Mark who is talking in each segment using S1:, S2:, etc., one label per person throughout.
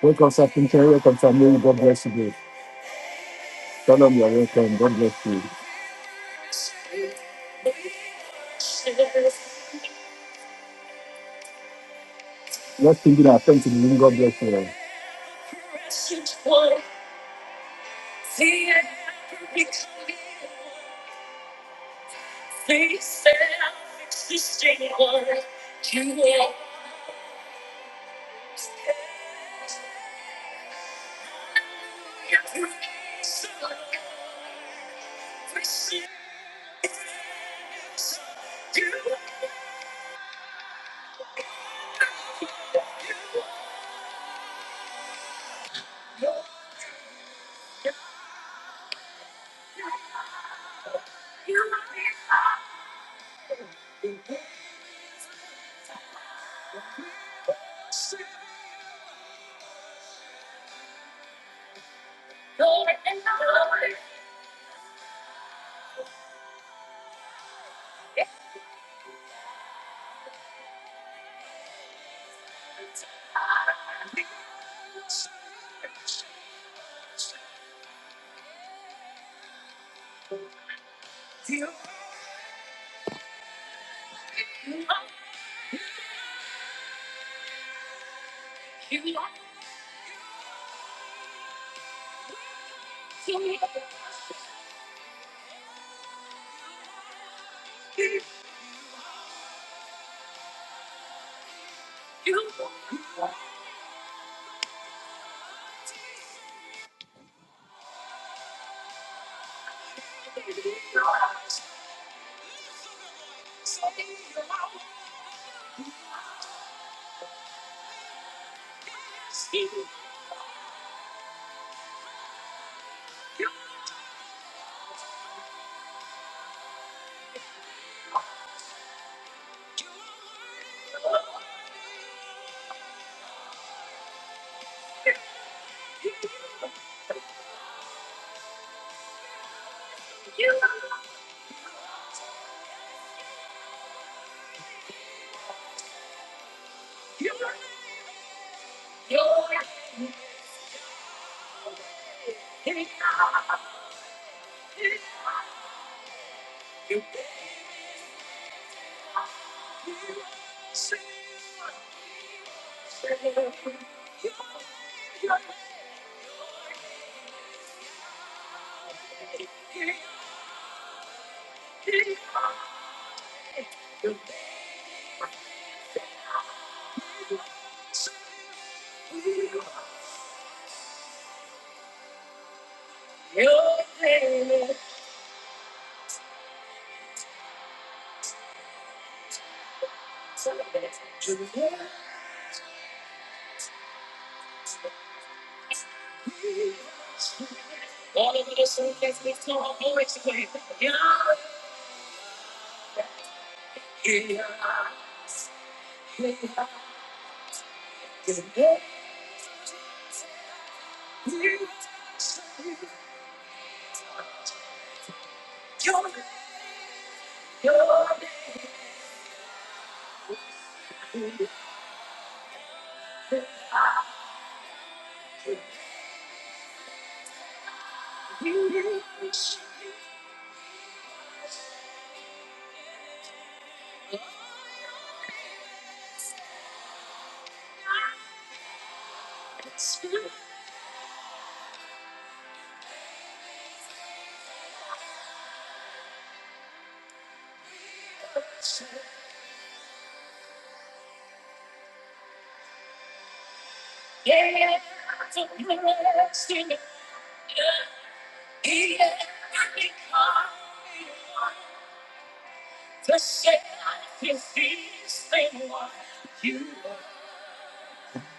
S1: Welcome, Sir Pinker. Welcome, Sir Mary. God bless you. dear. Shalom, you're welcome. God bless you. Let's ping in our friend to the room. God bless you.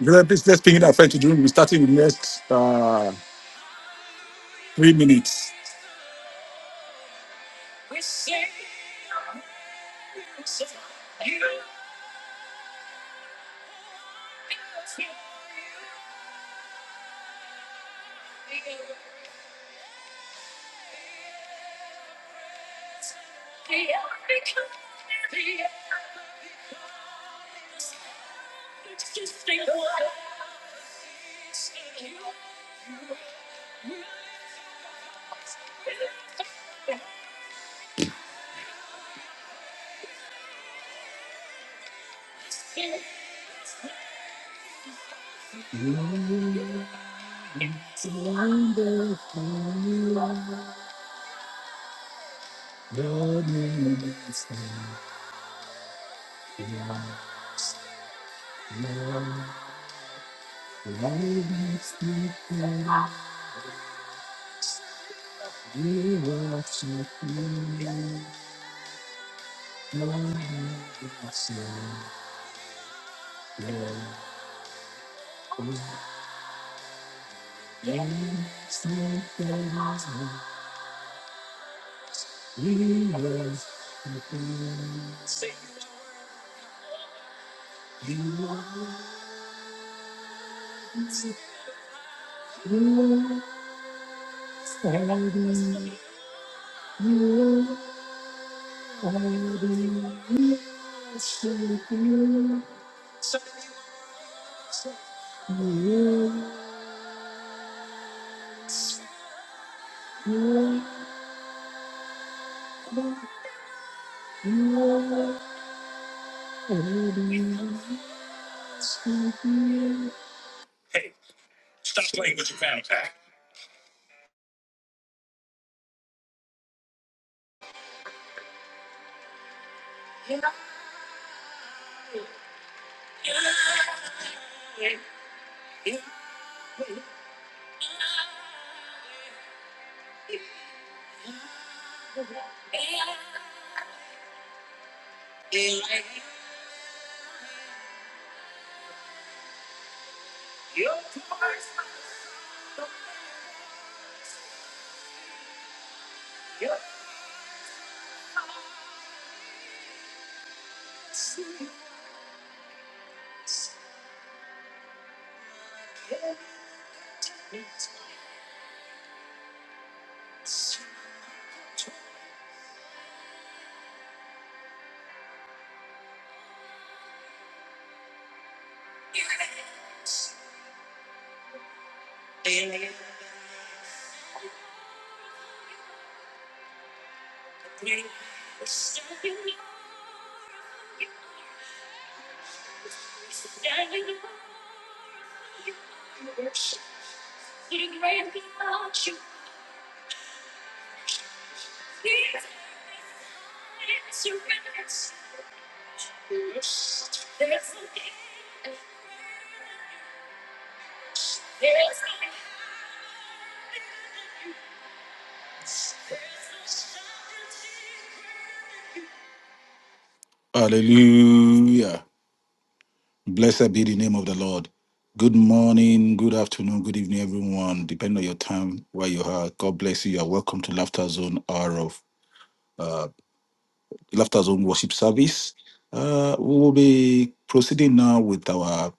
S1: Brother, please, let's ping in our friend to the room. We're starting with next uh, three minutes. Hallelujah. Blessed be the name of the Lord. Good morning, good afternoon, good evening, everyone. Depending on your time, where you are, God bless you. You are welcome to Laughter Zone Hour of uh, Laughter Zone Worship Service. Uh, we will be proceeding now with our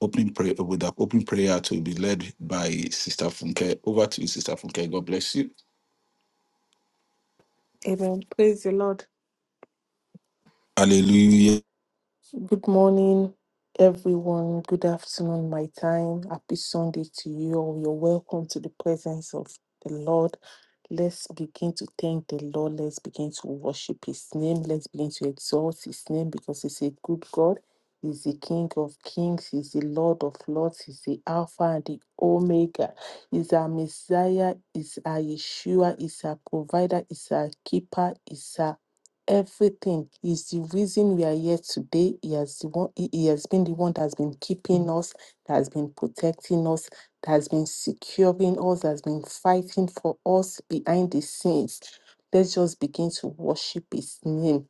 S1: opening prayer with our opening prayer to be led by Sister Funke. Over to you, Sister Funke. God bless you.
S2: Amen. Praise the Lord.
S1: Hallelujah.
S2: Good morning, everyone. Good afternoon, my time. Happy Sunday to you all. You're welcome to the presence of the Lord. Let's begin to thank the Lord. Let's begin to worship His name. Let's begin to exalt His name because He's a good God. He's the King of Kings. He's the Lord of Lords. He's the Alpha and the Omega. He's our Messiah. He's our Yeshua. He's our provider. He's our keeper. He's our everything. is the reason we are here today. He has the one, he he has been the one that's been keeping us, that has been protecting us, that has been securing us, that has been fighting for us behind the scenes. Let's just begin to worship his name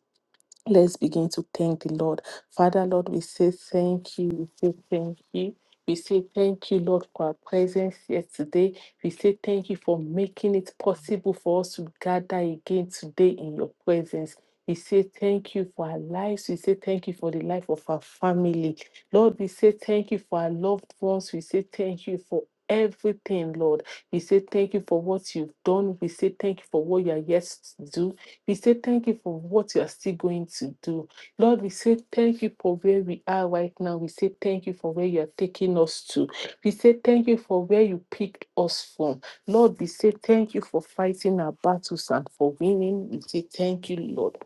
S2: Let's begin to thank the Lord. Father, Lord, we say thank you. We say thank you. We say thank you, Lord, for our presence here today. We say thank you for making it possible for us to gather again today in your presence. We say thank you for our lives. We say thank you for the life of our family. Lord, we say thank you for our loved ones. We say thank you for everything, Lord. We say thank you for what you've done. We say thank you for what you are yet to do. We say thank you for what you are still going to do. Lord, we say thank you for where we are right now. We say thank you for where you are taking us to. We say thank you for where you picked us from. Lord, we say thank you for fighting our battles and for winning. We say thank you, Lord.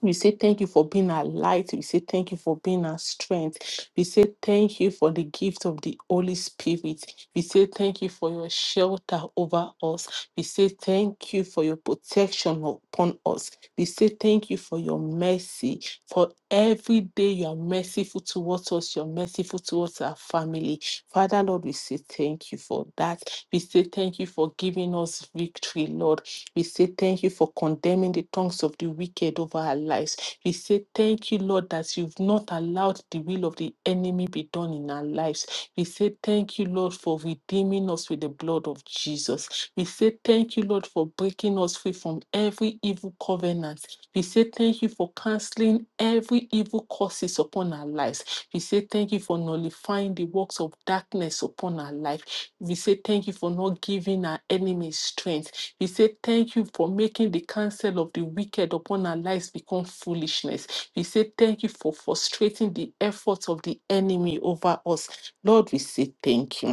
S2: We say thank you for being our light. We say thank you for being our strength. We say thank you for the gift of the Holy Spirit. We say thank you for your shelter over us. We say thank you for your protection upon us. We say thank you for your mercy. For every day you are merciful towards us, you're merciful towards our family. Father, Lord, we say thank you for that. We say thank you for giving us victory, Lord. We say thank you for condemning the tongues of the wicked over our lives. We say thank you, Lord, that you've not allowed the will of the enemy be done in our lives. We say thank you, Lord, for redeeming us with the blood of Jesus. We say thank you, Lord, for breaking us free from every evil covenant. We say thank you for canceling every evil curses upon our lives. We say thank you for nullifying the works of darkness upon our life. We say thank you for not giving our enemies strength. He said, Thank you for making the counsel of the wicked upon our lives become foolishness. He said, Thank you for frustrating the efforts of the enemy over us. Lord, we say thank you.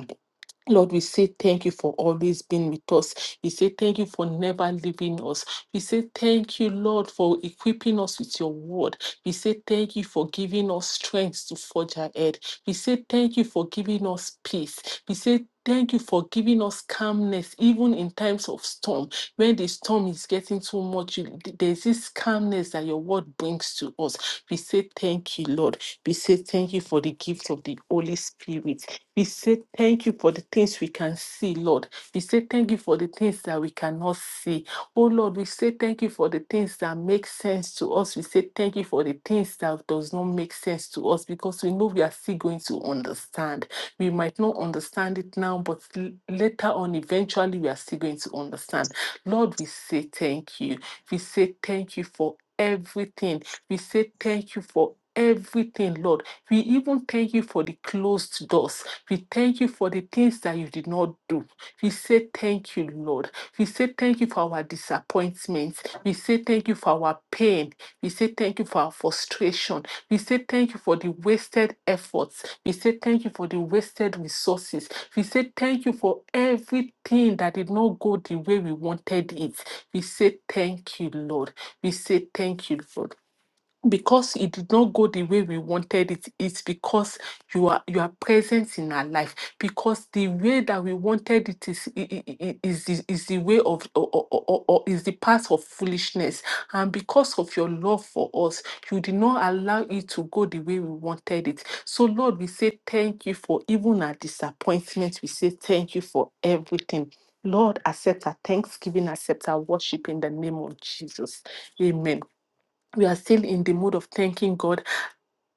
S2: Lord, we say thank you for always being with us. We say thank you for never leaving us. We say thank you, Lord, for equipping us with your word. We say thank you for giving us strength to forge ahead. We say thank you for giving us peace. We say Thank you for giving us calmness, even in times of storm. When the storm is getting too much, you- there's this calmness that your word brings to us. We say thank you, Lord. We say thank you for the gift of the Holy Spirit. We say thank you for the things we can see, Lord. We say thank you for the things that we cannot see. Oh Lord, we say thank you for the things that make sense to us. We say thank you for the things that does not make sense to us because we know we are still going to understand. We might not understand it now, but l- later on, eventually, we are still going to understand. Lord, we say thank you. We say thank you for everything. We say thank you for everything, Lord. We even thank you for the closed doors. We thank you for the things that you did not do. We say thank you, Lord. We say thank you for our disappointments. We say thank you for our pain. We say thank you for our frustration. We say thank you for the wasted efforts. We say thank you for the wasted resources. We say thank you for everything that did not go the way we wanted it. We say thank you, Lord. We say thank you, Lord because it did not go the way we wanted it it's because you are you are present in our life because the way that we wanted it is i- i- i- i- is the, is the way of or, or, or, or is the path of foolishness and because of your love for us you did not allow it to go the way we wanted it so lord we say thank you for even our disappointment we say thank you for everything Lord, accept our thanksgiving, accept our worship in the name of Jesus. Amen we are still in the mode of thanking God.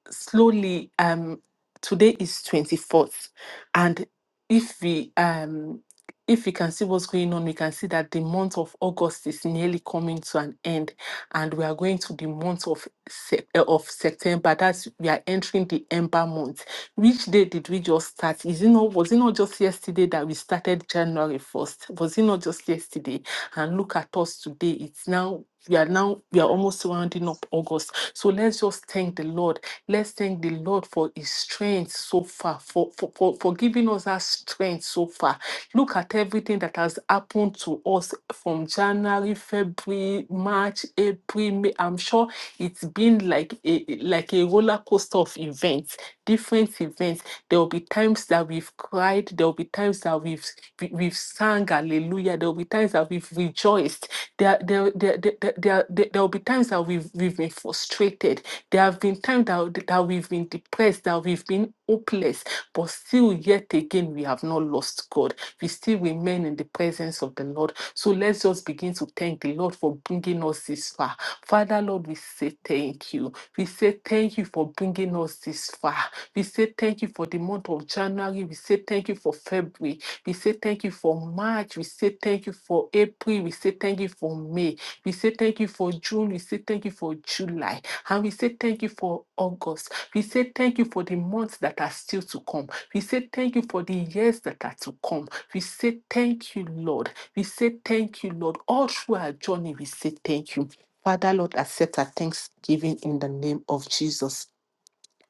S2: Slowly, um, today is twenty fourth, and if we um if we can see what's going on, we can see that the month of August is nearly coming to an end, and we are going to the month of Sep- eh, of September. That's we are entering the Ember month. Which day did we just start? Is it not was it not just yesterday that we started January first? Was it not just yesterday? And look at us today. It's now we are now we are almost rounding up august so let's just thank the lord let's thank the lord for his strength so far for for, for, for giving us that strength so far look at everything that has happened to us from january february march april may i'm sure it's been like a like a roller coaster of events different events there will be times that we've cried there there will be times that we've we- we've sung hallelujah. There will be times that we've rejoiced. There there there there there, there, there there will be times that we've we've been frustrated. There have been times that, that we've been depressed, that we've been hopeless, but still yet again we have not lost God. We still remain in the presence of the Lord. So let's just begin to thank the Lord for bringing us this far. Father Lord, we say thank you you. We say thank you for bringing us this far. We say thank you for the month of January. We say thank you for February. We say thank you for March. We say thank you for April. We say thank you for May. We say thank you for June. We say thank you for July. And we say thank you for August. We say thank you for the months that are still to come. We say thank you for the years that are to come. We say thank you, Lord. We say thank you, Lord. All through our journey, we say thank you. Father, Lord, accept our thanksgiving in the name of Jesus.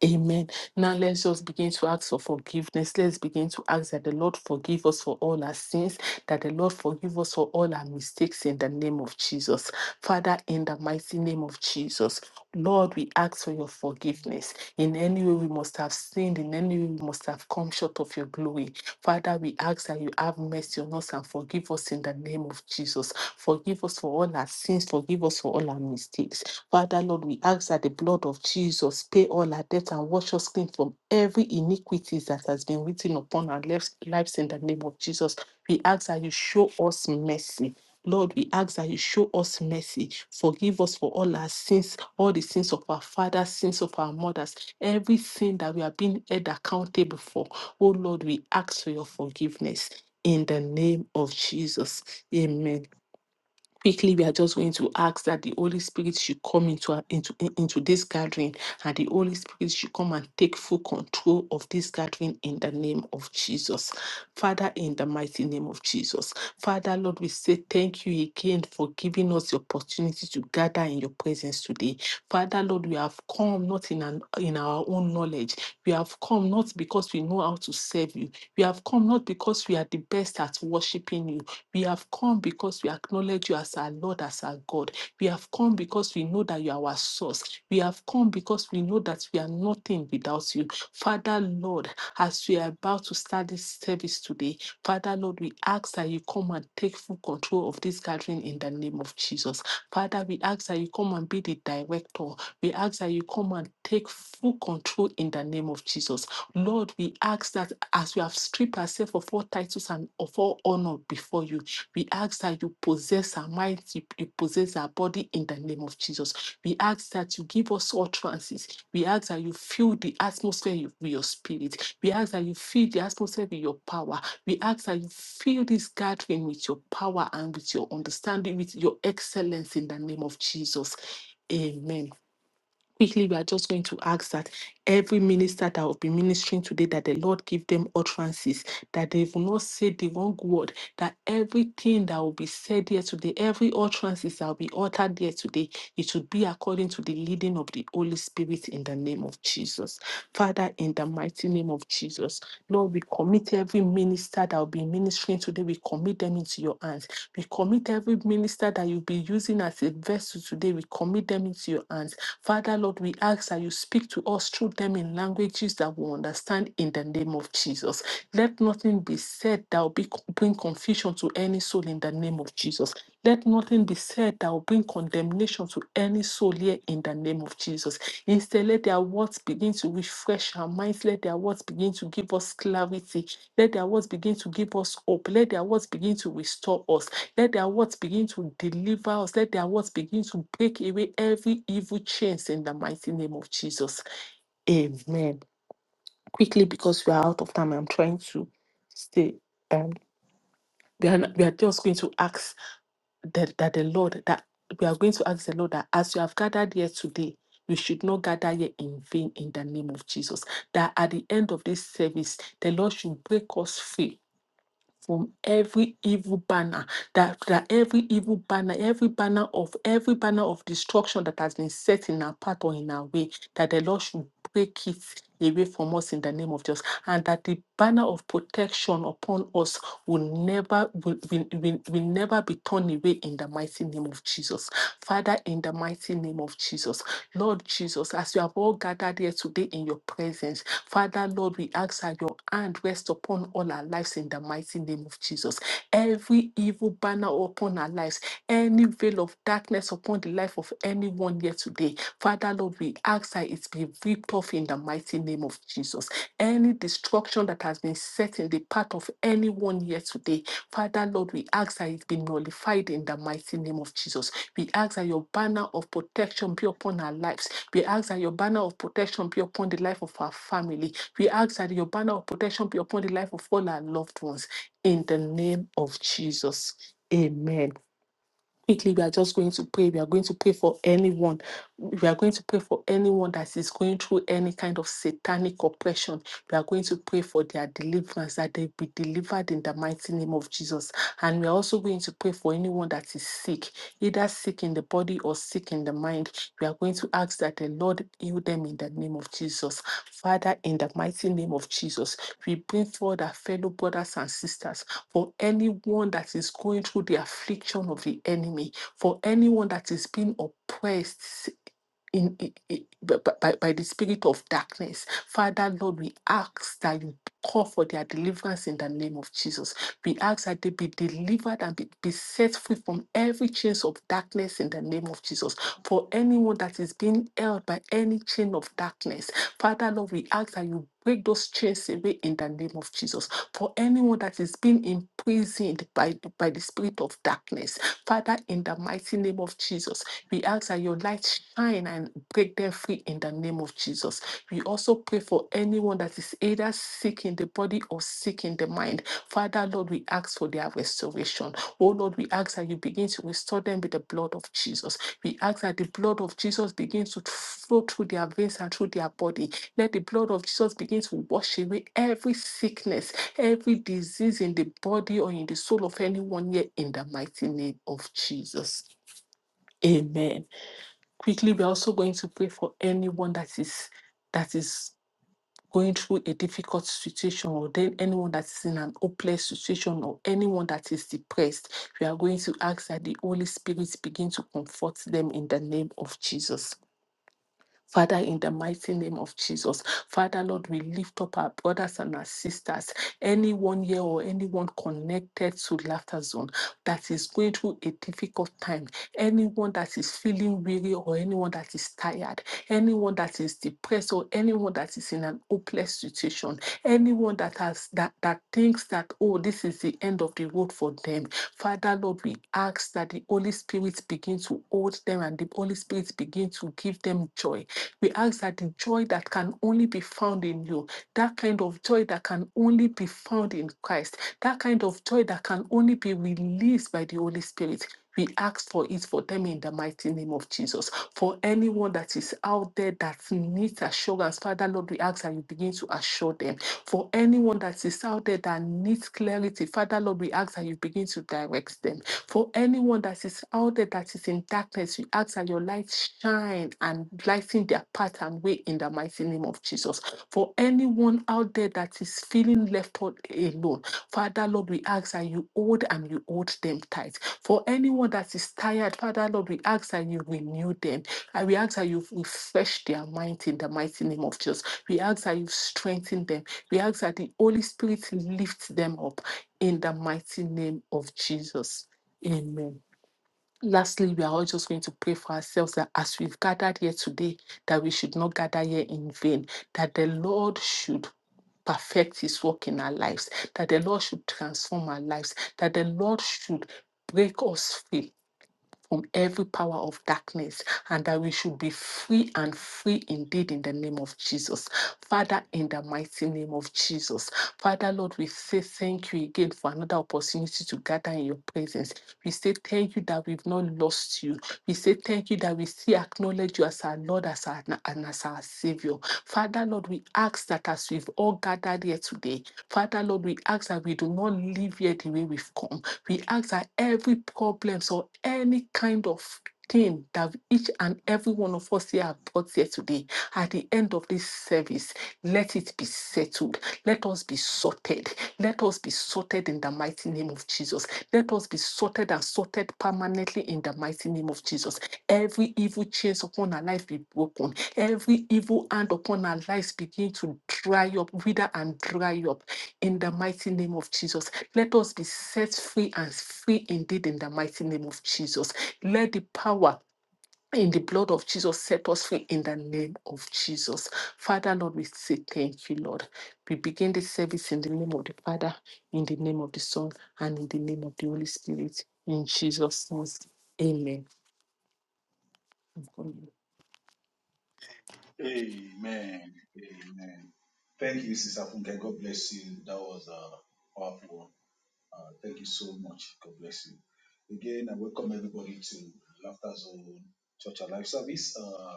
S2: Amen. Now let's just begin to ask for forgiveness. Let's begin to ask that the Lord forgive us for all our sins, that the Lord forgive us for all our mistakes in the name of Jesus. Father, in the mighty name of Jesus, Lord, we ask for your forgiveness. In any way we must have sinned, in any way we must have come short of your glory. Father, we ask that you have mercy on us and forgive us in the name of Jesus. Forgive us for all our sins, forgive us for all our mistakes. Father, Lord, we ask that the blood of Jesus pay all our debt and wash us clean from every iniquity that has been written upon our lives lives in the name of Jesus. We ask that you show us mercy. Lord, we ask that you show us mercy. Forgive us for all our sins, all the sins of our fathers, sins of our mothers, every sin that we have been held accountable for. Oh Lord, we ask for your forgiveness in the name of Jesus. Amen quickly we are just going to ask that the holy spirit should come into our, into in- into this gathering and the holy spirit should come and take full control of this gathering in the name of jesus father in the mighty name of jesus father lord we say thank you again for giving us the opportunity to gather in your presence today father lord we have come not in an, in our own knowledge we have come not because we know how to serve you we have come not because we are the best at worshiping you we have come because we acknowledge you as our Lord, as our God. We have come because we know that you are our source. We have come because we know that we are nothing without you. Father, Lord, as we are about to start this service today, Father, Lord, we ask that you come and take full control of this gathering in the name of Jesus. Father, we ask that you come and be the director. We ask that you come and take full control in the name of Jesus. Lord, we ask that as we have stripped ourselves of all titles and of all honor before you, we ask that you possess our minds, you, you possess our body in the name of Jesus. We ask that you give us utterances. We ask that you fill the atmosphere with your spirit. We ask that you fill the atmosphere with your power. We ask that you fill this gathering with your power and with your understanding, with your excellence in the name of Jesus. Amen quickly, we are just going to ask that every minister that will be ministering today, that the Lord give them utterances, that they will not say the wrong word, that everything that will be said here today, every utterances that will be uttered here today, it should be according to the leading of the Holy Spirit in the name of Jesus. Father, in the mighty name of Jesus, Lord, we commit every minister that will be ministering today, we commit them into your hands. We commit every minister that you'll be using as a vessel today, we commit them into your hands Father, Lord, we ask that you speak to us through them in languages that we understand in the name of Jesus. Let nothing be said that will be, bring confusion to any soul in the name of Jesus. Let nothing be said that will bring condemnation to any soul here in the name of Jesus. Instead, let their words begin to refresh our minds. Let their words begin to give us clarity. Let their words begin to give us hope. Let their words begin to restore us. Let their words begin to deliver us. Let their words begin to break away every evil chains in the mighty name of Jesus. Amen. Quickly, because we are out of time, I'm trying to stay. Um, we are, we are just going to ask that, that the Lord, that we are going to ask the Lord that as you have gathered here today, we should not gather here in vain in the name of Jesus. That at the end of this service, the Lord should break us free from every evil banner that, that every evil banner every banner of every banner of destruction that has been set in our path or in our way that the lord should break it away from us in the name of jesus and that the banner of protection upon us will never will, will, will, will never be torn away in the mighty name of jesus father in the mighty name of jesus Lord Jesus, as we have all gathered here today in your presence, Father, Lord, we ask that your hand rest upon all our lives in the mighty name of Jesus. Every evil banner upon our lives, any veil of darkness upon the life of anyone here today, Father, Lord, we ask that it be ripped off in the mighty name of Jesus any destruction that has been set in the path of anyone here today. Father, Lord, we ask that it be nullified in the mighty name of Jesus. We ask that your banner of protection be upon our lives. We ask that your banner of protection be upon the life of our family. We ask that your banner of protection be upon the life of all our loved ones. In the name of Jesus. Amen quickly we are just going to pray we are going to pray for anyone we are going to pray for anyone that is going through any kind of satanic oppression we are going to pray for their deliverance that they be delivered in the mighty name of jesus and we are also going to pray for anyone that is sick either sick in the body or sick in the mind we are going to ask that the lord heal them in the name of jesus father in the mighty name of jesus we bring forward our fellow brothers and sisters for anyone that is going through the affliction of the enemy, for anyone that is being oppressed in, i- i- b- b- by, by the spirit of darkness. Father, Lord, we ask that you call for their deliverance in the name of Jesus. We ask that they be delivered and be, be set free from every chains of darkness in the name of Jesus. For anyone that is being held by any chain of darkness, Father, Lord, we ask that you break those chains away in the name of Jesus. For anyone that is being imprisoned by, by the spirit of darkness, Father, in the mighty name of Jesus, we ask that your light shine and break them free in the name of Jesus. We also pray for anyone that is either sick in the body or sick in the mind. Father, Lord, we ask for their restoration. Oh, Lord, we ask that you begin to restore them with the blood of Jesus. We ask that the blood of Jesus begins to flow through their veins and through their body. Let the blood of Jesus begin to wash away every sickness, every disease in the body or in the soul of anyone here in the mighty name of Jesus. Amen quickly we're also going to pray for anyone that is that is going through a difficult situation or then anyone that is in an hopeless situation or anyone that is depressed we are going to ask that the holy spirit begin to comfort them in the name of jesus Father, in the mighty name of Jesus, Father, Lord, we lift up our brothers and our sisters, anyone here or anyone connected to Laughter Zone that is going through a difficult time, anyone that is feeling weary or anyone that is tired, anyone that is depressed or anyone that is in an hopeless situation, anyone that has that, that thinks that, oh, this is the end of the road for them. Father, Lord, we ask that the Holy Spirit begin to hold them and the Holy Spirit begin to give them joy we ask that the joy that can only be found in you, that kind of joy that can only be found in Christ, that kind of joy that can only be released by the Holy Spirit. We ask for it for them in the mighty name of Jesus. For anyone that is out there that needs assurance, Father Lord, we ask that you begin to assure them. For anyone that is out there that needs clarity, Father Lord, we ask that you begin to direct them. For anyone that is out there that is in darkness, we ask that your light shine and lighten their path and way in the mighty name of Jesus. For anyone out there that is feeling left out alone, Father Lord, we ask that you hold and you hold them tight. For anyone that is tired, Father Lord, we ask that you renew them. And we ask that you refresh their mind in the mighty name of Jesus. We ask that you strengthen them. We ask that the Holy Spirit lift them up in the mighty name of Jesus. Amen. Lastly, we are all just going to pray for ourselves that as we've gathered here today, that we should not gather here in vain, that the Lord should perfect his work in our lives, that the Lord should transform our lives, that the Lord should break us free from every power of darkness and that we should be free and free indeed in the name of Jesus. Father, in the mighty name of Jesus. Father, Lord, we say thank you again for another opportunity to gather in your presence. We say thank you that we've not lost you. We say thank you that we still acknowledge you as our Lord as our, and as our Savior. Father, Lord, we ask that as we've all gathered here today, Father, Lord, we ask that we do not leave here the way we've come. We ask that every problems or any kind of thing that each and every one of us here have brought here today, at the end of this service, let it be settled. Let us be sorted. Let us be sorted in the mighty name of Jesus. Let us be sorted and sorted permanently in the mighty name of Jesus. Every evil chains upon our life be broken. Every evil hand upon our lives begin to dry up, wither and dry up in the mighty name of Jesus. Let us be set free and free indeed in the mighty name of Jesus. Let the power in the blood of Jesus set us free in the name of Jesus. Father, Lord, we say thank you, Lord. We begin this service in the name of the Father, in the name of the Son, and in the name of the Holy Spirit. In Jesus' name, amen.
S3: Amen. Amen. Thank you, Sister Funke. God bless you. That was uh, powerful. Uh, thank you so much. God bless you. Again, I welcome everybody to Laughter Zone Church Alive Service. Uh,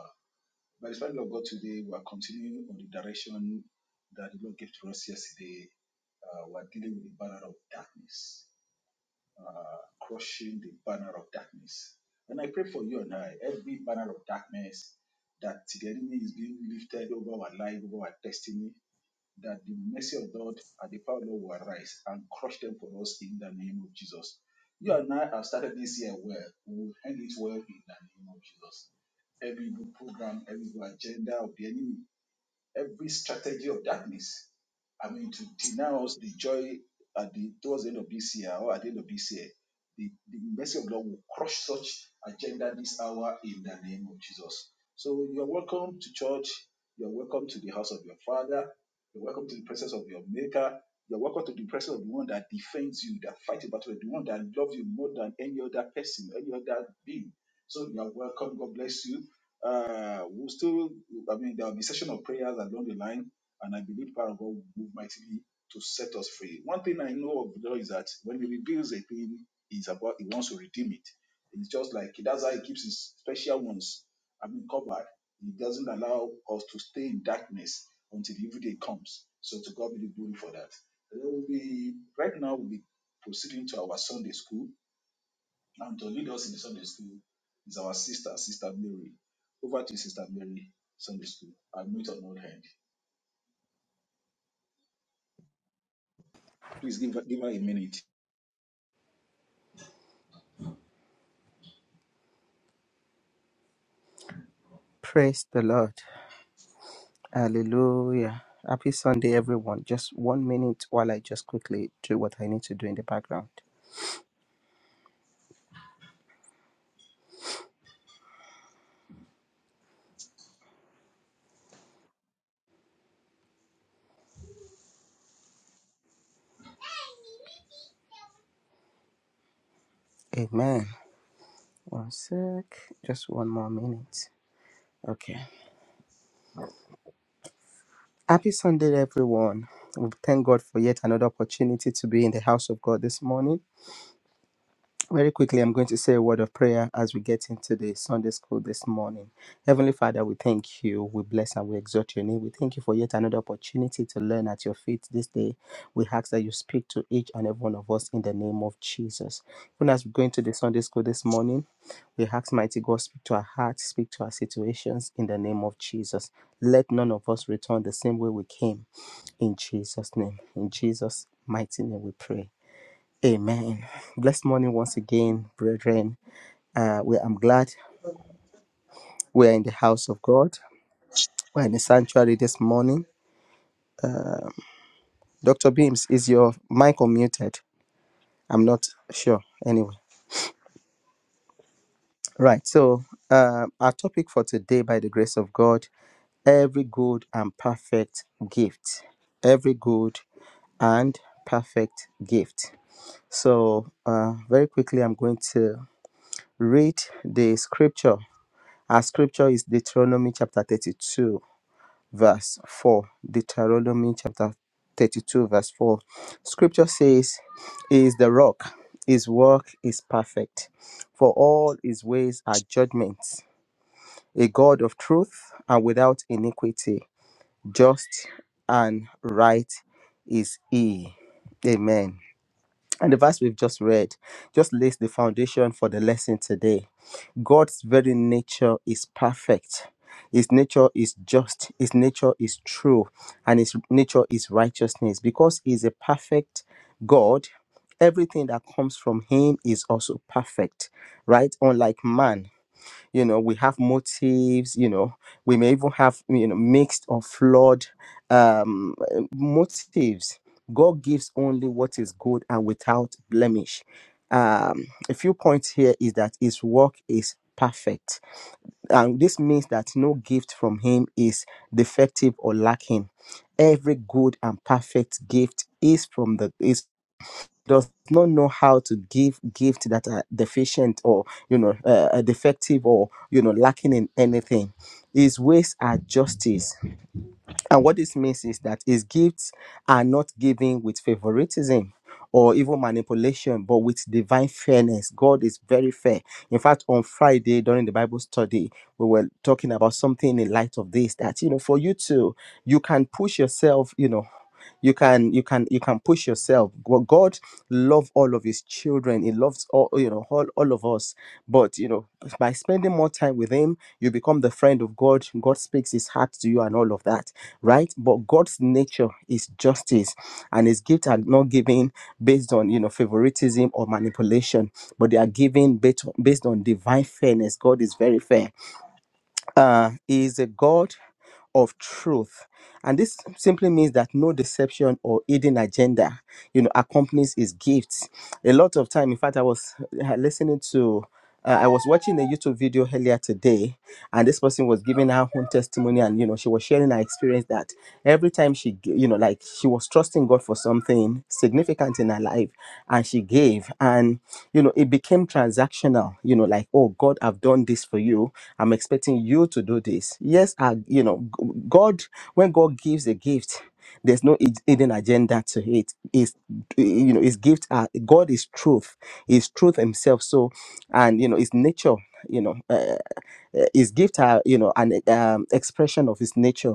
S3: by the Spirit of God today, we are continuing on the direction that the Lord gave to us yesterday. Uh, we are dealing with the banner of darkness uh, crushing the banner of darkness. And I pray for you and I, every banner of darkness that the enemy is being lifted over our life, over our destiny, that the mercy of God and the power of God will arise and crush them for us in the name of Jesus. You and I have started this year well. We will end it well in the name of Jesus. Every good program, every good agenda of the enemy every strategy of darkness. I mean, to deny us the joy at the towards the end of this year or at the end of this year, the, the mercy of God will crush such agenda this hour in the name of Jesus. So you are welcome to church. You are welcome to the house of your father. You're welcome to the presence of your maker. You're welcome to the presence of the one that defends you, that fights your battle, the one that loves you more than any other person, any other being. So you are welcome. God bless you. Uh, we'll still, I mean, there'll be session of prayers along the line, and I believe power of God will move mightily to set us free. One thing I know of the Lord is that when He reveals a thing, He's about He wants to redeem it. It's just like that's how He keeps His special ones. I mean, covered. He doesn't allow us to stay in darkness until the evil day comes. So to God be the glory for that. There will be right now. We'll be proceeding to our Sunday school and to lead us in the Sunday school is our sister, Sister Mary. Over to you, Sister Mary, Sunday school. I'll mute on one hand. Please give, her- give her a minute.
S4: Praise the Lord. Hallelujah. Happy Sunday, everyone. Just one minute while I just quickly do what I need to do in the background. Amen. One sec. Just one more minute. Okay. Happy Sunday, everyone. We thank God for yet another opportunity to be in the house of God this morning. Very quickly, I'm going to say a word of prayer as we get into the Sunday school this morning. Heavenly Father, we thank you, we bless and we exalt your name. We thank you for yet another opportunity to learn at your feet this day. We ask that you speak to each and every one of us in the name of Jesus. Even as we go into the Sunday school this morning, we ask mighty God, speak to our hearts, speak to our situations in the name of Jesus. Let none of us return the same way we came in Jesus' name. In Jesus' mighty name we pray. Amen. Blessed morning once again, brethren. Uh, we, I'm glad we are in the house of God. We're in the sanctuary this morning. Dr. Beams, is your mic unmuted? I'm not sure. Anyway, right. So, uh, our topic for today, by the grace of God, every good and perfect gift. Every good and perfect gift. So, uh, very quickly, I'm going to read the scripture. Our scripture is Deuteronomy chapter 32 verse 4. Deuteronomy chapter 32, verse 4. Scripture says, He is the rock, his work is perfect, for all his ways are judgments, a God of truth and without iniquity, just and right is he. Amen. And the verse we've just read just lays the foundation for the lesson today God's very nature is perfect. His nature is just. His nature is true. And his nature is righteousness. Because he's a perfect God, everything that comes from him is also perfect, right? Unlike man you know we have motives you know we may even have you know mixed or flawed um uh, motives god gives only what is good and without blemish um a few points here is that his work is perfect and this means that no gift from him is defective or lacking every good and perfect gift is from the is does not know how to give gifts that are deficient or you know uh, uh, defective or you know lacking in anything his ways are justice and what this means is that his gifts are not given with favoritism or even manipulation but with divine fairness god is very fair in fact on friday during the bible study we were talking about something in light of this that you know for you to you can push yourself you know you can you can you can push yourself Go- god loves all of his children he loves all you know all, all of us but you know by spending more time with him you become the friend of god god speaks his heart to you and all of that right but god's nature is justice and his gifts are not given based on you know favoritism or manipulation but they are given based on, based on divine fairness god is very fair uh, he is a God of truth. And this simply means that no deception or hidden agenda, you know, accompanies his gifts. A lot of time, in fact, I was uh, listening to, uh, I was watching a YouTube video earlier today, and this person was giving her own testimony, and you know, she was sharing her experience that every time she, g- you know, like she was trusting God for something significant in her life, and she gave, and you know, it became transactional, you know, like, oh, God, I've done this for you I'm expecting you to do this. Yes, I, you know, g- God, when God gives a gift, there's no hid- hidden agenda to it. Is you know, his gift are God is truth, is truth himself. So, and you know, his nature. You know, uh, uh, His gift are, you know, an um, expression of his nature.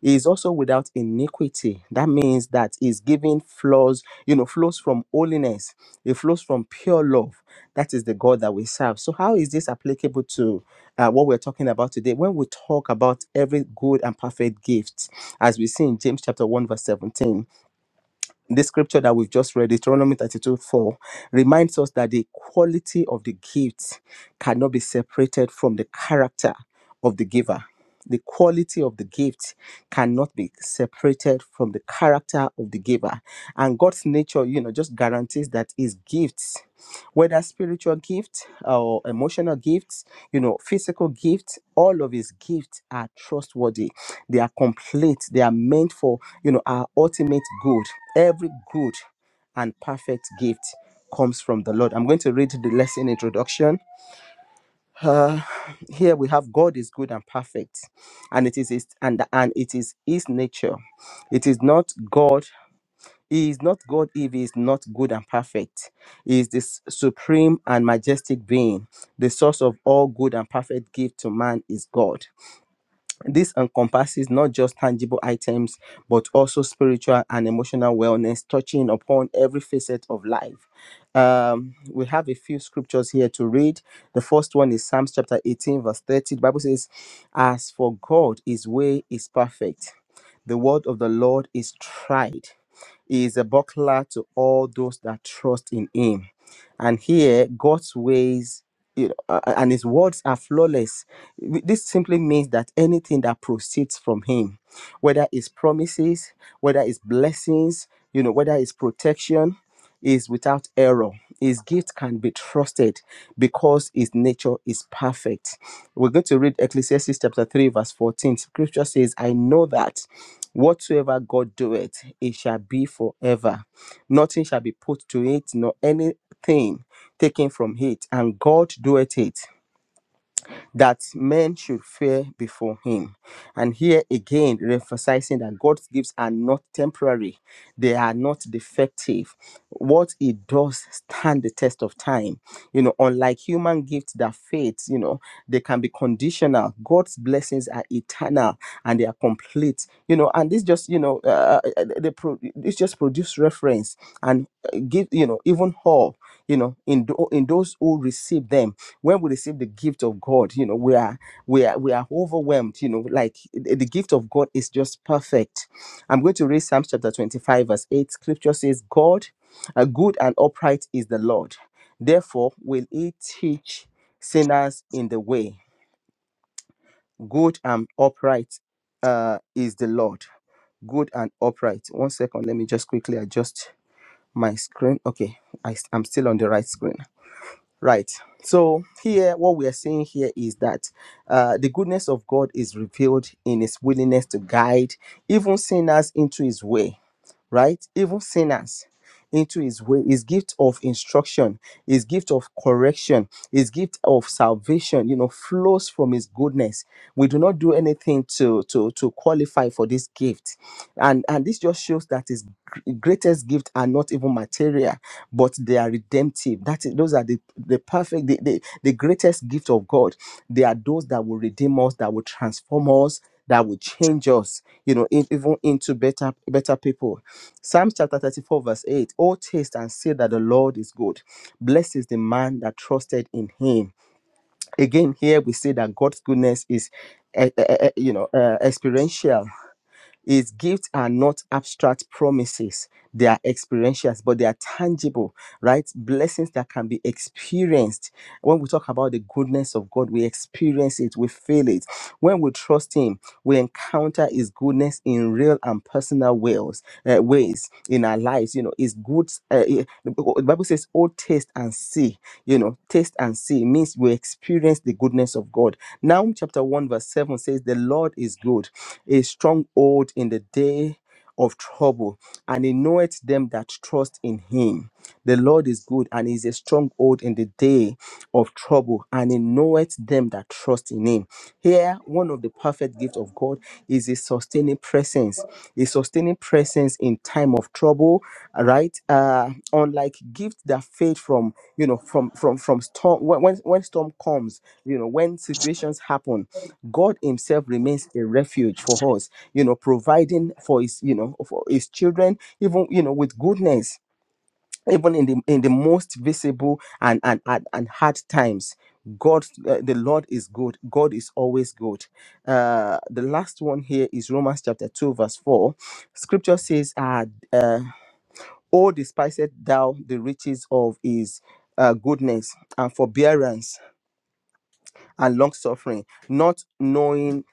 S4: He is also without iniquity. That means that his giving flows, you know, flows from holiness. It flows from pure love. That is the God that we serve. So how is this applicable to uh, what we're talking about today? When we talk about every good and perfect gift, as we see in James chapter 1, verse 17 this scripture that we've just read, Deuteronomy 32 4, reminds us that the quality of the gift cannot be separated from the character of the giver. The quality of the gift cannot be separated from the character of the giver. And God's nature, you know, just guarantees that His gifts, whether spiritual gifts or emotional gifts, you know, physical gifts, all of His gifts are trustworthy they are complete they are meant for you know our ultimate good every good and perfect gift comes from the lord i'm going to read the lesson introduction uh, here we have god is good and perfect and it is his and, and it is his nature it is not god he is not god if he is not good and perfect he is this supreme and majestic being the source of all good and perfect gift to man is god this encompasses not just tangible items, but also spiritual and emotional wellness, touching upon every facet of life. Um, we have a few scriptures here to read. The first one is Psalms chapter 18, verse 30. The Bible says, As for God, his way is perfect. The word of the Lord is tried. He is a buckler to all those that trust in him. And here, God's ways you know, uh, and his words are flawless. This simply means that anything that proceeds from him, whether it's promises, whether it's blessings, you know, whether it's protection, is without error. His gift can be trusted because his nature is perfect. We're going to read Ecclesiastes chapter 3, verse 14. Scripture says, I know that. Whatsoever God doeth, it shall be forever. Nothing shall be put to it, nor anything taken from it. And God doeth it that men should fear before him. And here again, emphasizing that God's gifts are not temporary, they are not defective. What he does stand the test of time. You know, unlike human gifts that fade, you know, they can be conditional. God's blessings are eternal and they are complete. You know, and this just, you know, uh, uh, uh, they pro- this just produce reference and uh, give, you know, even all, you know, in, tho- in those who receive them when we receive the gift of god you know we are we are we are overwhelmed you know like the the gift of god is just perfect i'm going to read psalms chapter 25 verse 8 scripture says god a good and upright is the lord therefore will he teach sinners in the way good and upright uh, is the lord good and upright one second let me just quickly adjust my screen okay I, i'm still on the right screen Right. So here, what we are saying here is that uh, the goodness of God is revealed in His willingness to guide even sinners into His way right? Even sinners into his way, his gift of instruction, his gift of correction, his gift of salvation, you know, flows from his goodness. We do not do anything to to to qualify for this gift. And and this just shows that his gr- greatest gifts are not even material, but they are redemptive. That is those are the the perfect the, the, the greatest gift of God. They are those that will redeem us, that will transform us, that will change us, you know, in, even into better better people Psalms chapter 34, verse 8 Oh, taste and see that the Lord is good. Blessed is the man that trusted in him. Again, here we see that God's goodness is. eh, eh, eh, eh, you know, uh, experiential. His gifts are not abstract promises, they are experiential, but they are tangible, right? Blessings that can be experienced. When we talk about the goodness of God, we experience it, we feel it. When we trust Him, we encounter His goodness in real and personal ways, uh, ways in our lives. You know, His good. Uh, eh, the Bible says, "Oh, taste and see." you know, taste and see means we experience the goodness of God. Nahum chapter 1, verse 7 says, The Lord is good, a stronghold in the day of trouble, and he knoweth them that trust in him. The Lord is good and is a stronghold in the day of trouble, and he knoweth them that trust in him. Here, one of the perfect gifts of God is a sustaining presence, a sustaining presence in time of trouble, right? Uh, unlike gifts that fade from, you know, from from from storm when when when storm comes, you know, when situations happen, God Himself remains a refuge for us, you know, providing for His, you know, for His children, even you know, with goodness even in the in the most visible and and and, and hard times god uh, the lord is good god is always good uh the last one here is romans chapter 2 verse 4 scripture says uh, uh oh despiseth thou the riches of his uh, goodness and forbearance and long suffering not knowing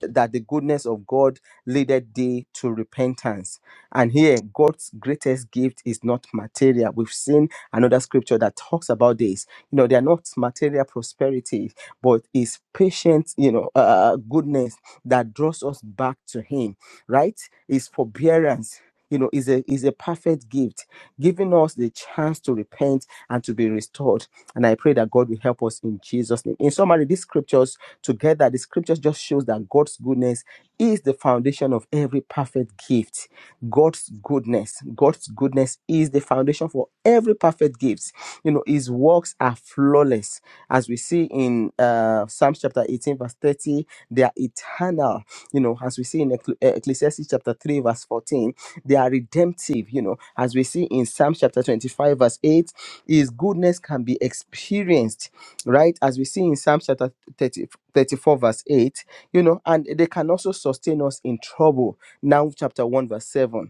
S4: that the goodness of God leadeth thee to repentance. And here, God's greatest gift is not material. We've seen another scripture that talks about this. You know, they are not material prosperity, but is patient, you know, uh, uh, goodness that draws us back to Him, right? Is forbearance. You know, is a is a perfect gift, giving us the chance to repent and to be restored. And I pray that God will help us in Jesus' name. In summary, these scriptures together, the scriptures just shows that God's goodness is the foundation of every perfect gift. God's goodness, God's goodness is the foundation for every perfect gift. You know, His works are flawless, as we see in uh, Psalms chapter 18, verse 30. They are eternal. You know, as we see in Eccl- uh, Ecclesiastes chapter 3, verse 14. They are redemptive. You know, as we see in Psalms chapter 25, verse 8. His goodness can be experienced right as we see in psalm chapter 30, 34 verse 8 you know and they can also sustain us in trouble now chapter 1 verse 7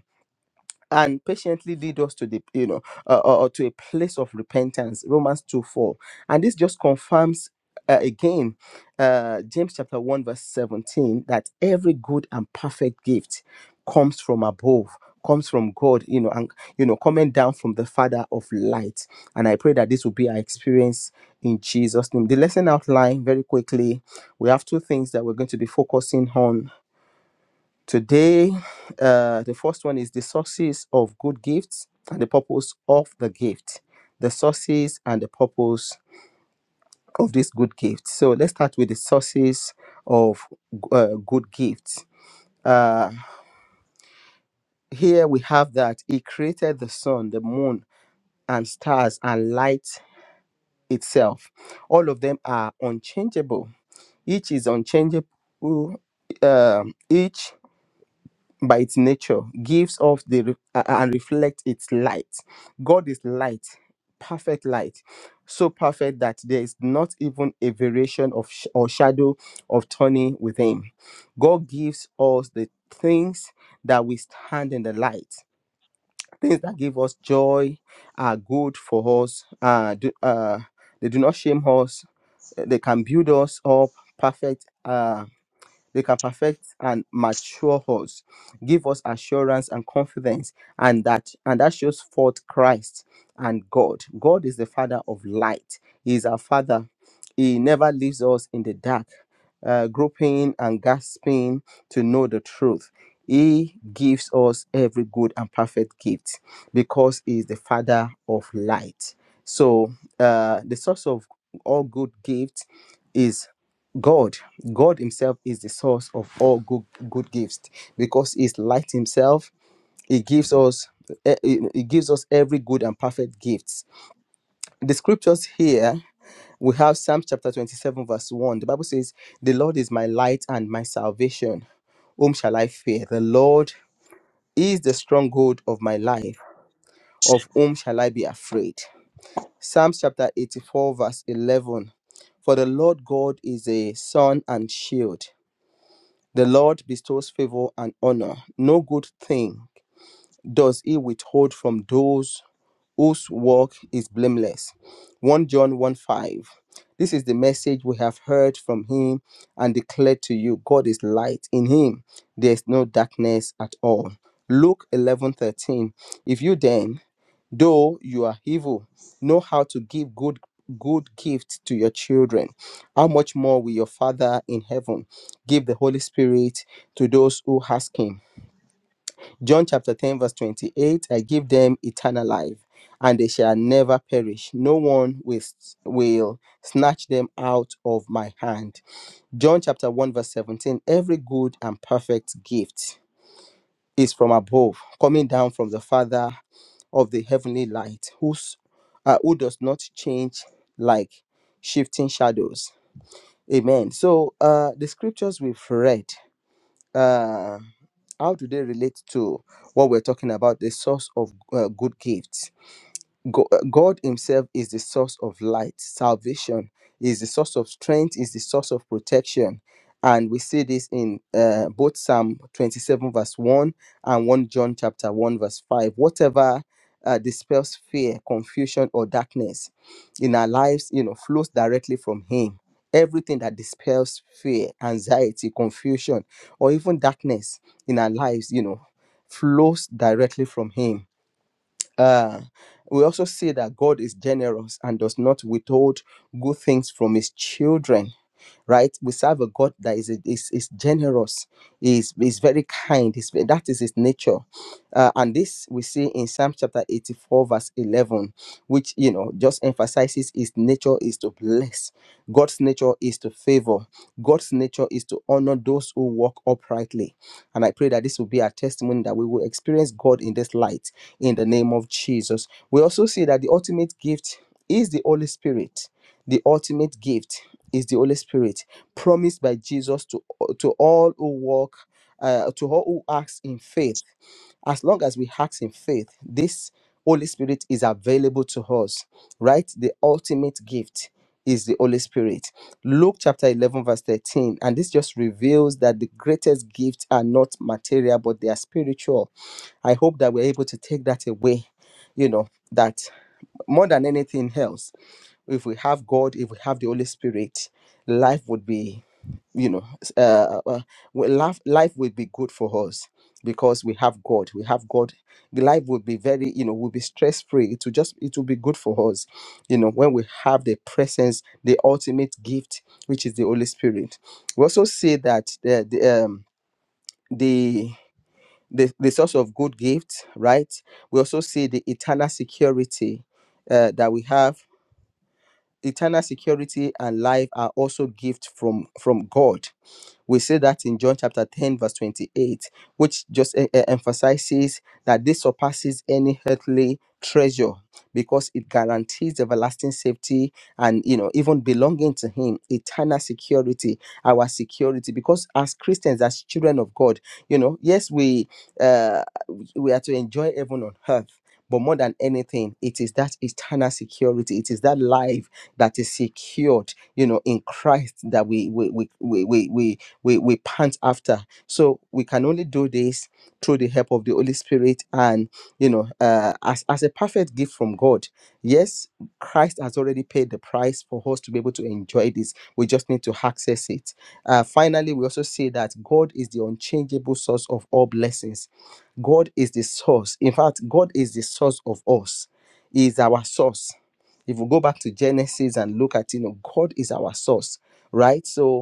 S4: and patiently lead us to the you know uh, or or to a place of repentance romans 2 4 and this just confirms uh, again uh, james chapter 1 verse 17 that every good and perfect gift comes from above comes from god you know and you know coming down from the father of light and i pray that this will be our experience in jesus name the lesson outline very quickly we have two things that we're going to be focusing on Today, uh, the first one is the sources of good gifts and the purpose of the gift. The sources and the purpose of this good gift. So let's start with the sources of uh, good gifts. Uh, here we have that He created the sun, the moon, and stars and light itself. All of them are unchangeable. Each is unchangeable. Um, each by its nature gives off the re- a- and reflects its light god is light perfect light so perfect that there is not even a variation of sh- or shadow of turning with him god gives us the things that we stand in the light things that give us joy are good for us uh, do, uh they do not shame us uh, they can build us up perfect uh, they can perfect and mature us, give us assurance and confidence, and that and that shows forth Christ and God. God is the Father of light. He is our Father. He never leaves us in the dark, uh, groping and gasping to know the truth. He gives us every good and perfect gift because He is the Father of light. So uh, the source of all good gifts is. God, God Himself is the source of all good good gifts because He's light Himself. He gives us eh, eh, He gives us every good and perfect gifts. The scriptures here we have Psalm chapter 27, verse 1. The Bible says, The Lord is my light and my salvation. Whom shall I fear? The Lord is the stronghold of my life. Of whom shall I be afraid? Psalms chapter 84, verse 11. For the Lord God is a sun and shield. The Lord bestows favor and honor. No good thing does he withhold from those whose work is blameless. 1 John 1 5. This is the message we have heard from him and declared to you God is light. In him there is no darkness at all. Luke eleven thirteen. If you then though you are evil know how to give good good gift to your children how much more will your father in heaven give the holy spirit to those who ask him john chapter 10 verse 28 i give them eternal life and they shall never perish no one will, will snatch them out of my hand john chapter 1 verse 17 every good and perfect gift is from above coming down from the father of the heavenly light, who's, uh, who does not change like shifting shadows. Amen. So uh, the scriptures we've read, uh, how do they relate to what we're talking about, the source of uh, good gifts? Go- uh, God Himself is the source of light, salvation is the source of strength, is the source of protection. And we see this in uh, both Psalm 27, verse 1 and 1 John chapter 1, verse 5. Whatever uh, dispels fear, confusion, or darkness in our lives, you know, flows directly from Him. Everything that dispels fear, anxiety, confusion, or even darkness in our lives, you know, flows directly from Him uh, we also see that God is generous and does not withhold good things from his children right? We serve a God that is is, is generous, is is very kind. Is that is His nature, uh, and this we see in Psalm chapter eighty four verse eleven, which you know just emphasizes His nature is to bless. God's nature is to favor. God's nature is to honor those who walk uprightly, and I pray that this will be our testimony that we will experience God in this light in the name of Jesus. We also see that the ultimate gift is the Holy Spirit the ultimate gift is the Holy Spirit, promised by Jesus to, to all who walk, uh, to all who ask in faith. As long as we ask in faith, this Holy Spirit is available to us, right? The ultimate gift is the Holy Spirit. Luke chapter 11, verse 13. And this just reveals that the greatest gifts are not material, but they are spiritual. I hope that we're able to take that away, you know, that more than anything else if we have God, if we have the Holy Spirit, life would be, you know, s- uh, uh, well, life life would be good for us because we have God. We have God. The life would be very, you know, will be stress free. It will just, it will be good for us, you know, when we have the presence, the ultimate gift, which is the Holy Spirit. We also see that the the um, the the, the source of good gifts, right? We also see the eternal security uh, that we have eternal security and life are also gifts from from god we see that in John chapter 10, verse 28, which just e- e- emphasizes that this surpasses any earthly treasure because it guarantees everlasting safety and you know even belonging to him eternal security our security because as christians as children of god you know yes we uh we are to enjoy heaven on earth but more than anything it is that eternal security it is that life that is secured you know in christ that we we we we we, we, we we pant after so we can only do this through the help of the holy spirit and you know uh, as as a perfect gift from god yes christ has already paid the price for us to be able to enjoy this we just need to access it uh, finally we also see that god is the unchangeable source of all blessings god is the source in fact god is the source of us he is our source if we go back to genesis and look at you know god is our source right so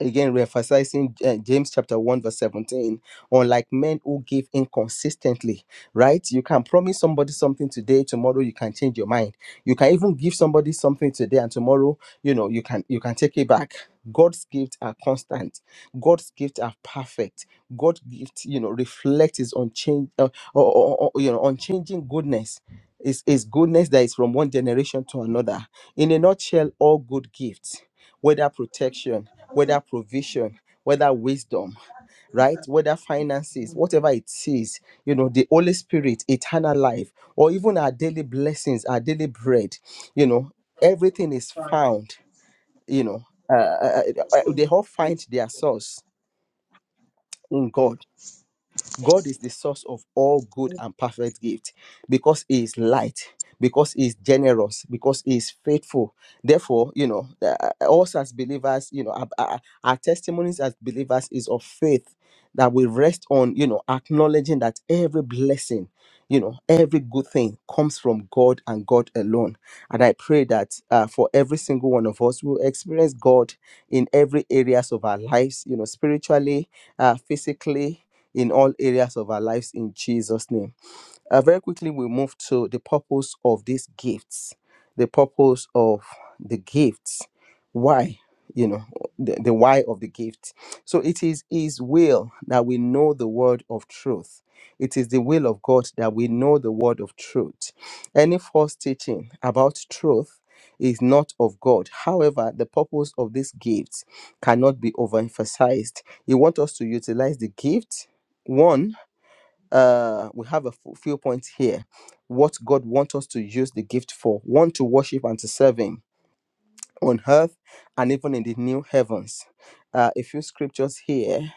S4: again re-emphasizing uh, james chapter 1 verse 17 unlike men who give inconsistently right you can promise somebody something today tomorrow you can change your mind you can even give somebody something today and tomorrow you know you can you can take it back god's gifts are constant god's gifts are perfect god's gift you know reflect his unchanged uh, or, or, or, you know unchanging goodness is is goodness that is from one generation to another in a nutshell all good gifts whether protection whether provision, whether wisdom, right? Whether finances, whatever it is, you know, the Holy Spirit, eternal life, or even our daily blessings, our daily bread, you know, everything is found, you know, uh, uh, uh, they all find their source in God God is the source of all good and perfect gift because He is light, because He is generous, because He is faithful. Therefore, you know, uh, uh, us as believers, you know, our, our our testimonies as believers is of faith that we rest on, you know, acknowledging that every blessing you know every good thing comes from god and god alone and i pray that uh, for every single one of us we'll experience god in every areas of our lives you know spiritually uh, physically in all areas of our lives in jesus name uh, very quickly, we move to the purpose of these gifts. The purpose of the gifts. Why? You know, the, the why of the gift. So it is His will that we know the word of truth. It is the will of God that we know the word of truth. Any false teaching about truth is not of God. However, the purpose of this gift cannot be overemphasized. You want us to utilize the gift. One, uh, we have a f- few points here. What God wants us to use the gift for, one to worship and to serve Him on earth and even in the new heavens. Uh, a few scriptures here.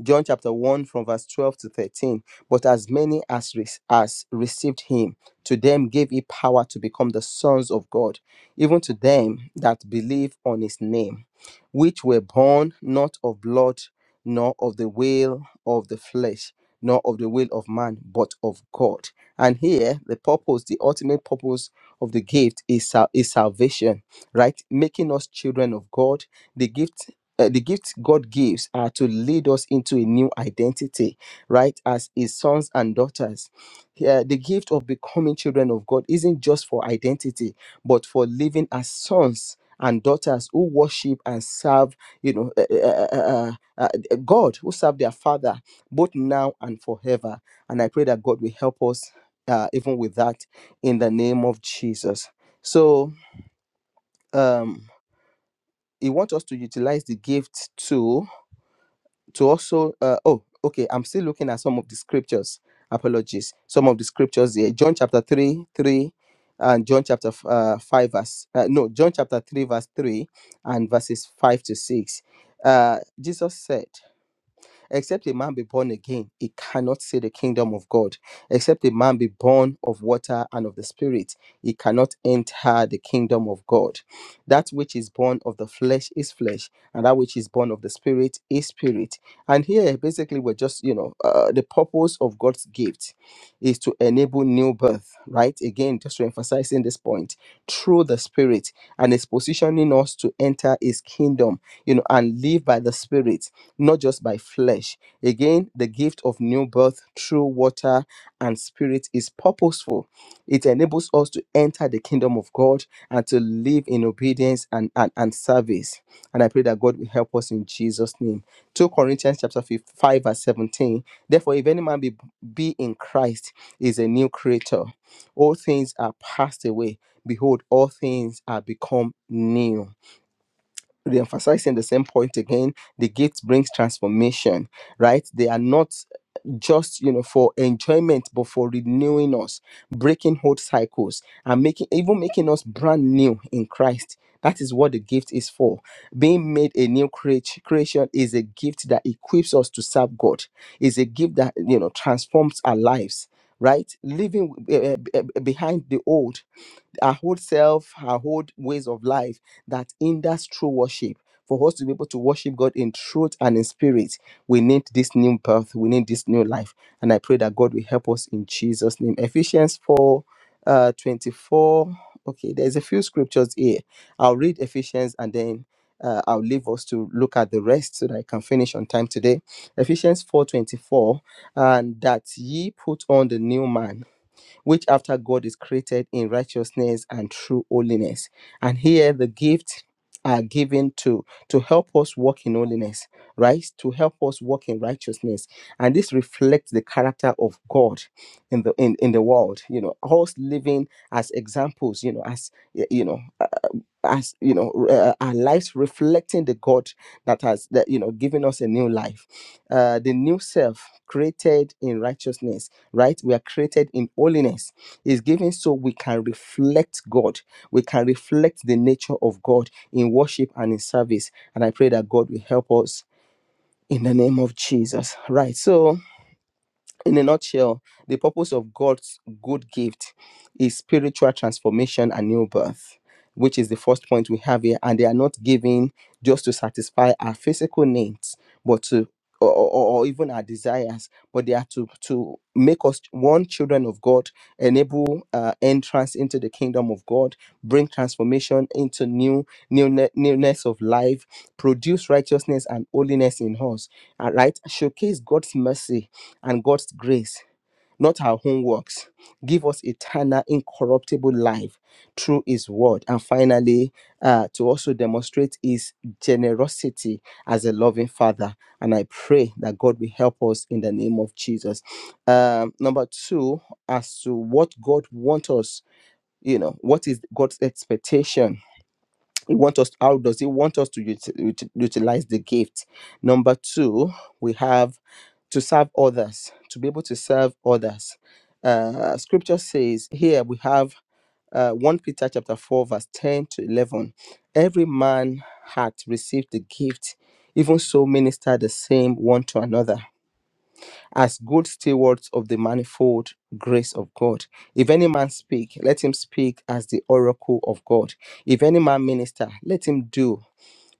S4: John chapter 1 from verse 12 to 13. But as many as, re- as received him, to them gave he power to become the sons of God, even to them that believe on his name, which were born not of blood, nor of the will of the flesh, nor of the will of man, but of God. And here, the purpose, the ultimate purpose of the gift is, sal- is salvation, right? Making us children of God. The gift uh, the gifts God gives are to lead us into a new identity, right? As His sons and daughters. Yeah, the gift of becoming children of God isn't just for identity, but for living as sons and daughters who worship and serve, you know, uh, uh, uh, uh, uh, uh, uh, God, who serve their Father, both now and forever. And I pray that God will help us uh, even with that in the name of Jesus. So, um, He wants us to utilize the gift too to also uh, oh okay i'm still looking at some of the scriptures apologies some of the scriptures here john chapter 3 3 and john chapter f- uh, 5 verse uh, no john chapter 3 verse 3 and verses 5 to 6 uh, jesus said Except a man be born again, he cannot see the kingdom of God. Except a man be born of water and of the Spirit, he cannot enter the kingdom of God. That which is born of the flesh is flesh, and that which is born of the Spirit is spirit. And here, basically, we're just, you know, uh, the purpose of God's gift is to enable new birth, right? Again, just to emphasize in this point, through the Spirit, and is positioning us to enter His kingdom, you know, and live by the Spirit not just by flesh. Again, the gift of new birth through water and spirit is purposeful. It enables us to enter the kingdom of God and to live in obedience and, and, and service. And I pray that God will help us in Jesus' name. 2 Corinthians chapter 5, 5 verse 17. Therefore, if any man be, be in Christ, he is a new creator. All things are passed away. Behold, all things are become new re-emphasizing the same point again the gift brings transformation right they are not just you know for enjoyment but for renewing us breaking old cycles and making even making us brand new in christ that is what the gift is for being made a new creat- creation is a gift that equips us to serve god is a gift that you know transforms our lives right leaving uh, uh, behind the old our whole self, our whole ways of life that hinders true worship. For us to be able to worship God in truth and in spirit, we need this new birth, we need this new life. And I pray that God will help us in Jesus' name. Ephesians 4 uh, 24. Okay, there's a few scriptures here. I'll read Ephesians and then uh, I'll leave us to look at the rest so that I can finish on time today. Ephesians 4:24, and that ye put on the new man which after God is created in righteousness and true holiness. And here the gifts are given to to help us walk in holiness, right? To help us walk in righteousness. And this reflects the character of God in the in, in the world, you know, us living as examples, you know, as y- you know as you know uh, our lives reflecting the god that has that you know given us a new life uh the new self created in righteousness right we are created in holiness is given so we can reflect god we can reflect the nature of god in worship and in service and i pray that god will help us in the name of jesus right so in a nutshell, the purpose of God's good gift is spiritual transformation and new birth, which is the first point we have here. And they are not given just to satisfy our physical needs, but to or, or or even our desires, but they are to to make us one children of God, enable uh, entrance into the kingdom of God, bring transformation into new new newness of life, produce righteousness and holiness in us. All right, showcase God's mercy and God's grace, not our own works. Give us eternal, incorruptible life through His word. And finally, uh, to also demonstrate His generosity as a loving Father. And I pray that God will help us in the name of Jesus. Um, number two, as to what God wants us, you know, what is God's expectation he want us how does he want us to ut- ut- utilize the gift number two we have to serve others to be able to serve others uh, scripture says here we have uh, 1 peter chapter 4 verse 10 to 11 every man hath received the gift even so minister the same one to another as good stewards of the manifold grace of God. If any man speak, let him speak as the oracle of God. If any man minister, let him do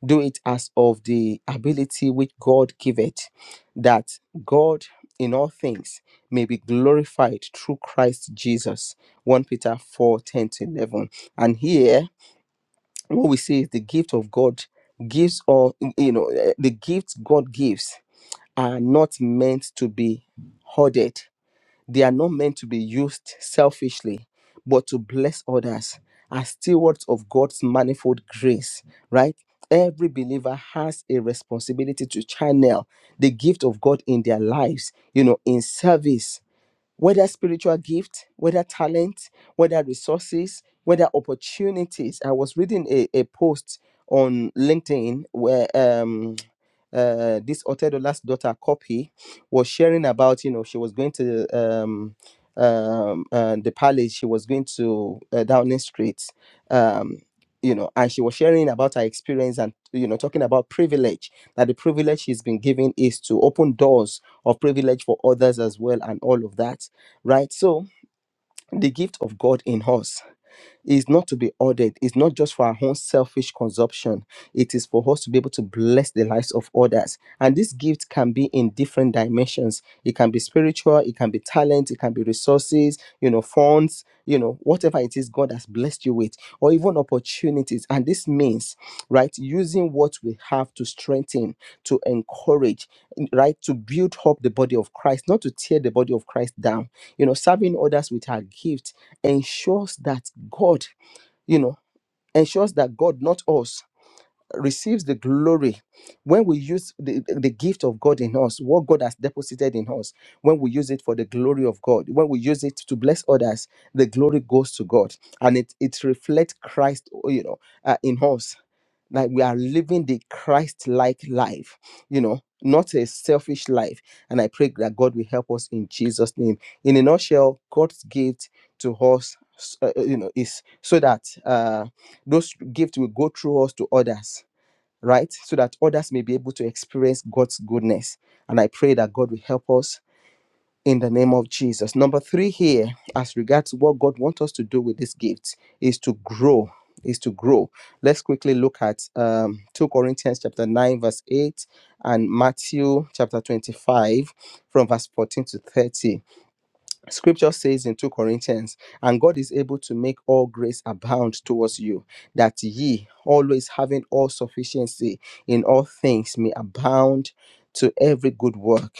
S4: do it as of the ability which God giveth, that God in all things may be glorified through Christ Jesus. 1 Peter 4 10 to 11. And here, what we see is the gift of God gives, or, you know, eh, the gifts God gives are not meant to be hoarded they are not meant to be used selfishly, but to bless others as stewards of God's manifold grace, right? Every believer has a responsibility to channel the gift of God in their lives, you know, in service whether spiritual gift, whether talent, whether resources, whether opportunities. I was reading a, a post on LinkedIn where um uh this Otedola's daughter copy was sharing about, you know, she was going to um um uh, the palace, she was going to uh, Downing Street. Um you know, and she was sharing about her experience and, you know, talking about privilege, that the privilege she's been given is to open doors of privilege for others as well, and all of that right? So, the gift of God in us is not to be ordered. It's not just for our own selfish consumption. It is for us to be able to bless the lives of others. And this gift can be in different dimensions. It can be spiritual, it can be talent, it can be resources, you know, funds, you know, whatever it is God has blessed you with, or even opportunities. And this means, right, using what we have to strengthen, to encourage, right, to build up the body of Christ, not to tear the body of Christ down. You know, serving others with our gift ensures that God, you know, ensures that God, not us, receives the glory when we use the, the gift of God in us, what God has deposited in us, when we use it for the glory of God, when we use it to bless others, the glory goes to God and it, it reflects Christ, oh, you know, uh, in us. Like we are living the Christ like life, you know, not a selfish life. And I pray that God will help us in Jesus' name. In a nutshell, God's gift to us, uh, uh, you know, is so that uh, those gifts will go through us to others right? So that others may be able to experience God's goodness. And I pray that God will help us in the name of Jesus. Number three here, as regards what God wants us to do with this gift, is to grow. Is to grow. Let's quickly look at um, 2 Corinthians chapter 9, verse 8, and Matthew chapter 25, from verse 14 to 30. Scripture says in 2 Corinthians, and God is able to make all grace abound towards you, that ye, always having all sufficiency in all things, may abound to every good work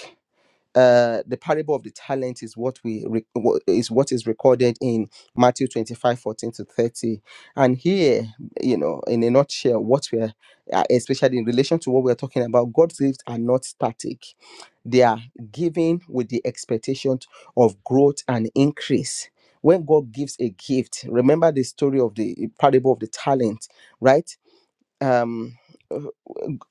S4: uh, the parable of the talent is what we re- wha- is what is recorded in Matthew 25 14 to 30 and here you know in a nutshell what we're uh, especially in relation to what we're talking about God's gifts are not static they are given with the expectation of growth and increase when God gives a gift remember the story of the parable of the talent right um uh,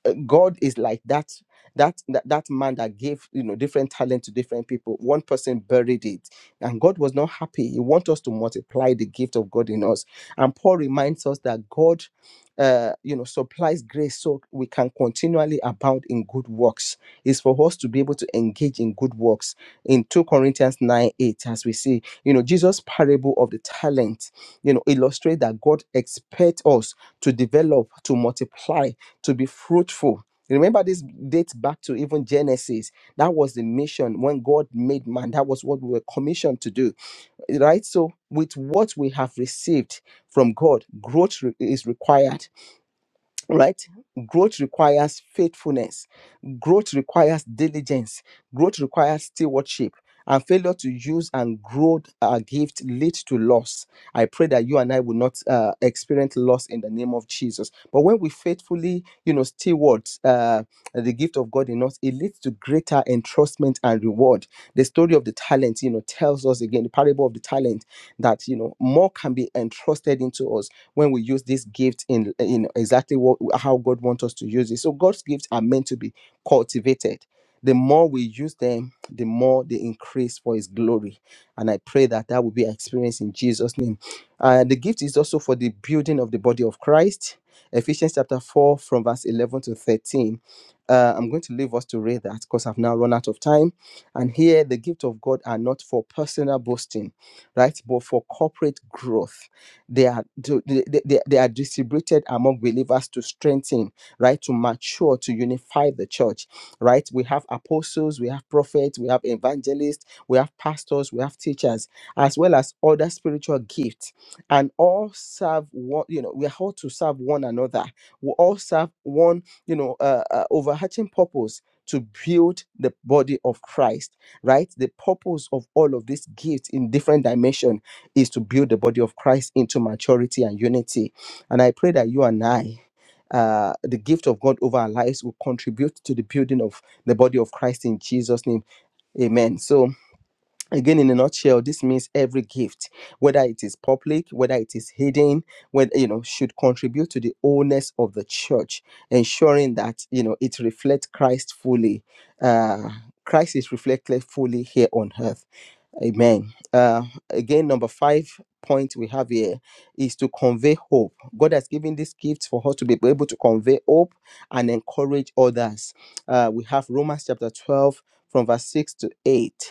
S4: uh, god is like that that that that man that gave you know different talent to different people one person buried it and god was not happy he wants us to multiply the gift of god in us and paul reminds us that god uh you know supplies grace so we can continually abound in good works is for us to be able to engage in good works in 2 corinthians 9 8 as we see you know jesus parable of the talent you know illustrate that god expects us to develop, to multiply, to be fruitful. Remember, this dates back to even Genesis. That was the mission when God made man. That was what we were commissioned to do, right? So, with what we have received from God, growth re- is required right growth requires faithfulness growth requires diligence growth requires stewardship and failure to use and grow our gift leads to loss i pray that you and i will not uh, experience loss in the name of jesus but when we faithfully you know steward uh, the gift of god in us it leads to greater entrustment and reward the story of the talent you know tells us again the parable of the talent that you know more can be entrusted into us when we use this gift in in exactly what how God wants us to use it. So God's gifts are meant to be cultivated. The more we use them, the more they increase for His glory. And I pray that that will be our experience in Jesus' name. Uh, the gift is also for the building of the body of Christ. Ephesians chapter 4, from verse 11 to 13. Uh, I'm going to leave us to read that because I've now run out of time. And here, the gift of God are not for personal boasting, right? But for corporate growth they are to- they, they, they are distributed among believers to strengthen, right? To mature, to unify the church, right? We have apostles, we have prophets, we have evangelists, we have pastors, we have teachers, as well as other spiritual gifts, and all serve one. You know, we are all to serve one another. We all serve one, you know, uh, uh, overarching purpose to build the body of Christ, right? The purpose of all of these gifts in different dimension is to build the body of Christ into maturity and unity. And I pray that you and I, uh, the gift of God over our lives, will contribute to the building of the body of Christ in Jesus' name. Amen. So, again, in a nutshell, this means every gift, whether it is public, whether it is hidden, whether you know, should contribute to the wholeness of the church, ensuring that you know it reflects Christ fully. Uh, Christ is reflected fully here on earth Amen. Uh, again, number five point we have here is to convey hope. God has given this gift for us to be able to convey hope and encourage others. Uh, we have Romans chapter 12 from verse 6 to 8.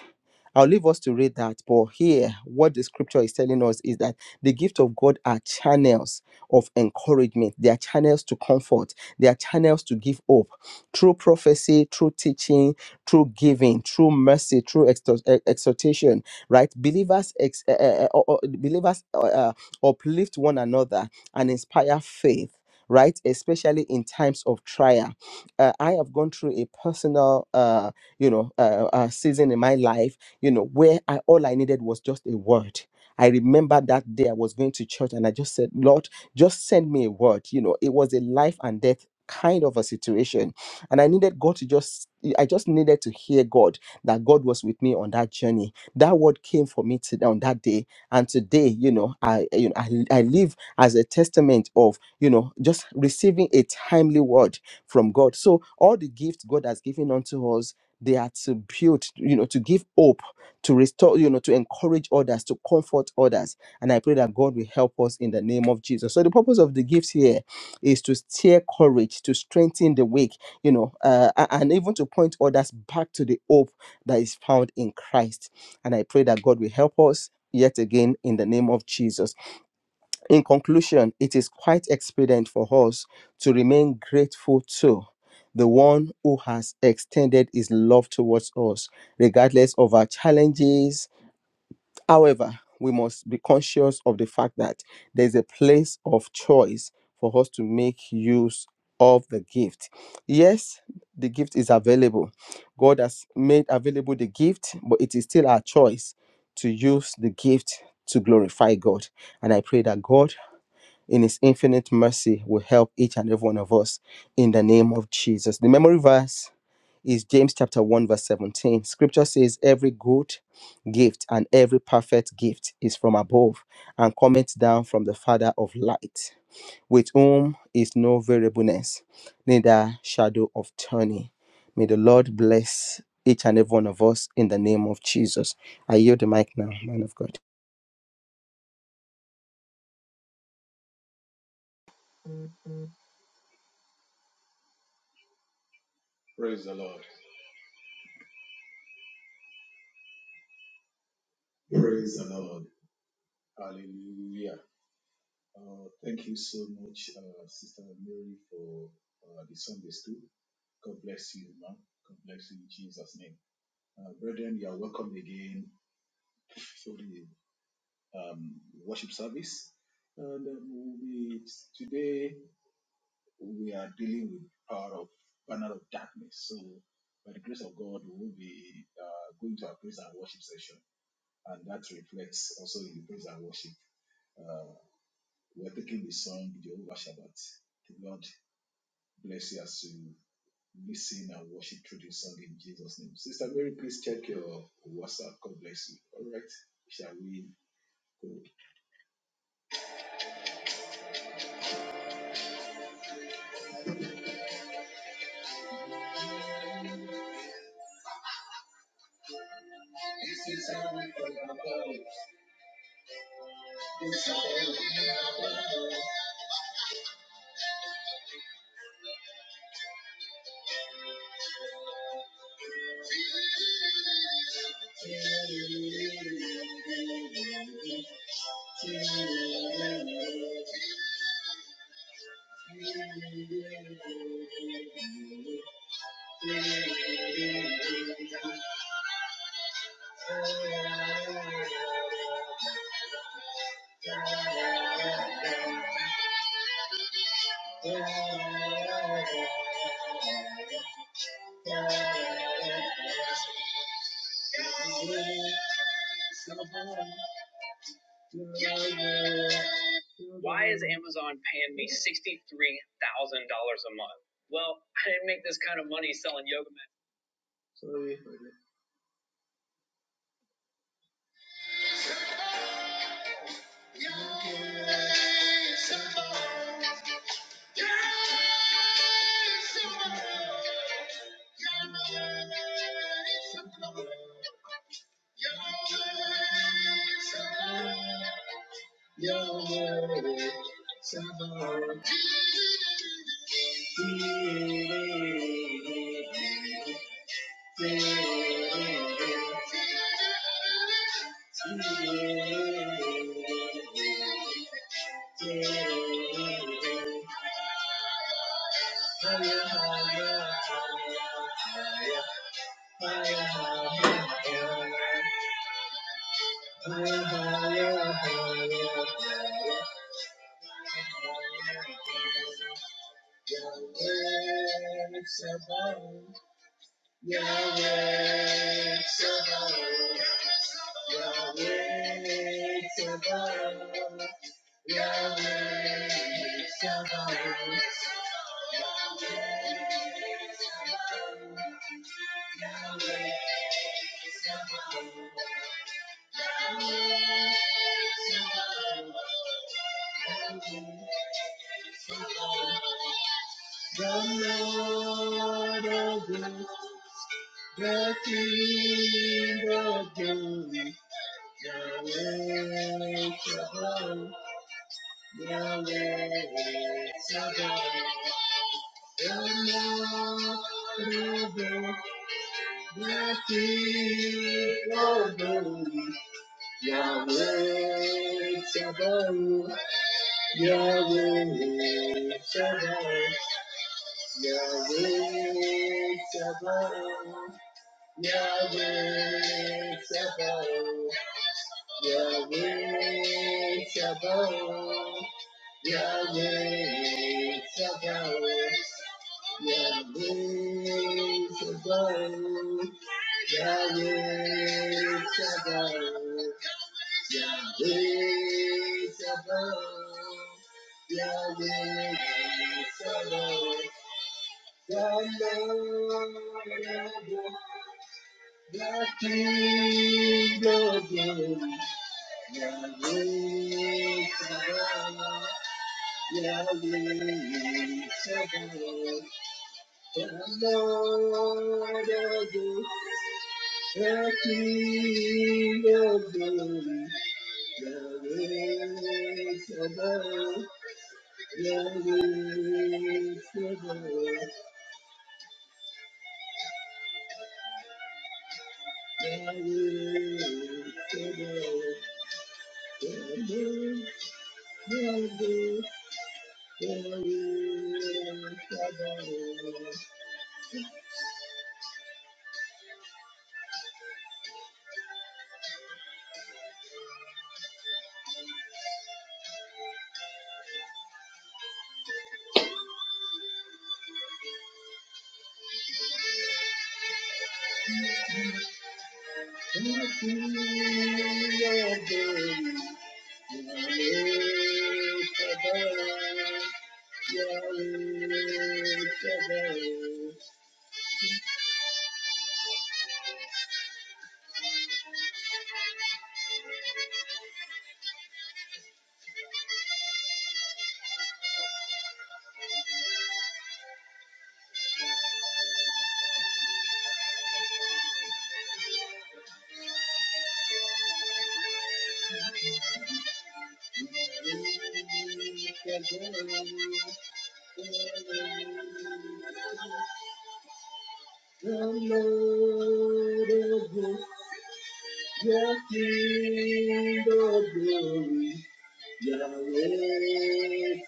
S4: I'll leave us to read that. But here, what the scripture is telling us is that the gift of God are channels of encouragement, they are channels to comfort, they are channels to give hope through prophecy, through teaching, through giving, through mercy, through exhort- eh, exhortation, right? Believers, ex- eh, eh, eh, or- or- believers uh, uh, uplift one another and inspire faith. Right, especially in times of trial, uh, I have gone through a personal, uh, you know, uh, uh, season in my life you know, where I all I needed was just a word. I remember that day I was going to church and I just said, Lord, just send me a word. You know, it was a life and death kind of a situation. And I needed God to just I just needed to hear God that God was with me on that journey. That word came for me today on that day. And today, you know, I you know I, I live as a testament of, you know, just receiving a timely word from God. So all the gifts God has given unto us, they are to build, you know, to give hope to restore, you know, to encourage others, to comfort others. And I pray that God will help us in the name of Jesus. So the purpose of the gifts here is to steer courage, to strengthen the weak, you know, uh, a- and even to point others back to the hope that is found in Christ. And I pray that God will help us yet again in the name of Jesus. In conclusion, it is quite expedient for us to remain grateful to the one who has extended his love towards us regardless of our challenges However, we must be conscious of the fact that there's a place of choice for us to make use of the gift. Yes, the gift is available. God has made available the gift, but it is still our choice to use the gift to glorify God. And I pray that God, in His infinite mercy, will help each and every one of us in the name of Jesus. The memory verse is James chapter 1 verse 17. Scripture says every good gift and every perfect gift is from above and cometh down from the father of light with whom is no variableness neither shadow of turning. May the Lord bless each and every one of us in the name of Jesus. I yield the mic now, man of God.
S3: Praise the Lord. Praise the Lord. Hallelujah. Uh, thank you so much, uh, Sister Mary, for uh, the Sunday school. God bless you, ma'am. God bless you in Jesus' name. Uh, brethren, you are welcome again for the um, worship service. And um, we'll be today. we are dealing with the power of banner of darkness. So by the grace of God, we will be uh, going to our praise and worship session, and that reflects also in the praise and worship. Uh, we're taking the song Jehovah Shabbat. The Lord bless you as you listen and worship through this song in Jesus' name. Sister Mary, please check your WhatsApp. God bless you. All right, shall we go? Why is Amazon paying me $63,000 a month? Well, I didn't make this kind of money selling yoga Yahweh, The Lord of hosts, the King of glory, Yahweh Shabbat, Yahweh Shabbat. The Lord of hosts, the King of glory, Yahweh Shabbat, Yahweh Shabbat, Yahweh Shabbat, Yahweh Shabbat, Yahweh Shabbat. Yahweh, Sabaoth, Yahweh, Sabaoth, Yahweh, Sabaoth, Yahweh, Sabaoth, Yahweh, Sabaoth. the King of Kings, Yahweh, Sabaoth. Yahweh, Thank you. Yahweh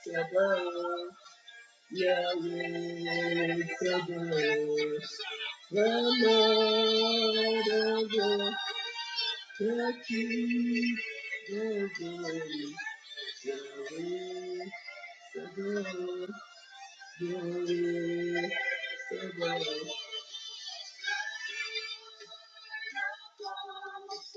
S3: Sabaoth, Yahweh Sabaoth, the Lord of the the King of glory. Yahweh Sabaoth, Yahweh Sabaoth.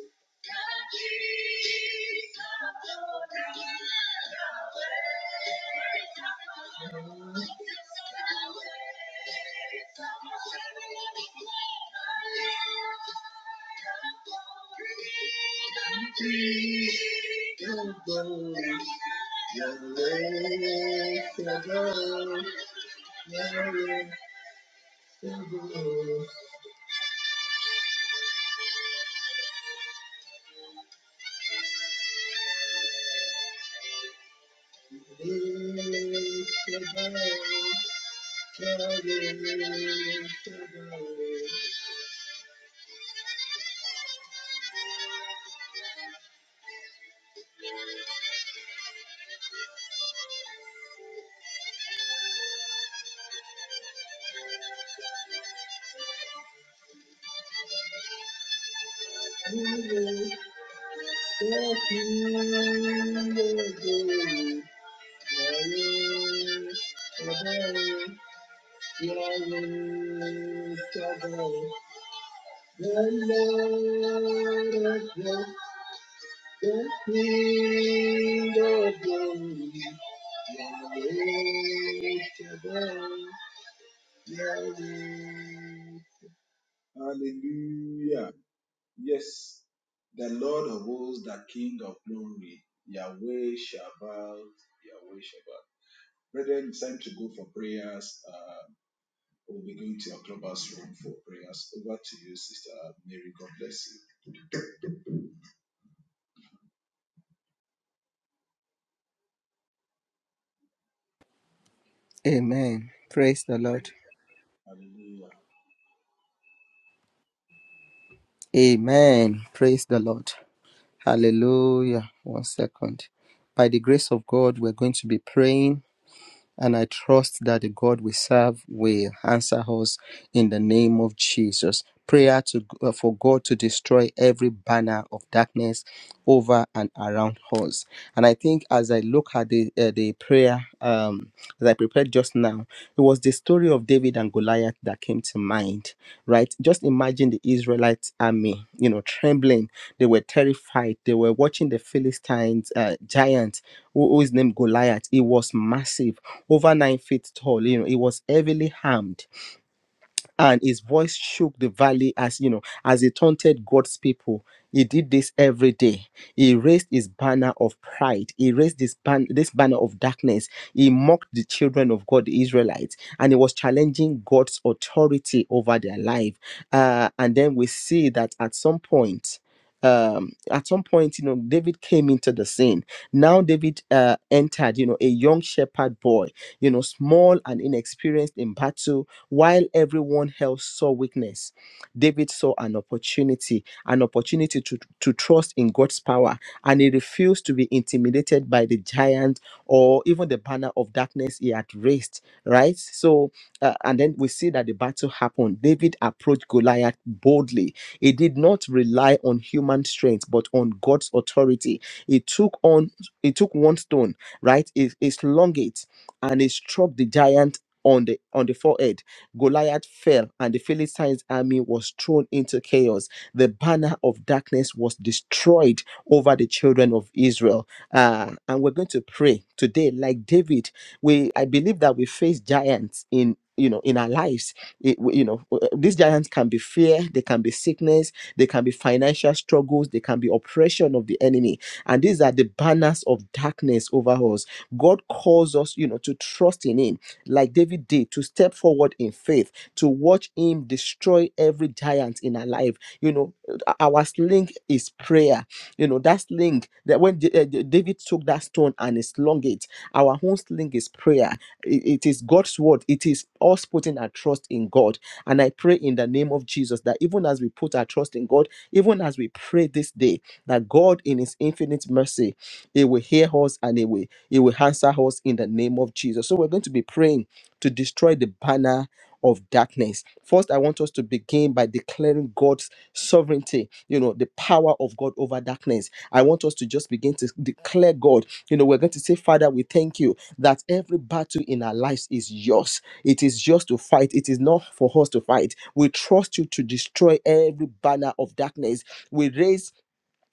S3: Hallelujah. Yes, the Lord of hosts, the King of glory, Yahweh Shabbat, Yahweh Shabbat. Brethren, it's time to go for prayers. Uh, we'll be going to our clubhouse room for prayers. Over to you, Sister Mary. God bless you.
S4: Amen. Praise the Lord.
S3: Hallelujah.
S4: Amen. Praise the Lord. Hallelujah. One second. By the grace of God, we're going to be praying And I trust that the God we serve will answer us in the name of Jesus. Prayer to, uh, for God to destroy every banner of darkness over and around us. And I think as I look at the, uh, the prayer um, that I prepared just now, it was the story of David and Goliath that came to mind, right? Just imagine the Israelite army, you know, trembling. They were terrified. They were watching the Philistines uh, giant who who is named Goliath. It was massive, over nine feet tall. You know, it was heavily armed and his voice shook the valley as you know as he taunted god's people he did this every day he raised his banner of pride he raised this, ban- this banner of darkness he mocked the children of god the israelites and he was challenging god's authority over their life Uh, and then we see that at some point um at some point you know david came into the scene now david uh entered you know a young shepherd boy you know small and inexperienced in battle while everyone else saw weakness, David saw an opportunity, an opportunity to, to trust in God's power, and he refused to be intimidated by the giant or even the banner of darkness he had raised, right? So, uh, and then we see that the battle happened. David approached Goliath boldly. He did not rely on human strength, but on God's authority. He took on, he took one stone, right? He, he slung it and he struck the giant on the on the forehead Goliath fell, and the Philistines' army was thrown into chaos. The banner of darkness was destroyed over the children of Israel. Uh, and we're going to pray today, like David. We I believe that we face giants in you know in our lives It- we- you know w- these giants can be fear they can be sickness they can be financial struggles they can be oppression of the enemy and these are the banners of darkness over us god calls us you know to trust in him like David did, to step forward in faith, to watch him destroy every giant in our life. You know, uh, our sling is prayer. You know, that sling that when Da- uh, D- David took that stone and he slung it, our own sling is prayer. it it is God's word. It is us putting our trust in God. And I pray in the name of Jesus that even as we put our trust in God, even as we pray this day, that God in His infinite mercy he will hear us and he will, he will answer us in the name of Jesus. So we're going to be praying to destroy the banner of darkness. First, I want us to begin by declaring God's sovereignty, you know, the power of God over darkness. I want us to just begin to declare God. You know, we're going to say, Father, we thank you that every battle in our lives is yours. It is yours to fight. It is not for us to fight. We trust you to destroy every banner of darkness. We raise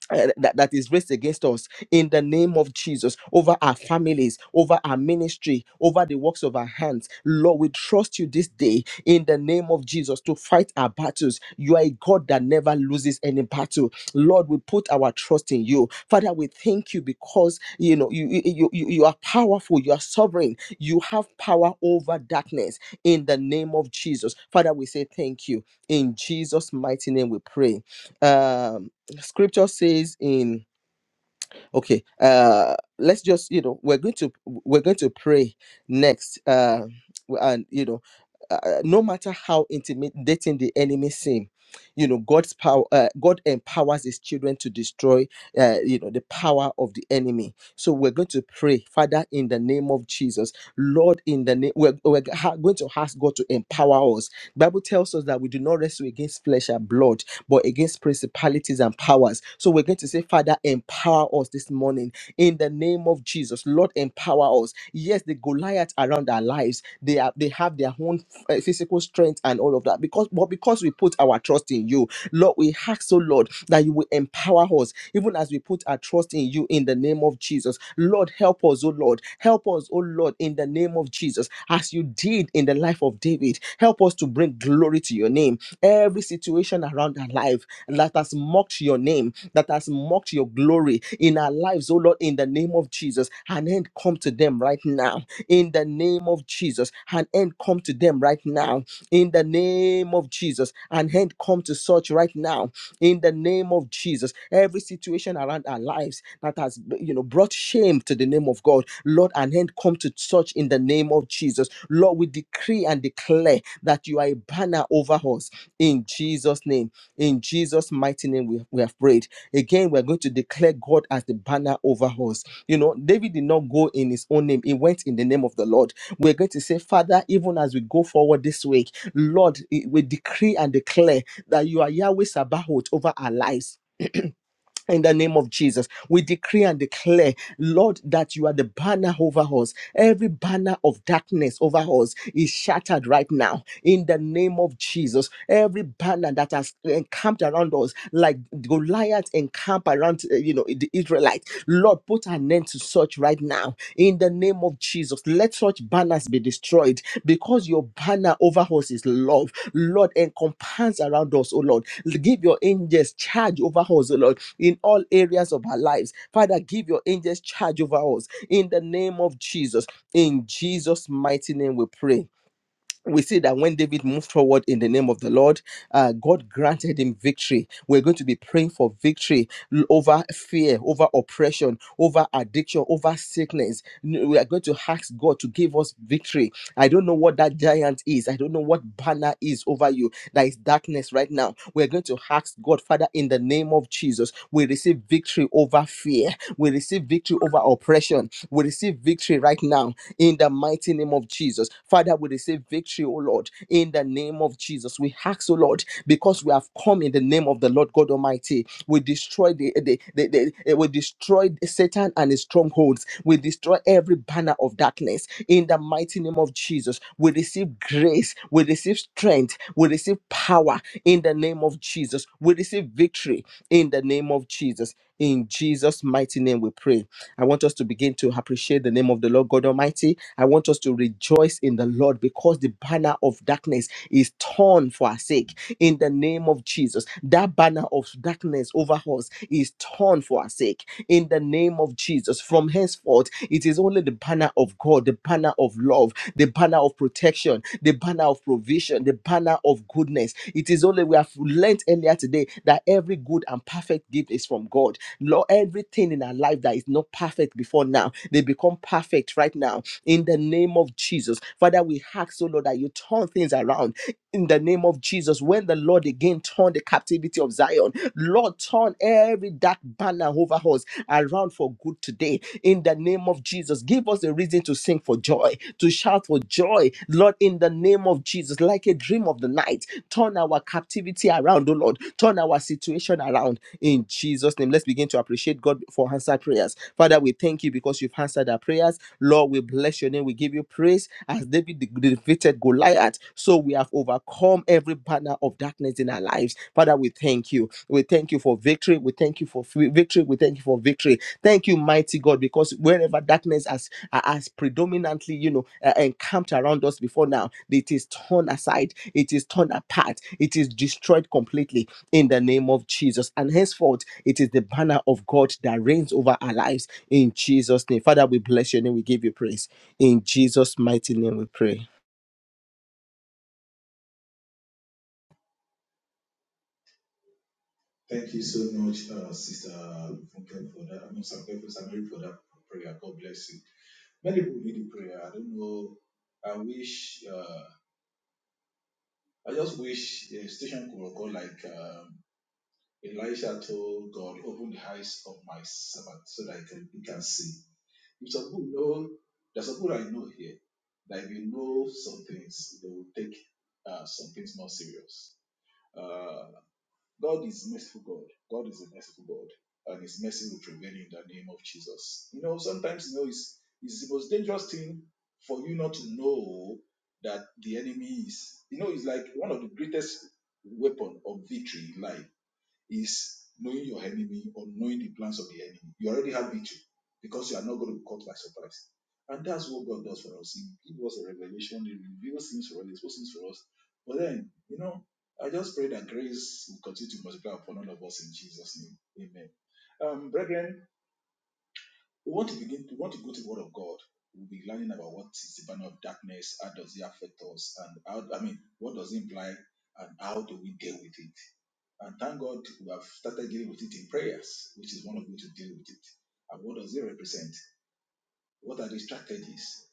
S4: uh, that, that is raised against us in the name of Jesus over our families, over our ministry, over the works of our hands. Lord, we trust you this day in the name of Jesus to fight our battles. You are a God that never loses any battle. Lord, we put our trust in you. Father, we thank you because you know you you, you, you you are powerful, you are sovereign, you have power over darkness in the name of Jesus. Father, we say thank you. In Jesus' mighty name we pray. Um scripture says in okay uh let's just you know we're going to we're going to pray next uh and you know uh, no matter how intimidating the enemy seem you know god's power uh, god empowers his children to destroy uh, you know the power of the enemy so we're going to pray father in the name of jesus lord in the name we're, we're ha- going to ask god to empower us bible tells us that we do not wrestle against flesh and blood but against principalities and powers. So we're going to say, Father, empower us this morning in the name of Jesus. Lord, empower us. Yes, the Goliath around our lives, they are they have their own uh, physical strength and all of that. Because but because we put our trust in you, Lord, we ask, so Lord, that you will empower us even as we put our trust in you in the name of Jesus. Lord, help us, oh Lord. Help us, oh Lord, in the name of Jesus, as you did in the life of David. Help us to bring glory to your name every situation around our life that has mocked your name, that has mocked your glory in our lives, oh Lord, in the name of Jesus. An end come to them right now. In the name of Jesus, an end come to them right now. In the name of Jesus, an end come to such right now. In the name of Jesus, every situation around our lives that has you know brought shame to the name of God, Lord, an end come to such in the name of Jesus. Lord, we decree and declare that you are a banner over us in Jesus' name, in Jesus' mighty name, we, we have prayed. Again, we're going to declare God as the banner over us. You know, David did not go in his own name, he went in the name of the Lord. We're going to say, Father, even as we go forward this week, Lord, we decree and declare that you are Yahweh Sabaoth over our lives in the name of Jesus, we decree and declare, Lord, that you are the banner over us. Every banner of darkness over us is shattered right now. In the name of Jesus, every banner that has encamped around us, like Goliath encamped around, uh, you know, the Israelites, Lord, put an end to such right now. In the name of Jesus, let such banners be destroyed because your banner over us is love. Lord, encompass around us, oh Lord. Give your angels charge over us, oh Lord in all areas of our lives. Father, give your angels charge over us in the name of Jesus. In Jesus' mighty name, we pray we see that when David moved forward in the name of the Lord, uh, God granted him victory. We're going to be praying for victory l- over fear, over oppression, over addiction, over sickness. N- We are going to ask God to give us victory. I don't know what that giant is. I don't know what banner is over you. That is darkness right now. We're going to ask God, Father, in the name of Jesus, we receive victory over fear. We receive victory over oppression. We receive victory right now in the mighty name of Jesus. Father, we receive victory, O Lord, in the name of Jesus. We ask, O Lord, because we have come in the name of the Lord God Almighty. We destroy the, the, the, the- eh, we destroy Satan and his strongholds. We destroy every banner of darkness in the mighty name of Jesus. We receive grace, we receive strength, we receive power in the name of Jesus. We receive victory in the name of Jesus. In Jesus' mighty name we pray. I want us to begin to appreciate the name of the Lord God Almighty. I want us to rejoice in the Lord because the banner of darkness is torn for our sake. In the name of Jesus, that banner of darkness over us is torn for our sake. In the name of Jesus, from henceforth, it is only the banner of God, the banner of love, the banner of protection, the banner of provision, the banner of goodness. It is only we have learnt earlier today that every good and perfect gift is from God. Lord, everything in our life that is not perfect before now, they become perfect right now in the name of Jesus. Father, we ask, oh Lord, that you turn things around in the name of Jesus. When the Lord again turned the captivity of Zion, Lord, turn every dark banner over us around for good today in the name of Jesus. Give us a reason to sing for joy, to shout for joy, Lord, in the name of Jesus, like a dream of the night Turn our captivity around, oh Lord. Turn our situation around in Jesus' name. Let's begin to appreciate God for answered prayers. Father, we thank you because you've answered our prayers. Lord, we bless your name. We give you praise as David defeated Goliath. So we have overcome every banner of darkness in our lives. Father, we thank you. We thank you for victory. We thank you for f- victory. We thank you for victory. Thank you, mighty God, because wherever darkness has, uh, has predominantly, you know, uh, encamped around us before now, it is torn aside. It is torn apart. It is destroyed completely in the name of Jesus. And henceforth, it is the banner of God that reigns over our lives in Jesus' name. Father, we bless your name. We give you praise. In Jesus' mighty name, we pray.
S3: Thank you so much, uh, Sister Funke, for that. I mean, Sister Funke, Sister Mary, for that prayer. God bless you. Many people need the prayer. I don't know. I wish, uh, I just wish the station could record like. Um, Elisha told God, Open the eyes of my servant so that I can, he can see. If some people know, there's some people I know here that if you know some things, they will take uh, some things more serious. Uh, God is merciful God. God is a merciful God, and His mercy will prevail in the name of Jesus. You know, sometimes you know it's, it's the most dangerous thing for you not to know that the enemy is. You know, it's like one of the greatest weapon of victory in life is knowing your enemy or knowing the plans of the enemy. You already have victory because you are not going to be caught by surprise. And that's what God does for us. He gives us a revelation, He reveals things for us, He exposes things for us. But then, you know, I just pray that grace will continue to multiply upon all of us in Jesus' name. Amen. Um, brethren, we want to begin. We want to go to the Word of God. We'll be learning about what is the banner of darkness, how does it affect us, and how I mean, what does it imply, and how do we deal with it. And thank God we have started dealing with it in prayers, which is one of the way to deal with it. And what does it represent? What are the strategies?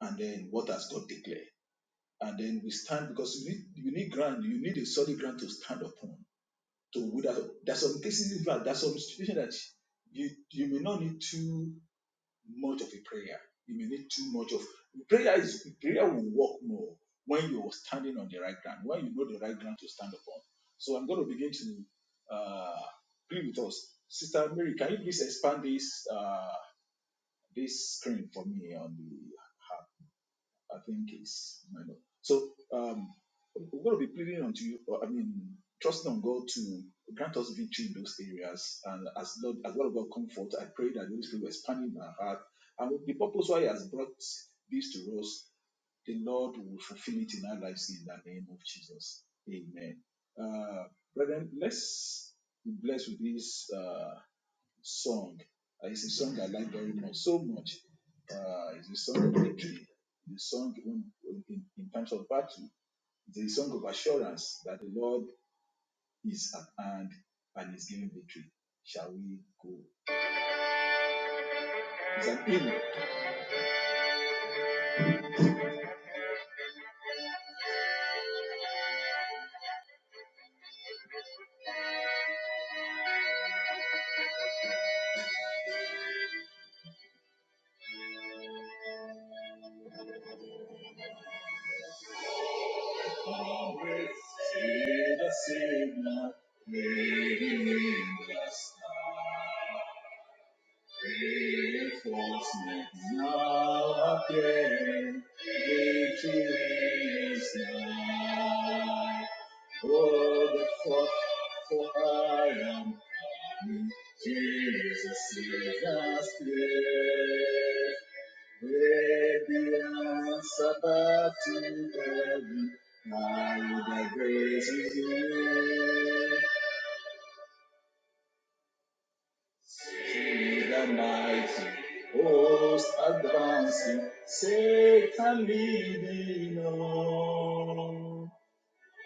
S3: And then what has God declared? And then we stand because you need you need ground, you need a solid ground to stand upon. To wither. There's some cases in fact, there's some situation that you you may not need to much of a prayer. You may need too much of prayer. Is prayer will work more when you are standing on the right ground, when you know the right ground to stand upon. So I'm going to begin to uh, pray with us, Sister Mary. Can you please expand this uh, this screen for me on the? I think it's minor. So um, we're going to be pleading unto you. or, I mean, trusting on God to grant us victory in those areas. And as Lord, as Lord of God comfort, I pray that the Holy Spirit will expand in our heart. And with the purpose why He has brought this to us, the Lord will fulfill it in our lives in the name of Jesus. Amen. Uh, brethren, let's be blessed with this. Uh, song. Uh, it's a song I like very much, so much. Uh, it's a song of victory. The song in, in, in times of battle. It's a song of assurance that the Lord is at hand and is giving victory. Shall we go? It's an hymn. Always see the Savior, reigning just Reinforcement now appearing, victory is nigh. Oh, the cross, for I am coming. Jesus is the slave. Baby, I'm about to heaven. Now the grace is near. See the mighty host advancing. Satan leading on.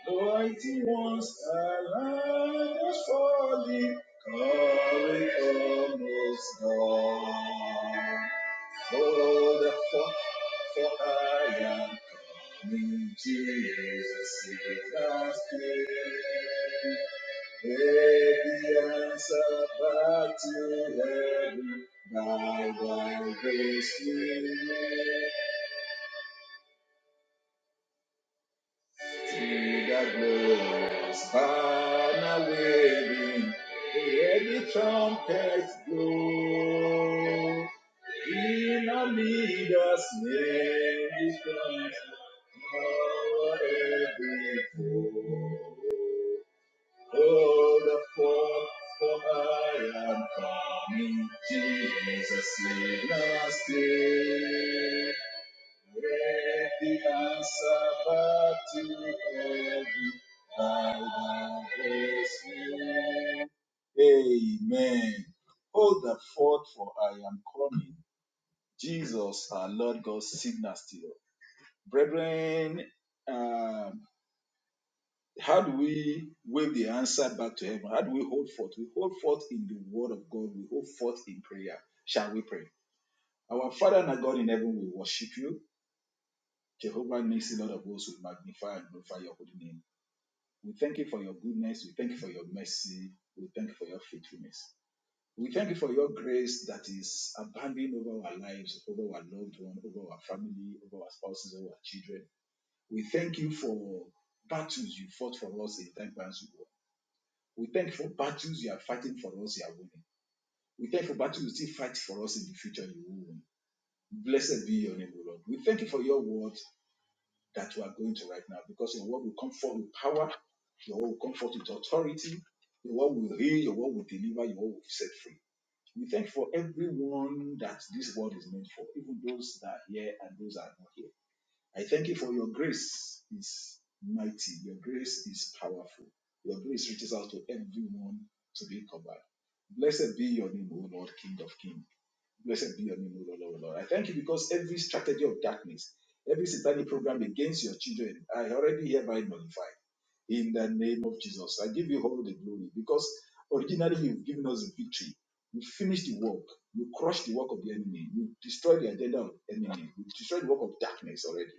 S3: Mighty ones, align us for the calling of most God. Oh, the for, for I am in Jesus is our spirit. Every answer back to heaven by thy grace we made. Till that glorious banner waving, the heavy trumpets blow. In our leader's name is Christ, our every foe. Hold the fort, for I am coming, Jesus will not stay. Let the answer back to heaven by thy grace. Amen. Hold the fort for I am coming. Jesus, our Lord God's signal still. Brethren, um, how do we wave the answer back to heaven? How do we hold forth? We hold forth in the word of God. We hold forth in prayer. Shall we pray? Our Father and our God in heaven, we worship you. Jehovah Nissi, Lord of hosts, we magnify and glorify your holy name. We thank you for your goodness. We thank you for your mercy. We thank you for your faithfulness. We thank you for your grace that is abounding over our lives, over our loved one, over our family, over our spouses, over our children. We thank you for battles you fought for us in time past. We thank you for battles you are fighting for us, you are winning. We thank you for battles you still fight for us in the future, you will win. Blessed be your name, O Lord. We thank you for your word that you are going to right now. Because your word will come forth with power, your word will come forth with authority, your word will heal, your word will deliver, your word will set free. We thank you for everyone that this word is meant for, even those that are here and those that are not here. I thank you for your grace is mighty, your grace is powerful, your grace reaches out to everyone to be covered. Blessed be your name, O Lord, King of Kings. Blessed be your name, O Lord, O Lord. I thank you because every strategy of darkness, every satanic program against your children, I already hereby nullify. in the name of Jesus. I give you all the glory because originally you've given us the victory. You finished the work. You crushed the work of the enemy. You destroyed the agenda of enemy. You destroyed the work of darkness already.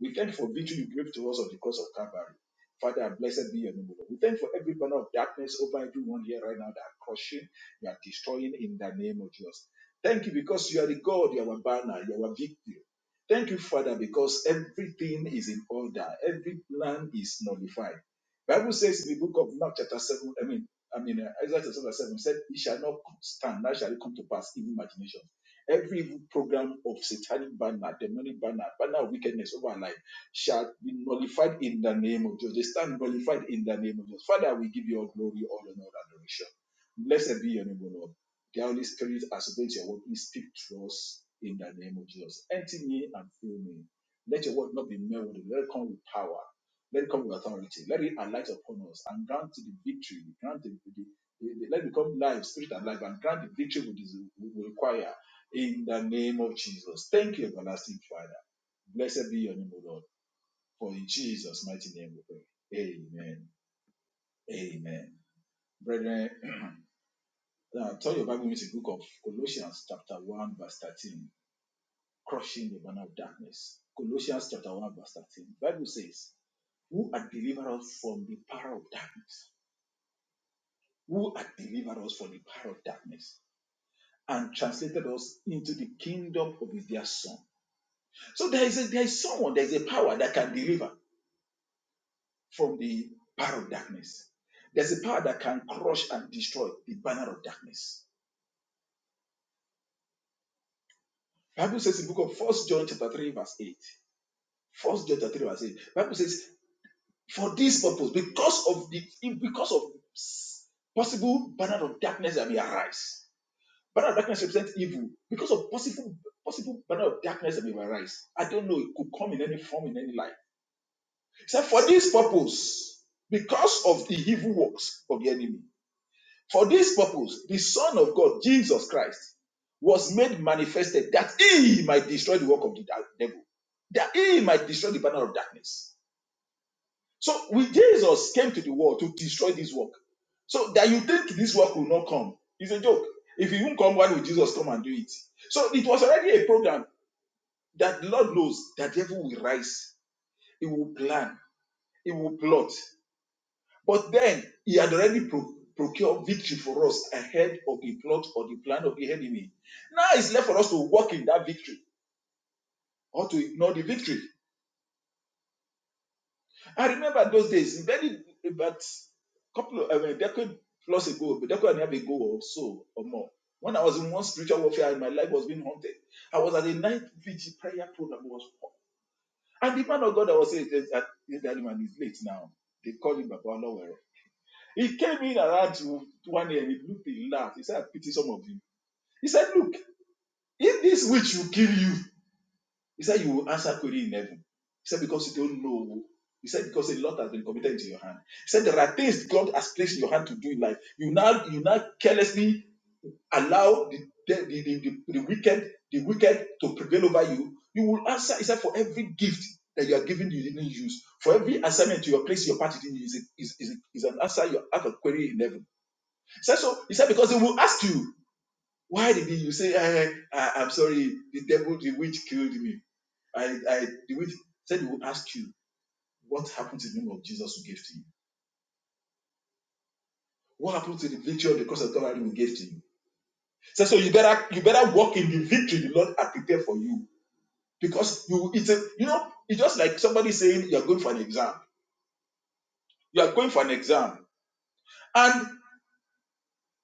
S3: We thank you for victory you gave to us on the cross of Calvary. Father, blessed be your name, O Lord. We thank you for every banner of darkness over everyone here right now that are crushing, you are destroying in the name of Jesus. Thank you because you are the God, you are our banner, you are our victory. Thank you, Father, because everything is in order, every plan is nullified. Bible says in the book of Mark chapter 7, I mean, I mean, uh, Isaiah chapter 7, said, it shall not stand, that shall it come to pass, even imagination. Every evil program of satanic banner, demonic banner, banner of wickedness over our life shall be nullified in the name of Jesus. They stand nullified in the name of Jesus. Father, we give you all glory, all honor, and adoration. Blessed be your name, O Lord. The Holy Spirit, as against your word, please speak to us in the name of Jesus. Empty me and fill me. Let your word not be melody. Let it come with power. Let it come with authority. Let it alight upon us and grant the victory. Grant the, the, the- let it become life, spirit and life, and grant the victory we, des- we require in the name of Jesus. Thank you, everlasting Father. Blessed be your name, O Lord. For in Jesus' mighty name we pray. Amen. Amen. Brethren, now turn your Bible into the book of Colossians, chapter 1, verse 13. Crushing the banner of darkness. Colossians chapter 1, verse 13. The Bible says, Who had delivered us from the power of darkness? Who had delivered us from the power of darkness? And translated us into the kingdom of his dear son. So there is a, there is someone, there is a power that can deliver. from the power of darkness. There's a power that can crush and destroy the banner of darkness. Bible says in the book of First John chapter 3, verse 8. First John chapter 3, verse 8. Bible says, for this purpose, because of the because of possible banner of darkness that may arise. Banner of darkness represents evil. Because of possible possible banner of darkness that may arise. I don't know, it could come in any form, in any life. He said, for this purpose, because of the evil works of the enemy. For this purpose, the Son of God, Jesus Christ, was made manifested that he might destroy the work of the devil, that he might destroy the banner of darkness. So, with Jesus came to the world to destroy this work. So, that you think this work will not come is a joke. If he won't come, why would Jesus come and do it? So, it was already a program that the Lord knows that the devil will rise, he will plan, he will plot. But then he had already pro- procured victory for us ahead of the plot or the plan of the enemy. Now it's left for us to walk in that victory or to ignore the victory. I remember those days, very about couple of I mean, a decade plus ago, a decade and a half ago or so or more. When I was in one spiritual warfare and my life was being haunted, I was at a night vigil prayer program was and the man of God that was saying that that man is late now. They call him Baba Lawero He came in around to one year. He looked, he laughed. He said, I pity some of you. He said, Look, if this witch will kill you, he said, You will answer query in heaven. He said, Because you don't know. He said, Because a lot has been committed into your hand. He said, There are things God has placed in your hand to do in life. You now you now carelessly allow the the, the, the, the, wicked, the wicked to prevail over you. You will answer, he said, for every gift that you are given you didn't use, for every assignment you are placed your part in is, a- is, is, is an answer you have a query in heaven. So so. He said because he will ask you why did he-" you say eh, I, I'm sorry the devil the witch killed me. I I the witch said he will ask you what happened to the name of Jesus who gave to you. What happened to the victory of the cross of Calvary we gave to you? so so you better you better walk in the victory the Lord had prepared for you because you it's a, you know it's just like somebody saying you are going for an exam. You are going for an exam and.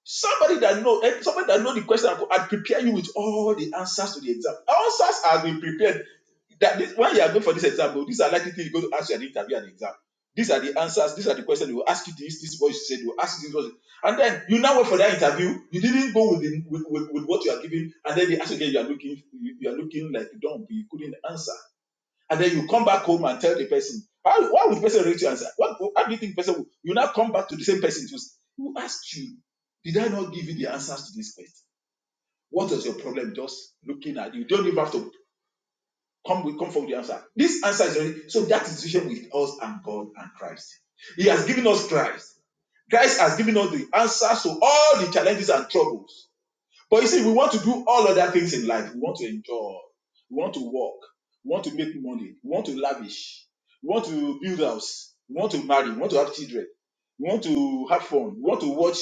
S3: Somebody that know eh, somebody that know the question and prepare you with all the answers to the exam. Answers have been prepared. That this, when you are going for this exam, oh, these are likely to go to ask you an interview and exam. These are the answers. These are the questions they will ask you. This, this is what you said. They will ask you this, what- and then you now wait for that interview. You didn't go with the, with, with, with what you are giving, and then they ask again. You are looking, you, you are looking like dumb. You couldn't answer and then you come back home and tell the person. Why, why would the person rate you answer? What, how do you think the person will? You now come back to the same person to, s- who asked you, Did I not give you the answers to this question? What was your problem just looking at you? Don't even have to come with come forward the answer. This answer is already so that is the relationship with us and God and Christ. He has given us Christ. Christ has given us the answers to all the challenges and troubles. But you see, we want to do all other things in life. We want to enjoy. We want to work. We want to make money. We want to lavish. We want to build house. We want to marry. We want to have children. We want to have fun. We want to watch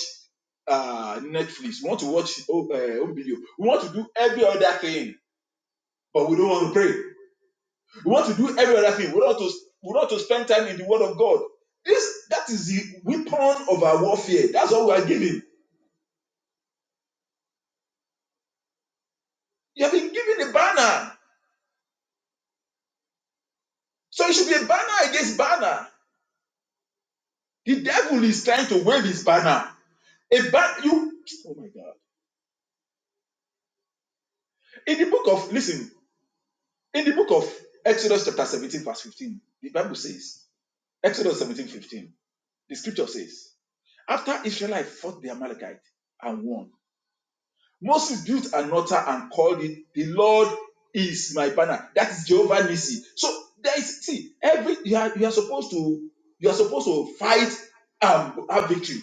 S3: uh, Netflix. We want to watch oh, uh, home video. We want to do every other thing, but we don't want to pray. We want to do every other thing. We want to we want to spend time in the Word of God. This that is the weapon of our warfare. That's all we are given. You have been given a banner, so it should be a banner against banner. The devil is trying to wave his banner. A ban- you. Oh my God. In the book of listen, in the book of Exodus chapter 17 verse 15, the Bible says, Exodus 17 15. the scripture says, after Israelites fought the Amalekite and won, Moses built an altar and called it, the Lord is my banner. That is Jehovah Nissi. So there is see every you are you are supposed to you are supposed to fight and have victory.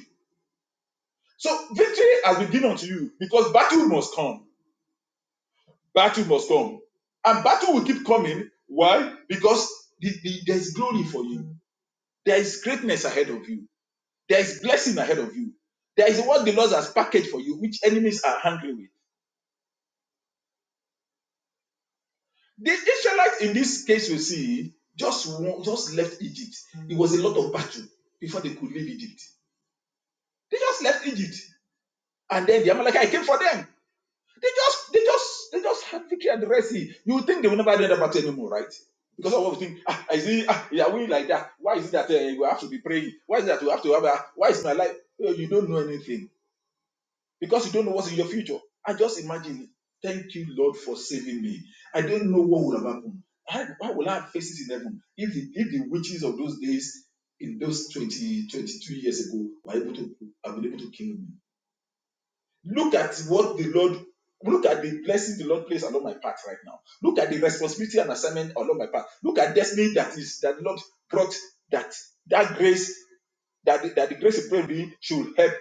S3: So victory has been given unto you because battle must come. Battle must come. And battle will keep coming. Why? Because the- the- there's glory for you. There is greatness ahead of you. There is blessing ahead of you. There is what the Lord has packaged for you, which enemies are hungry with. The Israelites in this case, you see, just wa- just left Egypt. It was a lot of battle before they could leave Egypt. They just left Egypt, and then the Amalekite came for them. They just, they just, they just had victory at the Red Sea. You would think they will never do that battle anymore, right? Because of what think, ah, is it, ah, yeah, we like that? Why is it that uh, we have to be praying? Why is it that we have to have a, why is my life? Oh, you don't know anything because you don't know what's in your future. I just imagine it. Thank you, Lord, for saving me. I don't know what would have happened. I, why will I have faces in heaven if the, if the witches of those days in those 20 22 years ago were able to have been able to kill me? Look at what the Lord, look at the blessing the Lord placed along my path right now. Look at the responsibility and assignment along my path. Look at destiny that is that the Lord brought that that grace that the, that the grace of prayer should help.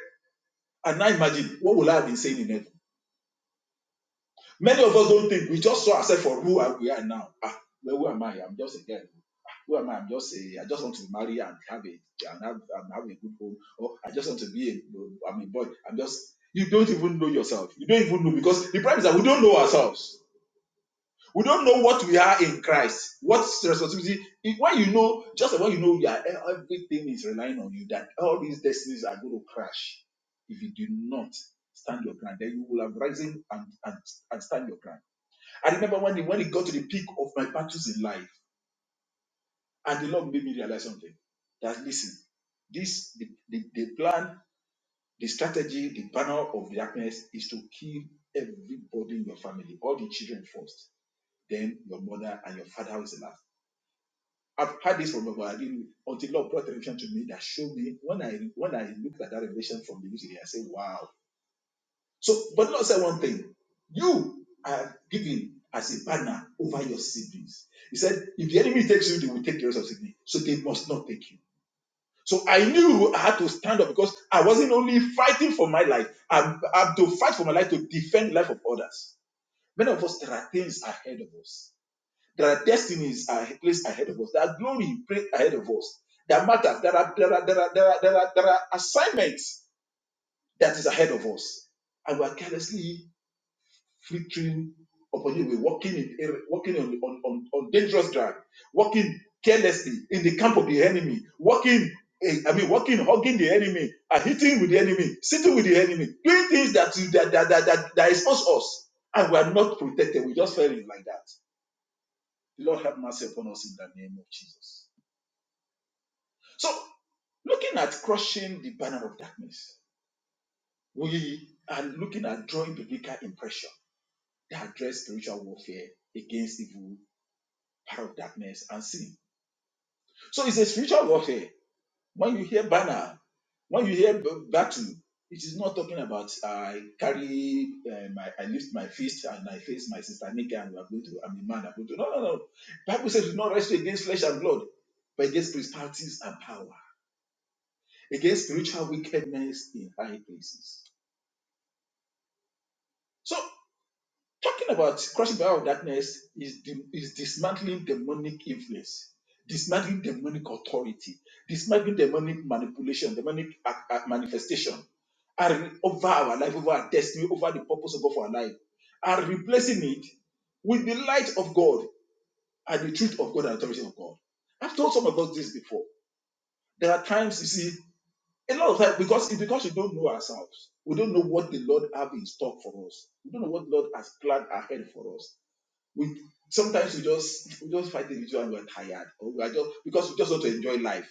S3: And now imagine what will I have been saying in heaven? Many of us don't think. We just saw ourselves for who we are now. Ah, well, who am I? I'm just a girl. Who am I? I'm just a. I just want to marry and have a and have and have a good home. Or I just want to be a. I'm a boy. I'm just. You don't even know yourself. You don't even know because the problem is that we don't know ourselves. We don't know what we are in Christ. What responsibility? if- When you know, just like when you know, you are, everything is relying on you. That all these destinies are going to crash if you do not stand your ground. Then you will have risen and and, and stand your ground I remember when it, when it got to the peak of my battles in life, and the Lord made me realize something that listen, this the, the, the plan, the strategy, the banner of darkness is to kill everybody in your family, all the children first, then your mother and your father was the last. I've had this from but I didn't until Lord brought revelation to me that showed me when I when I looked at that revelation from the beginning, I said, Wow, So, but the Lord said one thing you are given as a banner over your siblings. He said, if the enemy takes you, they will take the rest of Sydney. So they must not take you. So I knew I had to stand up because I wasn't only fighting for my life, I had to fight for my life to defend the life of others. Many of us, there are things ahead of us. There are destinies are placed ahead of us. There are glory ahead of us. There are matters. There are, there are, there are, there are, there are, there are assignments that is ahead of us. And we are carelessly flickering upon you. We're walking in walking on, on, on, on dangerous ground, walking carelessly in the camp of the enemy, walking. eh, I mean, walking, hugging the enemy, and hitting with the enemy, sitting with the enemy, doing things that that that that that, that expose us, and we are not protected. We just fell in like that. The Lord have mercy upon us in the name of Jesus. So, looking at crushing the banner of darkness, we are looking at drawing biblical impression that address spiritual warfare against evil power of darkness and sin. So it's a spiritual warfare. When you hear banner, when you hear b- battle, it is not talking about I carry uh, my I lift my fist and I face my sister naked and we are going to I'm a man I'm going to no no no. Bible says we do not wrestle against flesh and blood, but against principalities and power, against spiritual wickedness in high places. So. Talking about crossing the power of darkness is, the, is dismantling demonic influence, dismantling demonic authority, dismantling demonic manipulation, demonic a- a- manifestation, and re- over our life, over our destiny, over the purpose of God for our life, and replacing it with the light of God and the truth of God and authority of God. I've told some of us this before. There are times you see a lot of times because it's because we don't know ourselves. We don't know what the Lord have in stock for us. We don't know what the Lord has planned ahead for us we sometimes we just we just fight it with you and we're tired or we are just because we just want to enjoy life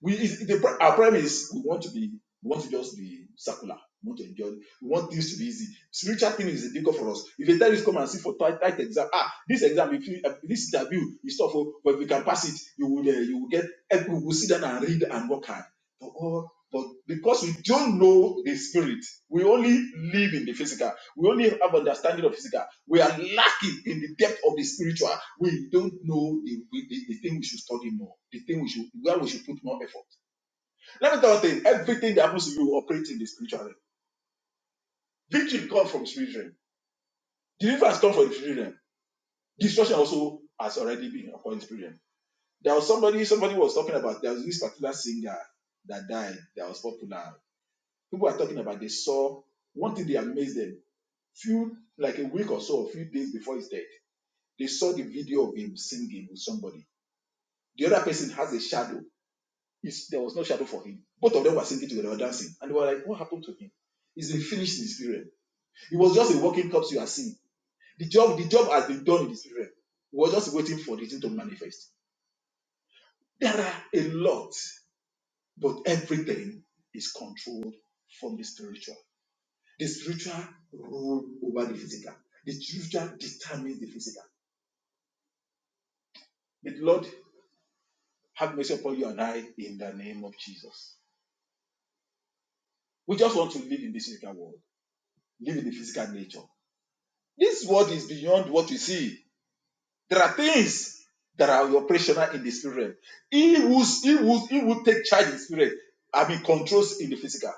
S3: we is the pri- our premise we want to be we want to just be circular we want to enjoy we want things to be easy spiritual thing is difficult for us if they tell you come and sit for tight tight exam ah this exam if you uh, this interview is tough oh, but if you can pass it you will uh, you will get help you will sit down and read and work hard but all but because we don't know the spirit we only live in the physical we only have understanding of physical. We are lacking in the depth of the spiritual. We don't know the, the, the thing we should study more, the thing we should where we should put more effort. Let me tell you, everything that happens to you operates in the spiritual realm. Victory comes from spiritual realm. Deliverance comes from the spiritual realm. Destruction also has already been upon the spiritual realm. There was somebody, somebody was talking about there was this particular singer that died that was popular. People are talking about they saw one thing they amazed them. Few like a week or so, a few days before his death. They saw the video of him singing with somebody. The other person has a shadow. It's, there was no shadow for him. Both of them were singing together, they were dancing. And they were like, what happened to him? He's been finished in the spirit. It was just a walking corpse you are seeing. The job, the job has been done in the spirit. We We're just waiting for the thing to manifest. There are a lot, but everything is controlled from the spiritual. The spiritual rule over the physical. The spiritual determines the physical. May the Lord have mercy upon you and I in the name of Jesus. We just want to live in this physical world, live in the physical nature. This world is beyond what we see. There are things that are operational in the spirit. realm. He who's, he who's, he will take charge in the spirit, I mean, controls in the physical.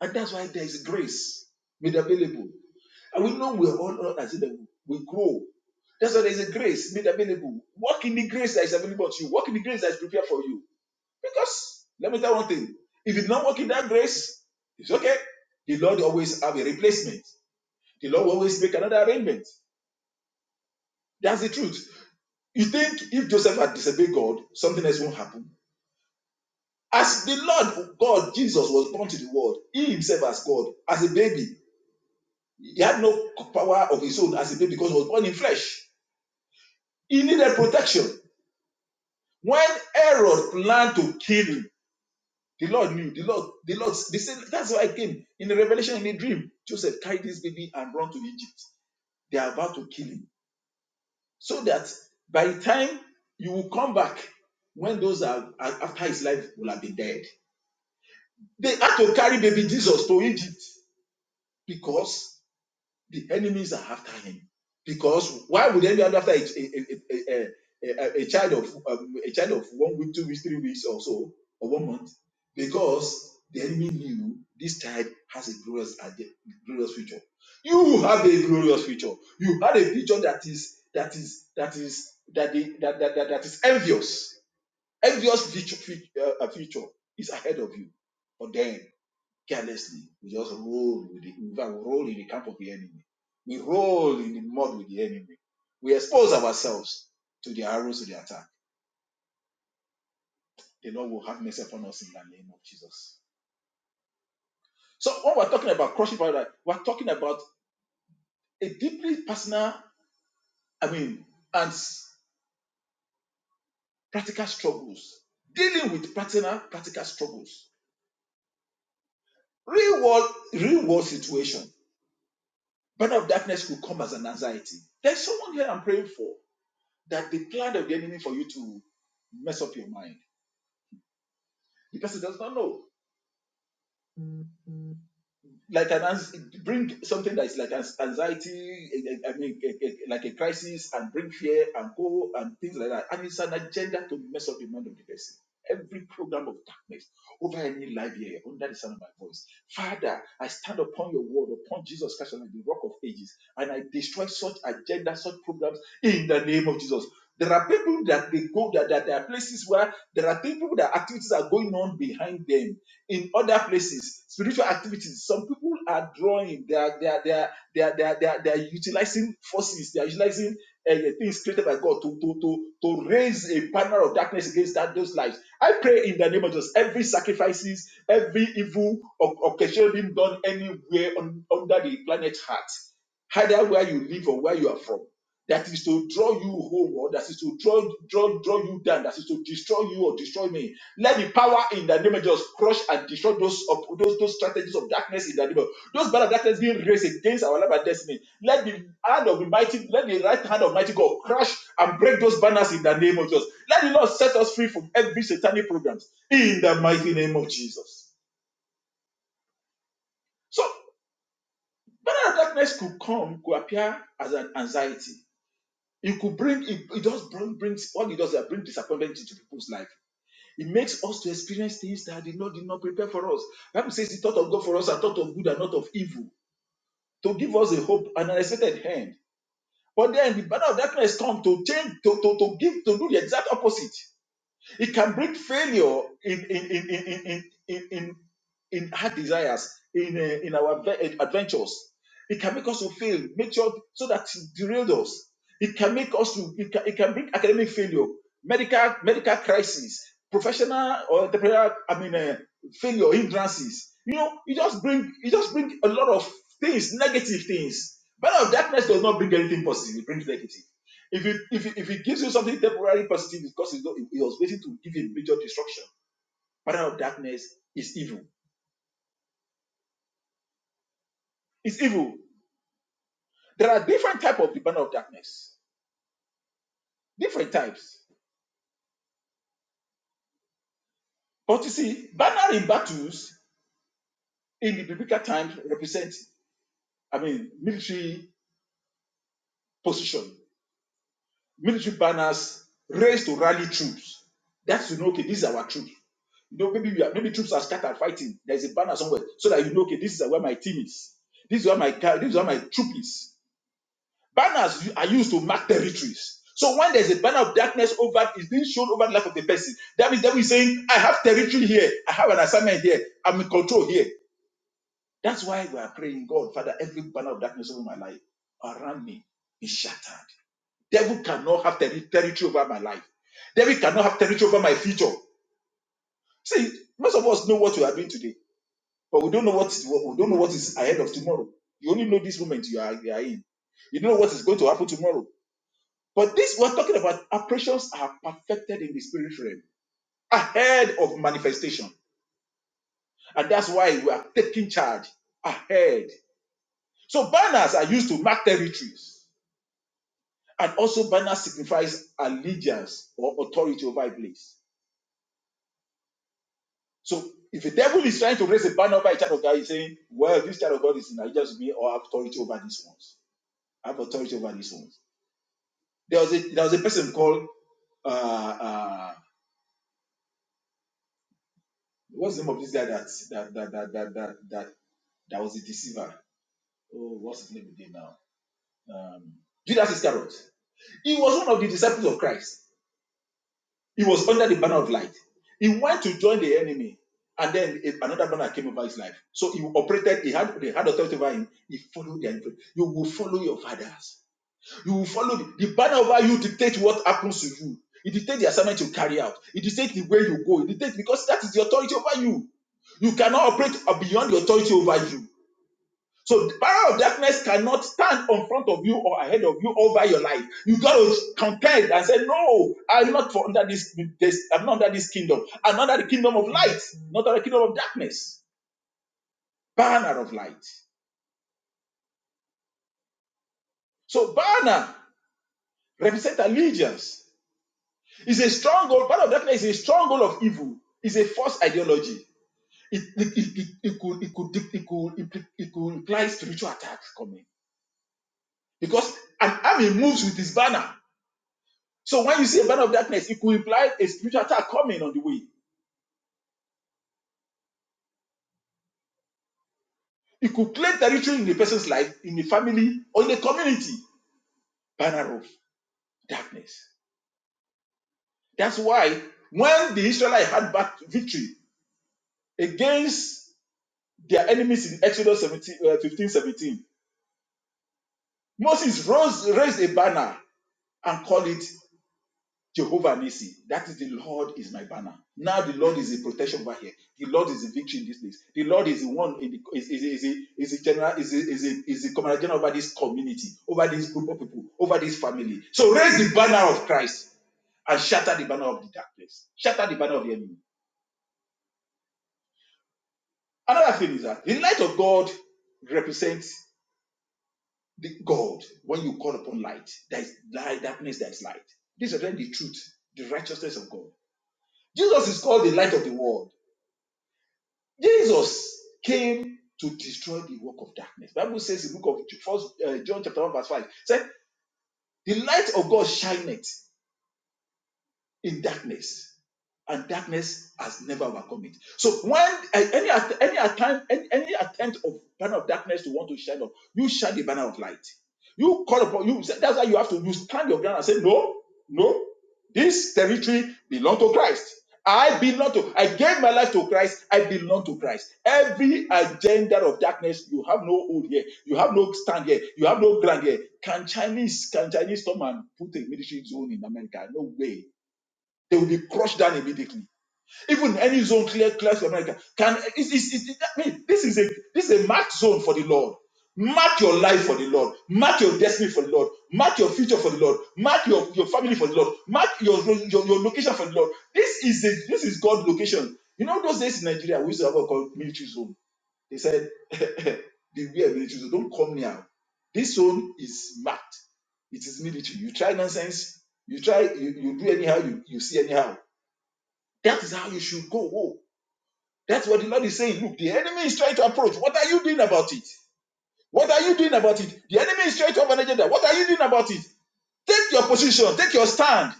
S3: And that's why there is grace made available. And we know we're all not as if we grow. That's why there is a grace made available. Walk in the grace that is available to you. Walk in the grace that is prepared for you. Because let me tell one thing: if you did not walk in that grace, it's okay. The Lord always have a replacement. The Lord will always make another arrangement. That's the truth. You think if Joseph had disobeyed God, something else won't happen? As the Lord God, Jesus was born to the world. He himself as God, as a baby. He had no power of his own as a baby because he was born in flesh. He needed protection. When Herod planned to kill him, The Lord knew. The Lord, the Lord, they said, that's why I came in a revelation in a dream. Joseph carried this baby and run to Egypt. They are about to kill him. So that by the time you will come back, when those are are- after his life will have been dead. They had to carry baby Jesus to Egypt because The enemies are after him because why would they be after a, a, a, a, a, child of um, a child of one week, two weeks, three weeks or so, or one month? Because the enemy knew this child has a glorious ide- glorious future. You have a glorious future. You had a future that is that is that is that the, that, that, that that is envious. Envious future, future, uh, future is ahead of you. But them carelessly. We just roll with the in fact, we roll in the camp of the enemy. We roll in the mud with the enemy. We expose ourselves to the arrows of the attack. The Lord will have mercy upon us in the name of Jesus. So when we're talking about crushing paradise, we're talking about a deeply personal, I mean, and practical struggles, dealing with personal practical struggles, real world, real world situation. Burden of darkness could come as an anxiety. There's someone here I'm praying for that the plan of the enemy for you to mess up your mind because he does not know like an bring something that is like an anxiety, eh, eh, I mean, eh, eh, like a crisis, and bring fear and go and things like that. And it's an agenda to mess up the mind of the person. Every program of darkness over any life here under the sound of my voice, Father, I stand upon your word, upon Jesus Christ, and the rock of ages, and I destroy such agenda, such programs in the name of Jesus. There are people that they go that, that there are places where there are people that activities are going on behind them in other places spiritual activities some people are drawing they are they are they are they are they are, they are, they are utilizing forces they are utilizing uh, things created by god to to to to raise a banner of darkness against that those lives i pray in the name of jesus every sacrifices every evil of occasion being done anywhere on, under the planet heart either where you live or where you are from that is to draw you home or that is to draw, draw, draw you down, that is to destroy you or destroy me. Let the power in the name of Jesus crush and destroy those, op- those, those strategies of darkness in the name of those bad of darkness being raised against our life and destiny. Let the hand of the mighty, let the right hand of mighty God crush and break those banners in the name of Jesus. Let the Lord set us free from every satanic programs in the mighty name of Jesus. So banner of darkness could come, could appear as an anxiety It could bring it, it just bring, brings all it does is bring disappointment into people's life. It makes us to experience things that did not did not prepare for us. Bible says he thought of God for us and thought of good and not of evil to give us a hope and an expected hand. But then the banner of darkness come to change to, to, to give to do the exact opposite. It can bring failure in in in in in in, in, in hard desires in uh, in our adve- eh, adventures. It can make us to fail, make sure so that it derailed us. It can make us to it can, it can bring academic failure, medical medical crisis, professional or entrepreneurial I mean uh, failure hindrances. You know, it just bring it just bring a lot of things, negative things. But of darkness does not bring anything positive; it brings negative. If it, if it, if it gives you something temporary positive, it's because it's not, it was waiting to give you a major destruction. Banner of darkness is evil. It's evil. There are different types of the banner of darkness. Different types. But you see, banner in battles in the biblical times represent, I mean, military position, military banners raised to rally troops. That's to know, okay, this is our troops. You know, maybe we are, maybe troops are scattered fighting. There's a banner somewhere so that you know, okay, this is where my team is. This is where my this is where my troop is Banners are used to mark territories. So when there's a banner of darkness over is being shown over the life of the person, that means that we're saying, I have territory here, I have an assignment here, I'm in control here. That's why we are praying, God, Father, every banner of darkness over my life around me is shattered. Devil cannot have terri- territory over my life. Devil cannot have territory over my future. See, most of us know what we are doing today, but we don't know what, what we don't know what is ahead of tomorrow. You only know this moment you are, you are in. You don't know what is going to happen tomorrow. But this we're talking about operations are perfected in the spirit realm ahead of manifestation. And that's why we are taking charge ahead. So banners are used to mark territories. And also banner signifies allegiance or authority over a place. So if the devil is trying to raise a banner over a child of God, he's saying, Well, this child of God is in allegiance with me or have authority over these ones. I have authority over these ones. There was a there was a person called uh uh what's the name of this guy that that that that that that, that That was the deceiver. Oh, what's his name again now? Um, Judas Iscariot. He was one of the disciples of Christ. He was under the banner of light. He went to join the enemy, and then another banner came over his life. So he operated, he had, they had authority over him. He followed their influence. You will follow your fathers. You will follow the, the banner over you dictates what happens to you. It dictates the assignment you carry out. It dictates the way you go. It dictates because that is the authority over you. You cannot operate beyond the authority over you. So the power of darkness cannot stand on front of you or ahead of you over your life. You got to contend and say, No, I'm not for under this, this I'm not under this kingdom. I'm under the kingdom of light, not under the kingdom of darkness. Banner of light. So banner represents allegiance. It's a stronghold. Banner of darkness is a stronghold of evil. It's a false ideology. It, it, it, it, it could it could it could it could imply spiritual attacks coming because an army moves with his banner. So when you see a banner of darkness, it could imply a spiritual attack coming on the way. It could claim territory in a person's life, in a family, or in a community. Banner of darkness. That's why when the Israelites had back victory against their enemies in Exodus fifteen 17, Moses rose, raised a banner and called it Jehovah Nisi. That is the Lord is my banner. Now the Lord is the protection over here. The Lord is the victory in this place. The Lord is the one in the, is is is is is the general is is is the, is the commander general over this community, over this group of people, over this family. So raise the banner of Christ and shatter the banner of the darkness. Shatter the banner of the enemy. Another thing is that the light of God represents the God. When you call upon light, there is light, darkness, there is light. This is the truth, the righteousness of God. Jesus is called the light of the world. Jesus came to destroy the work of darkness. Bible says in the book of First uh, John chapter one verse five, said the light of God shineth in darkness, and darkness has never overcome it. So when a- any att- any attempt any, any attempt of banner of darkness to want to shine up, you shine the banner of light. You call upon you. That's why you have to you stand your ground and say no, no. This territory belongs to Christ. I belong to. I gave my life to Christ. I belong to Christ. Every agenda of darkness, you have no hold here. You have no stand here. You have no ground here. Can Chinese can Chinese come and put a military zone in America? No way. They will be crushed down immediately even any zone clear class in America can it's, it's, it's, I mean this is a this is a marked zone for the Lord. Mark your life for the Lord. Mark your destiny for the Lord. Mark your future for the Lord. Mark your, your family for the Lord. Mark your, your your location for the Lord. This is a, this is God's location. You know those days in Nigeria we used to have what called military zone. They said beware military zone. Don't come near. This zone is marked. It is military. You try nonsense. You try you, you do anyhow. You, you see anyhow. That is how you should go. Oh, that's what the Lord is saying. Look, the enemy is trying to approach. What are you doing about it? What are you doing about it? The enemy is trying to have an agenda. What are you doing about it? Take your position, take your stand,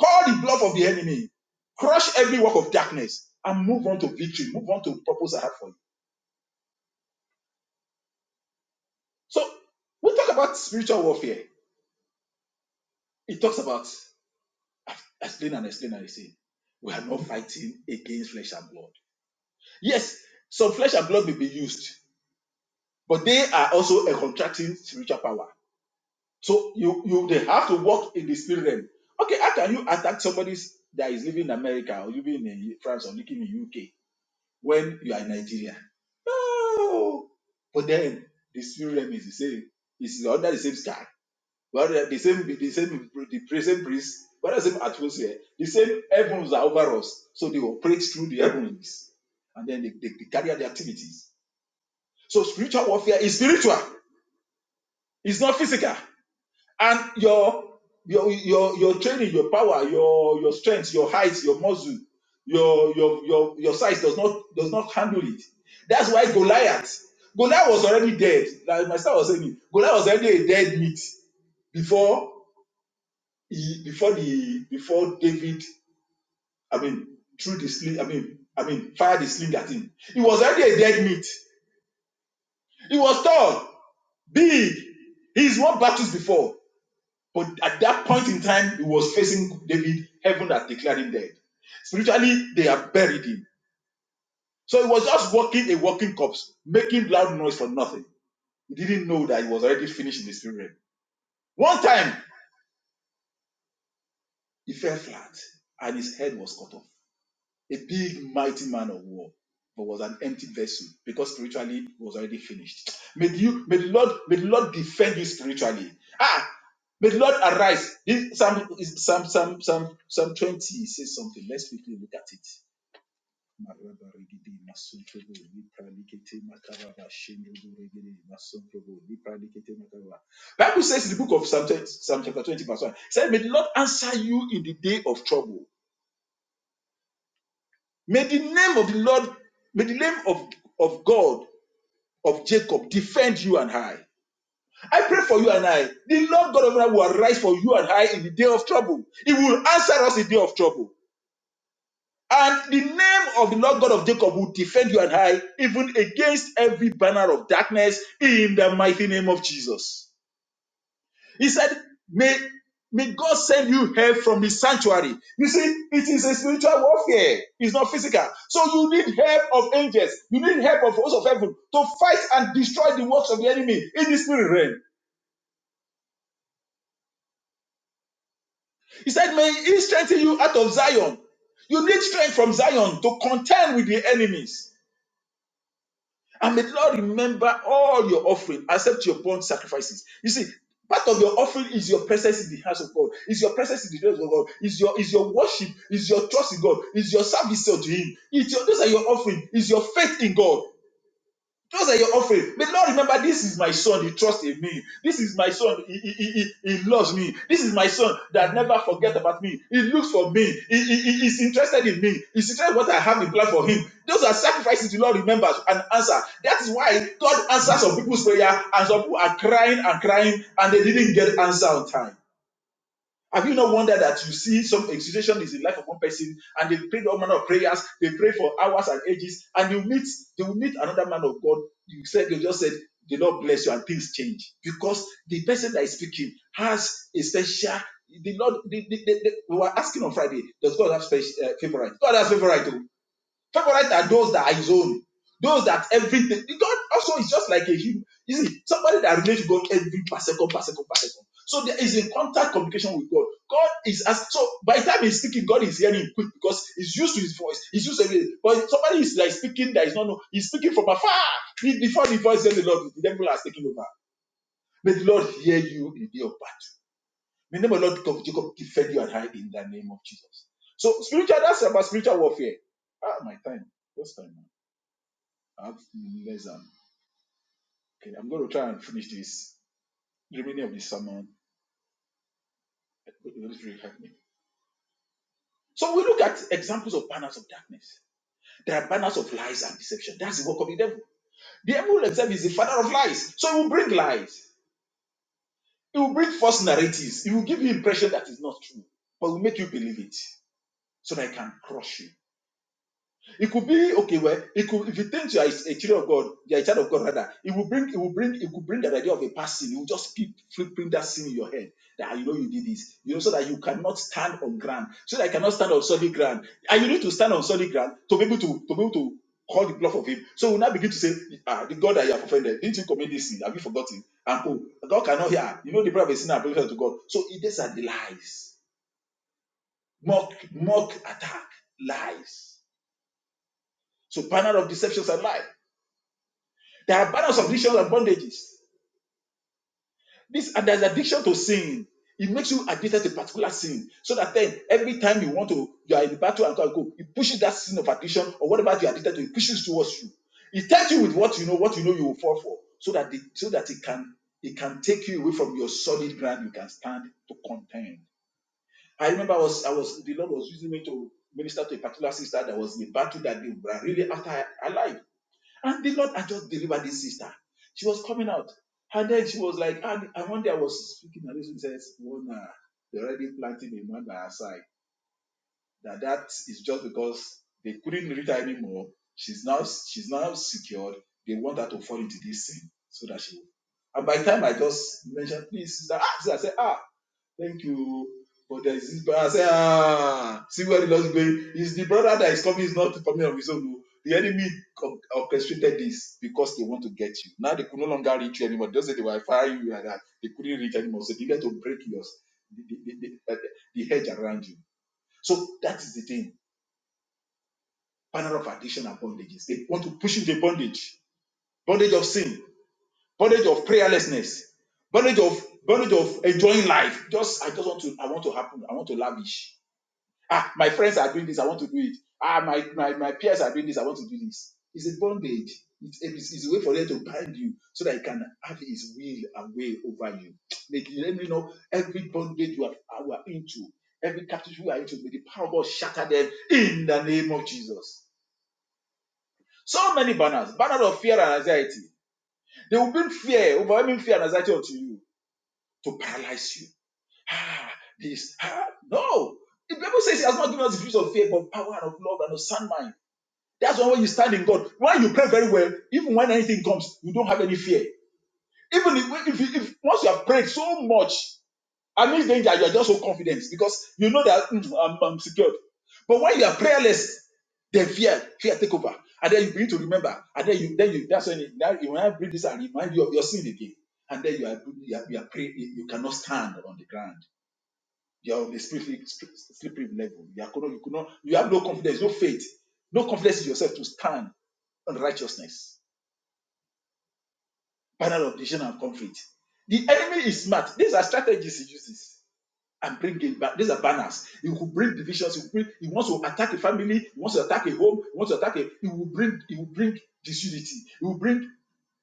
S3: call the bluff of the enemy, crush every work of darkness, and move on to victory, move on to purpose I have for you. So we talk about spiritual warfare. It talks about explain and explain and explain. We are not fighting against flesh and blood. Yes, some flesh and blood may be used, but they are also a contracting spiritual power. So you you they have to walk in the spirit realm. Okay, how can you attack somebody that is living in America or living in France or living in UK when you are in Nigeria? No. But then the spirit realm is the same. It's under the same sky. Well, the same the same the same breeze, but the same atmosphere, the same heavens are over us. So they operate through the heavens and then they, they, they carry out the activities. So spiritual warfare is spiritual, it's not physical. and your your your your training, your power, your your strength, your height, your muscle, your your your your size does not does not handle it. That's why Goliath. Goliath was already dead. Like my son was saying, it, Goliath was already a dead meat before he, before the before David. I mean, threw the sling. I mean, I mean, fired the sling at him. He was already a dead meat. He was tall, big. He's won battles before. But at that point in time, he was facing David. Heaven had declared him dead. Spiritually, they have buried him. So he was just walking a walking corpse, making loud noise for nothing. He didn't know that he was already finished in the spirit realm. One time, he fell flat and his head was cut off. a big, mighty man of war, but was an empty vessel because spiritually he was already finished. May you, may the Lord, may the Lord defend you spiritually. Ah, may the Lord arise. This Psalm, is Psalm, Psalm, Psalm, Psalm 20 says something. Let's quickly look at it. Marabarigidi masuntrobo, lipralikete makaraba, shendroboregede masuntrobo, lipralikete makaraba. Bible says in the book of Psalm 20 Psalm chapter 20, verse 1, it said, May the Lord answer you in the day of trouble. May the name of the Lord, may the name of, of God, of Jacob, defend you and I. I pray for you and I. The Lord God of Israel will arise for you and I in the day of trouble. He will answer us in the day of trouble. And the name of the Lord God of Jacob will defend you and I, even against every banner of darkness, in the mighty name of Jesus. He said, May, may God send you help from his sanctuary. You see, it is a spiritual warfare, it's not physical. So you need help of angels, you need help of hosts of heaven to fight and destroy the works of the enemy in the spirit realm. He said, May he strengthen you out of Zion. You need strength from Zion to contend with the enemies. And may the Lord remember all your offering, accept your burnt sacrifices. You see, part of your offering is your presence in the house of God, is your presence in the house of God, is your is your worship, is your trust in God, is your service unto Him. It's your, those are your offering, is your faith in God. Those are your offering. But Lord, remember, this is my son. He trusts in me. This is my son. He, he, he, he he loves me. This is my son that never forget about me. He looks for me. He, he, he- is interested in me. He's interested in what I have in plan for him. Those are sacrifices the Lord remembers and answers. That is why God answers some people's prayer and some people are crying and crying and they didn't get answer on time. Have you not wondered that you see some situation is in the life of one person and they pray all manner of prayers, they pray for hours and ages, and you meet they will meet another man of God. You said they just said the Lord bless you and things change because the person that is speaking has a special the Lord the, the, the- the- we were asking on Friday, does God have special uh, favorite? God has favorite too. Favorites are those that are his own. Those that everything. God also is just like a human. You see, somebody that relates to God every per second, per second, per second. So there is in contact communication with God. God is as so by the time he's speaking, God is hearing quick because he's used to his voice. He's used to everything. But somebody is like speaking that is not know. He's speaking from afar. Be- Before the voice says the Lord, the devil has taken over. May the Lord hear you in the day of battle. May the name of the Lord of Jacob defend you and hide in the name of Jesus. So spiritual, that's about spiritual warfare. Ah, my time. What's time? I have less than. Okay, I'm going to try and finish this the remaining of this sermon. The Holy Spirit help me. So we look at examples of banners of darkness. There are banners of lies and deception. That's the work of the devil. The devil himself is the father of lies. So he will bring lies. He will bring false narratives. He will give you impression that is not true, but will make you believe it so that he can crush you. It could be okay. Well, it could if you think you are a child of God, you are a child of God rather. It will bring it will bring it will bring the idea of a past sin. You will just keep flipping that sin in your head that "Ah, you know you did this. You know, so that you cannot stand on ground, so that you cannot stand on solid ground, and you need to stand on solid ground to be able to to be able to call the bluff of him. So we now begin to say, ah, the God that you have offended, didn't you commit this sin? Have you forgotten? And oh, God cannot hear. You know the prayer of a sinner and to God. So it- these are the lies, mock mock attack, lies. So panel of deceptions are lies. There are banners of addictions and bondages. This and there's addiction to sin. It makes you addicted to particular sin. So that then every time you want to, you are in the battle and go, it pushes that sin of addiction or whatever you are addicted to, it pushes towards you. It tells you with what you know, what you know you will fall for, so that the, so that it can it can take you away from your solid ground you can stand to contend. I remember I was I was the Lord was using me to minister to a particular sister that was in a battle that they were really after her her life and the Lord had just delivered this sister. She was coming out. And then she was like, and, and one day I was speaking, and this says, Mona, they're already planting a man by her side. That that is just because they couldn't reach her anymore. She's now she's now secured. They want her to fall into this sin so that she will. And by the time I just mentioned, please, sister, ah, sister, I said, ah, thank you. But there is this brother. I say, ah, see where the Lord is going. It's the brother that is coming is not coming on his own. oh. The enemy orchestrated this because they want to get you. Now they could no longer reach you anymore. Those that they were firing you and that they couldn't reach anymore. So they had to break yours, the, the, the, the, uh, the hedge around you. So that is the thing. Panel of addiction and bondages. They want to push you into bondage, bondage of sin, bondage of prayerlessness, bondage of bondage of enjoying life. Just I just want to I want to happen. I want to lavish. Ah, my friends are doing this. I want to do it. Ah, my, my, my peers are doing this. I want to do this. It's a bondage. It's, it's, it's a way for them to bind you so that he can have his will and way over you. Let, let me know every bondage you are, you are into, every captivity you are into, may the power of God shatter them in the name of Jesus. So many banners, banners of fear and anxiety. They will bring fear, overwhelming fear and anxiety onto you to paralyze you. This, ah, no. The Bible says he has not given us the spirit of fear, but power and of love and of sound mind. That's why when you stand in God, when you pray very well, even when anything comes, you don't have any fear. Even if, if, if, if- once you have prayed so much, amidst danger, you are just so confident because you know that "Mm, I'm, I'm secured. But when you are prayerless, then fear, fear take over, and then you begin to remember, and then you, then you, that's when you, now you now bring this and remind you of your sin again, and then you are, you are, you are praying, you cannot stand on the ground you are on the slippery, slippery level. You, are, you, could not, you have no confidence, no faith, no confidence in yourself to stand on righteousness, panel of decision and conflict. The enemy is smart. These are strategies he uses and bring it back. These are banners. He will bring divisions. He, will bring, he wants to attack a family. He wants to attack a home. He wants to attack a. He will bring. He will bring disunity. He will bring.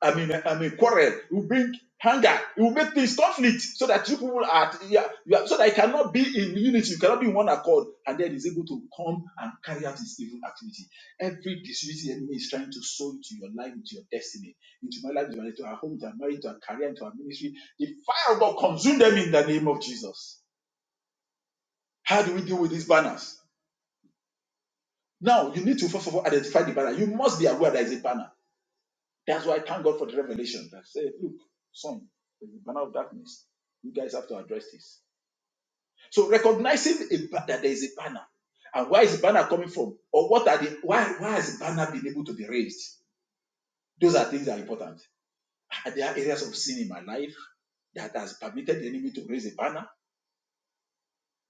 S3: I mean, I mean, quarrel. It will bring anger. It will make things conflict so that you people are, yeah, yeah, so that it cannot be in unity. You cannot be in one accord, and then is able to come and carry out his evil activity. Every disunity enemy is trying to sow into your life, into your destiny, into my life, into my- to our home, into our marriage, into our career, into our ministry. The fire of God consume them in the name of Jesus. How do we deal with these banners? Now, you need to first of all identify the banner. You must be aware there is a banner That's why I thank God for the revelation that said, look, son, there's a banner of darkness. You guys have to address this. So recognizing a, that there is a banner. And where is the banner coming from? Or what are the why why has the banner been able to be raised? Those are things that are important. Ah, There Are areas of sin in my life that has permitted the enemy to raise a banner?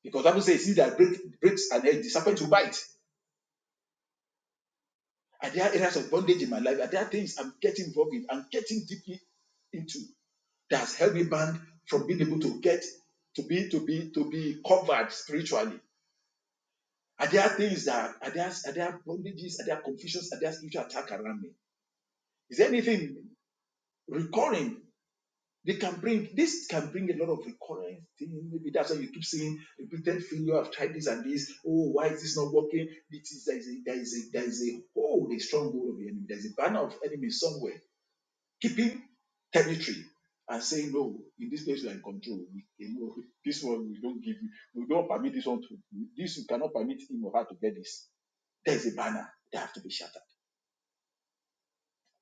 S3: Because Bible says see that break, breaks an edge, the serpent will bite. And there are areas of bondage in my life? and there are things I'm getting involved in? I'm getting deeply into. that has held me back from being able to get to be to be to be covered spiritually? Are there things that are there are there bondages, are there confusions, are there spiritual attack around me? Is there anything recurring? They can bring this can bring a lot of recurring things. Maybe that's why you keep saying repeated failure. I've tried this and this. Oh, why is this not working? This is there is a there is a there is a hold, a stronghold of the enemy. There's a banner of enemy somewhere keeping territory and saying no in this place you are in control we, you know, this one we don't give you we don't permit this one to this we cannot permit him or her to get this there is a banner they have to be shattered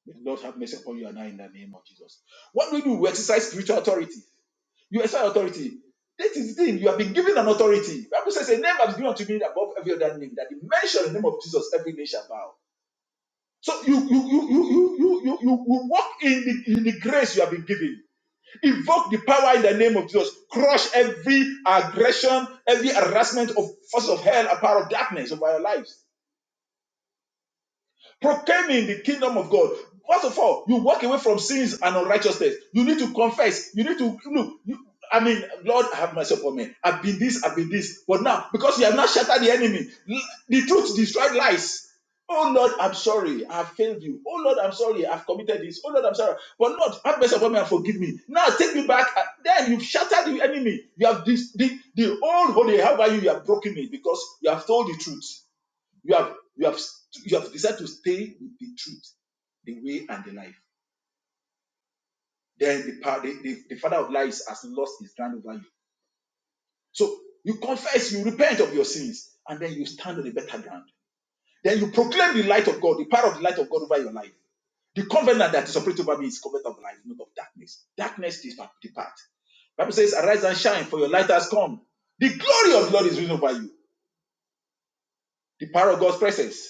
S3: may the lord have mercy upon you and i in the name of jesus what do we do we exercise spiritual authority you exercise authority that is the thing you have been given an authority The bible says a name has been given unto me above every other name that the mention of the name of jesus every nation shall bow so you you you you you you you, you, you walk in the, in the grace you have been given Evoke the power in the name of Jesus. Crush every aggression, every harassment of forces of hell, a power of darkness over our lives proclaiming the kingdom of God. First of all, you walk away from sins and unrighteousness. You need to confess. You need to look. You, I mean, Lord, have mercy upon me. I've been this, I've been this. But now, because you have not shattered the enemy, the truth destroyed lies. Oh Lord, I'm sorry. I've failed you. Oh Lord, I'm sorry. I've committed this. Oh Lord, I'm sorry. But Lord, have mercy upon me and forgive me. Now take me back. And then you've shattered the enemy. You have this, the, the old holy. How about you? You have broken me because you have told the truth. You have you have you have decided to stay with the truth, the way and the life. Then the pa- the, the, the father of lies has lost his ground over you. So you confess, you repent of your sins, and then you stand on a better ground. Then you proclaim the light of God, the power of the light of God over your life. The covenant that is operating over me is covenant of light, not of darkness. Darkness is depart. Bible says, Arise and shine, for your light has come. The glory of the Lord is risen over you. The power of God's presence.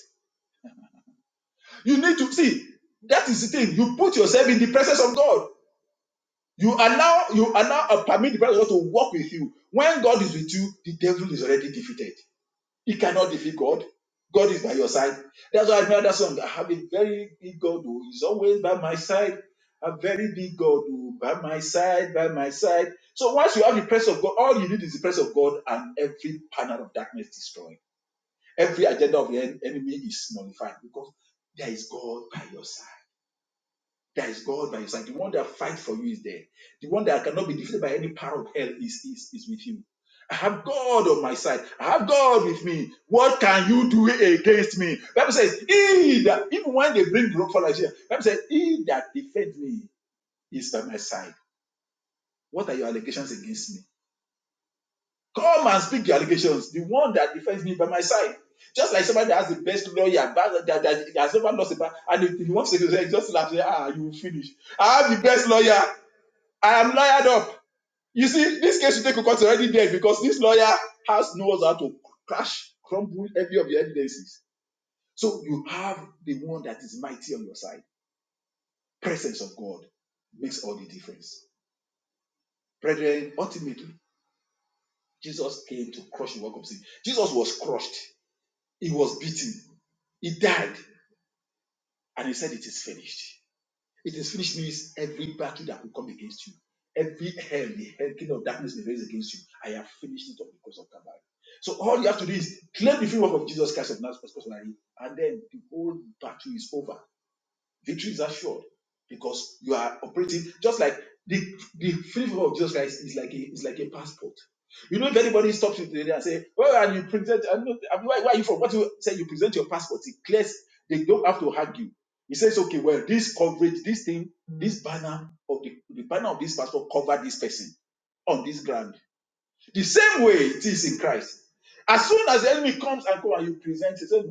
S3: You need to see that is the thing. You put yourself in the presence of God. You allow you allow and permit the presence of God to walk with you. When God is with you, the devil is already defeated. He cannot defeat God. God is by your side. That's why I know that song. I have a very big God who is always by my side. A very big God who by my side, by my side. So once you have the presence of God, all you need is the presence of God, and every panel of darkness destroyed. Every agenda of the en- enemy is nullified because there is God by your side. There is God by your side. The one that fights for you is there. The one that cannot be defeated by any power of hell is, is, is with you. I have God on my side. I have God with me. What can you do against me? Bible says, He that even when they bring the rock for Nigeria, Bible says, He that defends me is by my side. What are your allegations against me? Come and speak your allegations. The one that defends me by my side. Just like somebody that has the best lawyer, but that, that, that has never lost a battle, and if he wants to say, just laugh, say, ah, you finish. I have the best lawyer. I am lawyered up. You see, this case you take to court is already dead because this lawyer has knows how to crash, crumble every of your evidences. So you have the one that is mighty on your side. Presence of God makes all the difference. Brethren, ultimately, Jesus came to crush the work of sin. Jesus was crushed, he was beaten, he died, and he said, It is finished. It is finished means every battle that will come against you, every hell, the hell, kingdom of darkness may raise against you. I have finished it on the cross of Calvary. So all you have to do is claim the free work of Jesus Christ of Nazareth personally, and then the whole battle is over. Victory is assured because you are operating just like the the free favor of Jesus Christ is like a is like a passport. You know, if anybody stops you today and say, "Well, and you present, I know, I mean, where, where are you from?" What you say, you present your passport. It clears. They don't have to argue. He says, "Okay, well, this coverage, this thing, this banner of the, the banner of this passport covered this person on this ground." The same way it is in Christ. As soon as the enemy comes and go and you present, he it.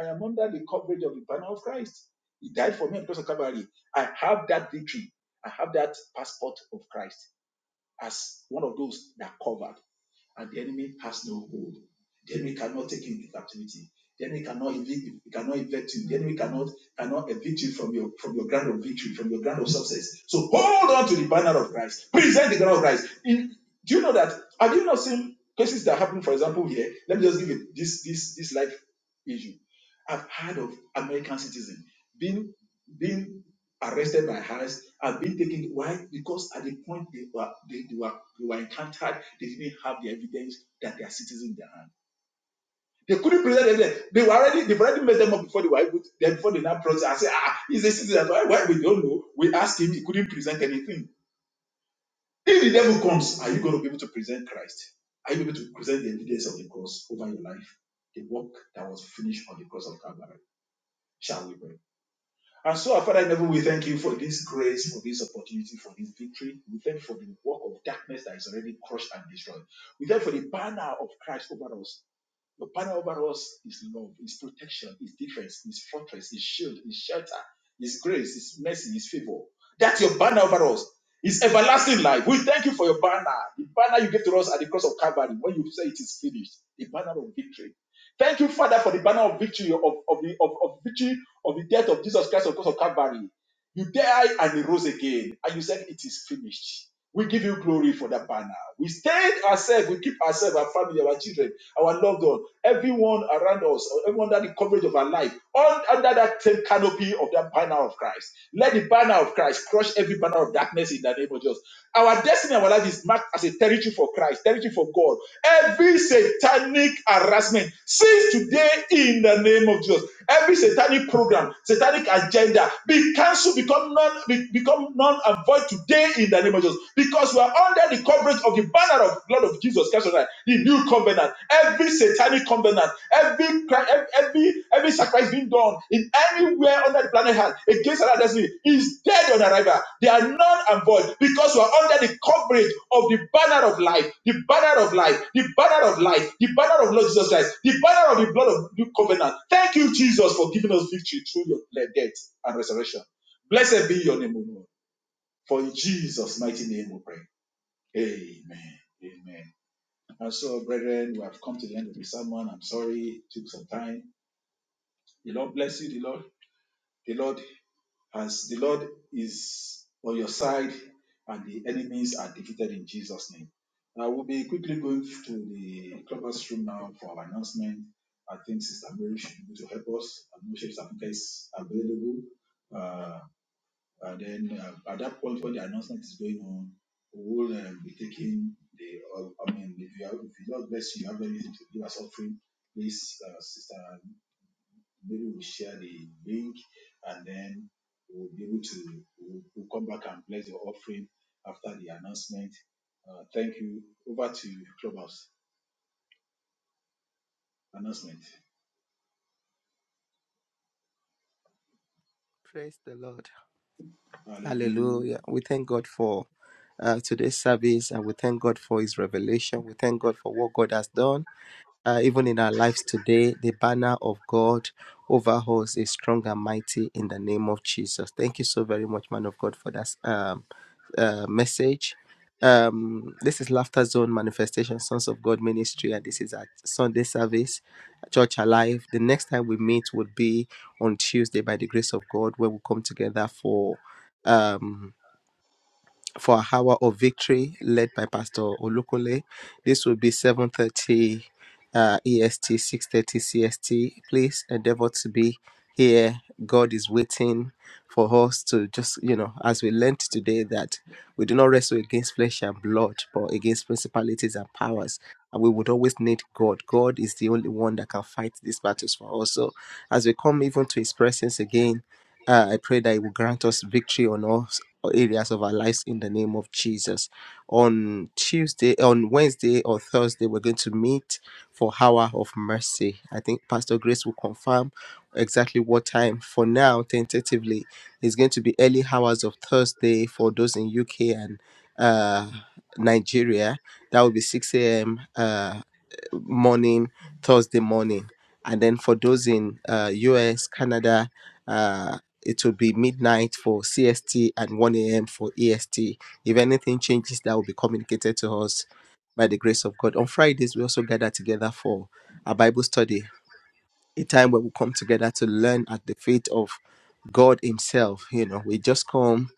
S3: I am under the coverage of the banner of Christ. He died for me on the cross of Calvary. I have that victory. I have that passport of Christ as one of those that covered, and the enemy has no hold. The enemy cannot take you into captivity. The enemy cannot evict you, he cannot evict you. The enemy cannot cannot evict you from your from your ground of victory, from your ground of success. So hold on to the banner of Christ. Present the banner of Christ. In- do you know that? Have you not seen cases that happen, for example, here? Let me just give you this this this life issue. I've heard of American citizen being being arrested my hands, have been taken. Why? Because at the point they were they, they were they were encountered, they didn't have the evidence that they are citizens in their hand. They couldn't present evidence. They were already they've already messed them up before they were able to, then before they now process and say, ah, he's a citizen. Why, why we don't know? We asked him, he couldn't present anything. If the devil comes, are you going to be able to present Christ? Are you able to present the evidence of the cross over your life? The work that was finished on the cross of Calvary. Shall we pray? And so, our Father in heaven, we thank you for this grace, for this opportunity, for this victory. We thank you for the work of darkness that is already crushed and destroyed. We thank you for the banner of Christ over us your banner over us is love, is protection, is defense, is fortress, is shield, is shelter, is grace, is mercy, is favor. That's your banner over us. It's everlasting life. We thank you for your banner. The banner you gave to us at the cross of Calvary when you say it is finished. The banner of victory. Thank you, Father, for the banner of victory of, of, the, of, of victory of the death of Jesus Christ on the cross of Calvary. You died and you rose again. And you said, It is finished. We give you glory for that banner. We stand ourselves, we keep ourselves, our family, our children, our loved one, everyone around us, everyone under the coverage of our life, all under that same canopy of that banner of Christ. Let the banner of Christ crush every banner of darkness in the name of Jesus. Our destiny, our life is marked as a territory for Christ, territory for God. Every satanic harassment cease today in the name of Jesus. Every satanic program, satanic agenda, be cancelled cancel, become non, be- become non and void today in the name of Jesus. Because we are under the coverage of the banner of blood of Jesus Christ, Almighty, the new covenant. Every satanic covenant, every cri- ev- every every sacrifice being done in anywhere under the planet Earth against another destiny is dead on arrival. They are non and void because we are under the coverage of the banner of life, the banner of life, the banner of life, the banner of Lord Jesus Christ, the banner of the blood of new covenant. Thank you, Jesus, for giving us victory through your death and resurrection. Blessed be your name, O Lord. For in Jesus' mighty name we pray. Amen. Amen. And so, brethren, we have come to the end of the sermon. I'm sorry, it took some time. The Lord bless you, the Lord. The Lord as the Lord is on your side and the enemies are defeated in Jesus' name. I will be quickly going to the clubhouse room now for our announcement. I think Sister Mary should be able to help us. I'm not sure if Sister Funke is available. Uh, And then uh, at that point, when the announcement is going on, we'll uh, be taking the. Uh, I mean, if you have, if you Lord bless you, you have anything to give us offering, please, uh, sister, maybe we'll share the link, and then we'll be able to we'll, we'll come back and bless your offering after the announcement. Uh, thank you. Over to Clubhouse announcement.
S4: Praise the Lord.
S3: Hallelujah.
S4: Hallelujah. We thank God for uh, today's service and we thank God for His revelation. We thank God for what God has done uh, even in our lives today, the banner of God over us is strong and mighty in the name of Jesus. Thank you so very much, man of God, for that um, uh, message. Um, this is Laughter Zone Manifestation Sons of God Ministry, and this is at Sunday service, Church Alive. The next time we meet would be on Tuesday by the grace of God, where we come together for. Um, for our hour of victory led by pastor olukule this will be 7.30 uh, est 6.30 cst please endeavor to be here god is waiting for us to just you know as we learned today that we do not wrestle against flesh and blood but against principalities and powers and we would always need god god is the only one that can fight these battles for us so as we come even to his presence again uh, I pray that He will grant us victory on all areas of our lives in the name of Jesus. On Tuesday, on Wednesday or Thursday, we're going to meet for Hour of Mercy. I think Pastor Grace will confirm exactly what time. For now, tentatively, it's going to be early hours of Thursday for those in UK and uh, Nigeria. That will be 6 a.m. Uh, morning, Thursday morning. And then for those in uh, US, Canada, uh, it will be midnight for CST and 1 a.m. for EST. If anything changes, that will be communicated to us by the grace of God. On Fridays, we also gather together for a Bible study a time where we come together to learn at the feet of God Himself. You know, we just come.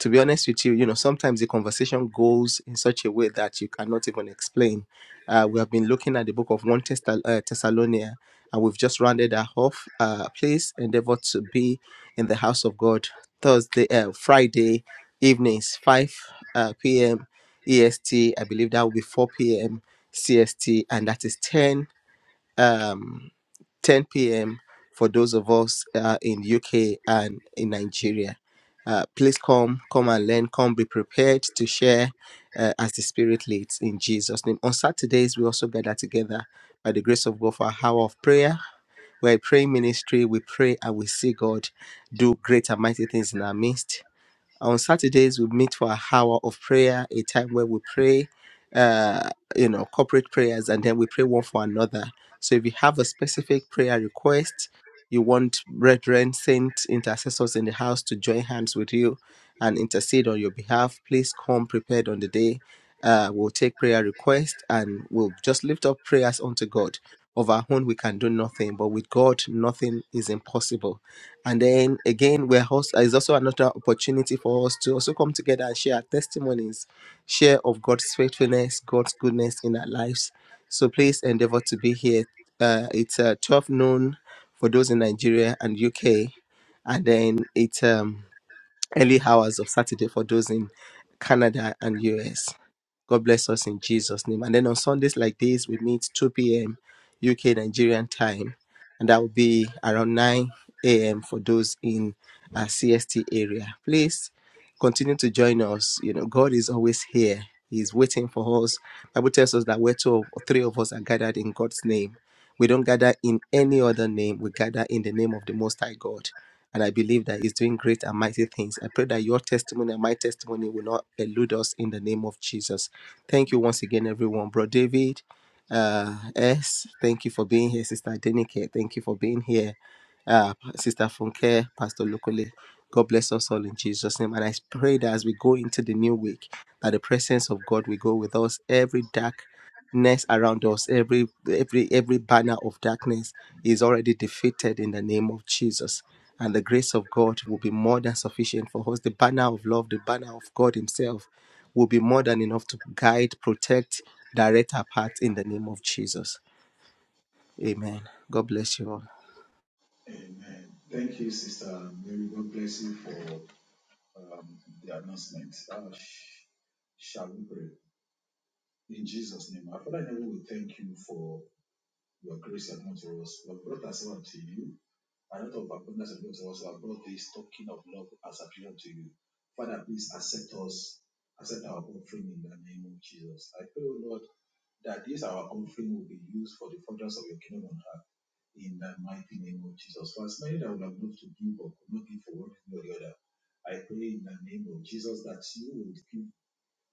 S4: To be honest with you, you know, sometimes the conversation goes in such a way that you cannot even explain. Uh, we have been looking at the book of 1 Thessal- uh, Thessalonia, and we've just rounded our off. Uh, please endeavor to be in the house of God Thursday, uh, Friday evenings, 5 uh, p.m. EST. I believe that will be 4 p.m. CST, and that is 10 um, 10 p.m. for those of us uh, in UK and in Nigeria. Uh, please come, come and learn. Come be prepared to share uh, as the Spirit leads in Jesus' name. On Saturdays, we also gather together by the grace of God for our hour of prayer. We're a praying ministry. We pray and we see God do great and mighty things in our midst. On Saturdays, we meet for an hour of prayer, a time where we pray, uh, you know, corporate prayers, and then we pray one for another. So if you have a specific prayer request, you want brethren, saints, intercessors in the house to join hands with you and intercede on your behalf, please come prepared on the day. Uh, we'll take prayer requests and we'll just lift up prayers unto God. Of our own, we can do nothing, but with God, nothing is impossible. And then again, we're also is also another opportunity for us to also come together and share our testimonies, share of God's faithfulness, God's goodness in our lives. So please endeavor to be here. Uh, it's uh, 12 noon for those in Nigeria and UK, and then it's um early hours of Saturday for those in Canada and US. God bless us in Jesus' name. And then on Sundays like this, we meet 2 p.m. UK Nigerian time, and that will be around 9 a.m. for those in our CST area. Please continue to join us. You know, God is always here. He's waiting for us. Bible tells us that where two or three of us are gathered in God's name, we don't gather in any other name. We gather in the name of the Most High God. And I believe that He's doing great and mighty things. I pray that your testimony and my testimony will not elude us in the name of Jesus. Thank you once again, everyone. Bro David, uh, S, thank you for being here. Sister Adenike, thank you for being here. Uh, Sister Funke, Pastor Lukule, God bless us all in Jesus' name. And I pray that as we go into the new week, that the presence of God will go with us. Every darkness around us, every every every banner of darkness is already defeated in the name of Jesus and the grace of God will be more than sufficient for us. The banner of love, the banner of God Himself, will be more than enough to guide, protect, direct our path in the name of Jesus. Amen. God bless you all.
S3: Amen. Thank you, Sister Mary. God bless you for um, the announcement. Uh, sh- shall we pray? In Jesus' name, our Father in heaven, we thank you for your grace is not to us. You have brought us unto you. And out of abundance of love us, you have brought this token of love as appeared to you. Father, please accept us, accept our offering in the name of Jesus. I pray, O Lord, that this our offering will be used for the furtherance of your kingdom on earth. In the mighty name of Jesus. For as many that would have loved to give but could not give for one reason or the other, I pray in the name of Jesus that you will give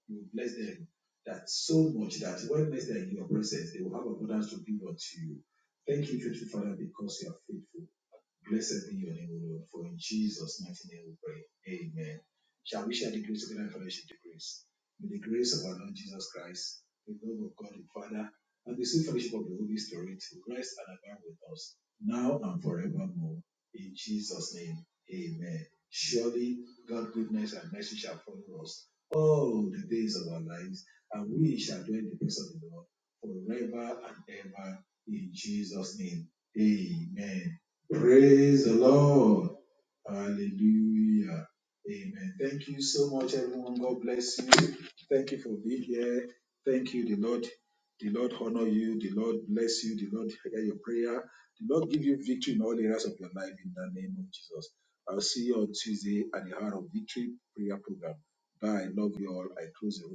S3: you bless them that so much that when bless them in your presence, they will have abundance to give unto you. Thank you, faithful Father, because you are faithful. Blessed be your name, O Lord, for in Jesus' mighty name we pray. Amen. Shall we share the grace together and fellowship the grace? May the grace of our Lord Jesus Christ, the love of God the Father, and the sweet fellowship of the Holy Spirit rest and abide with us now and forevermore. In Jesus' name, amen. Surely God's goodness and mercy shall follow us all the days of our lives, and we shall dwell in the presence of the Lord forever and ever. In Jesus' name, amen. Praise the Lord. Hallelujah. Amen. Thank you so much, everyone. God bless you. Thank you for being here. Thank you, the Lord. The Lord honor you. The Lord bless you. The Lord hear your prayer. The Lord give you victory in all areas of your life in the name of Jesus. I'll see you on Tuesday at the Hour of Victory prayer program. Bye. Love you all. I close the room.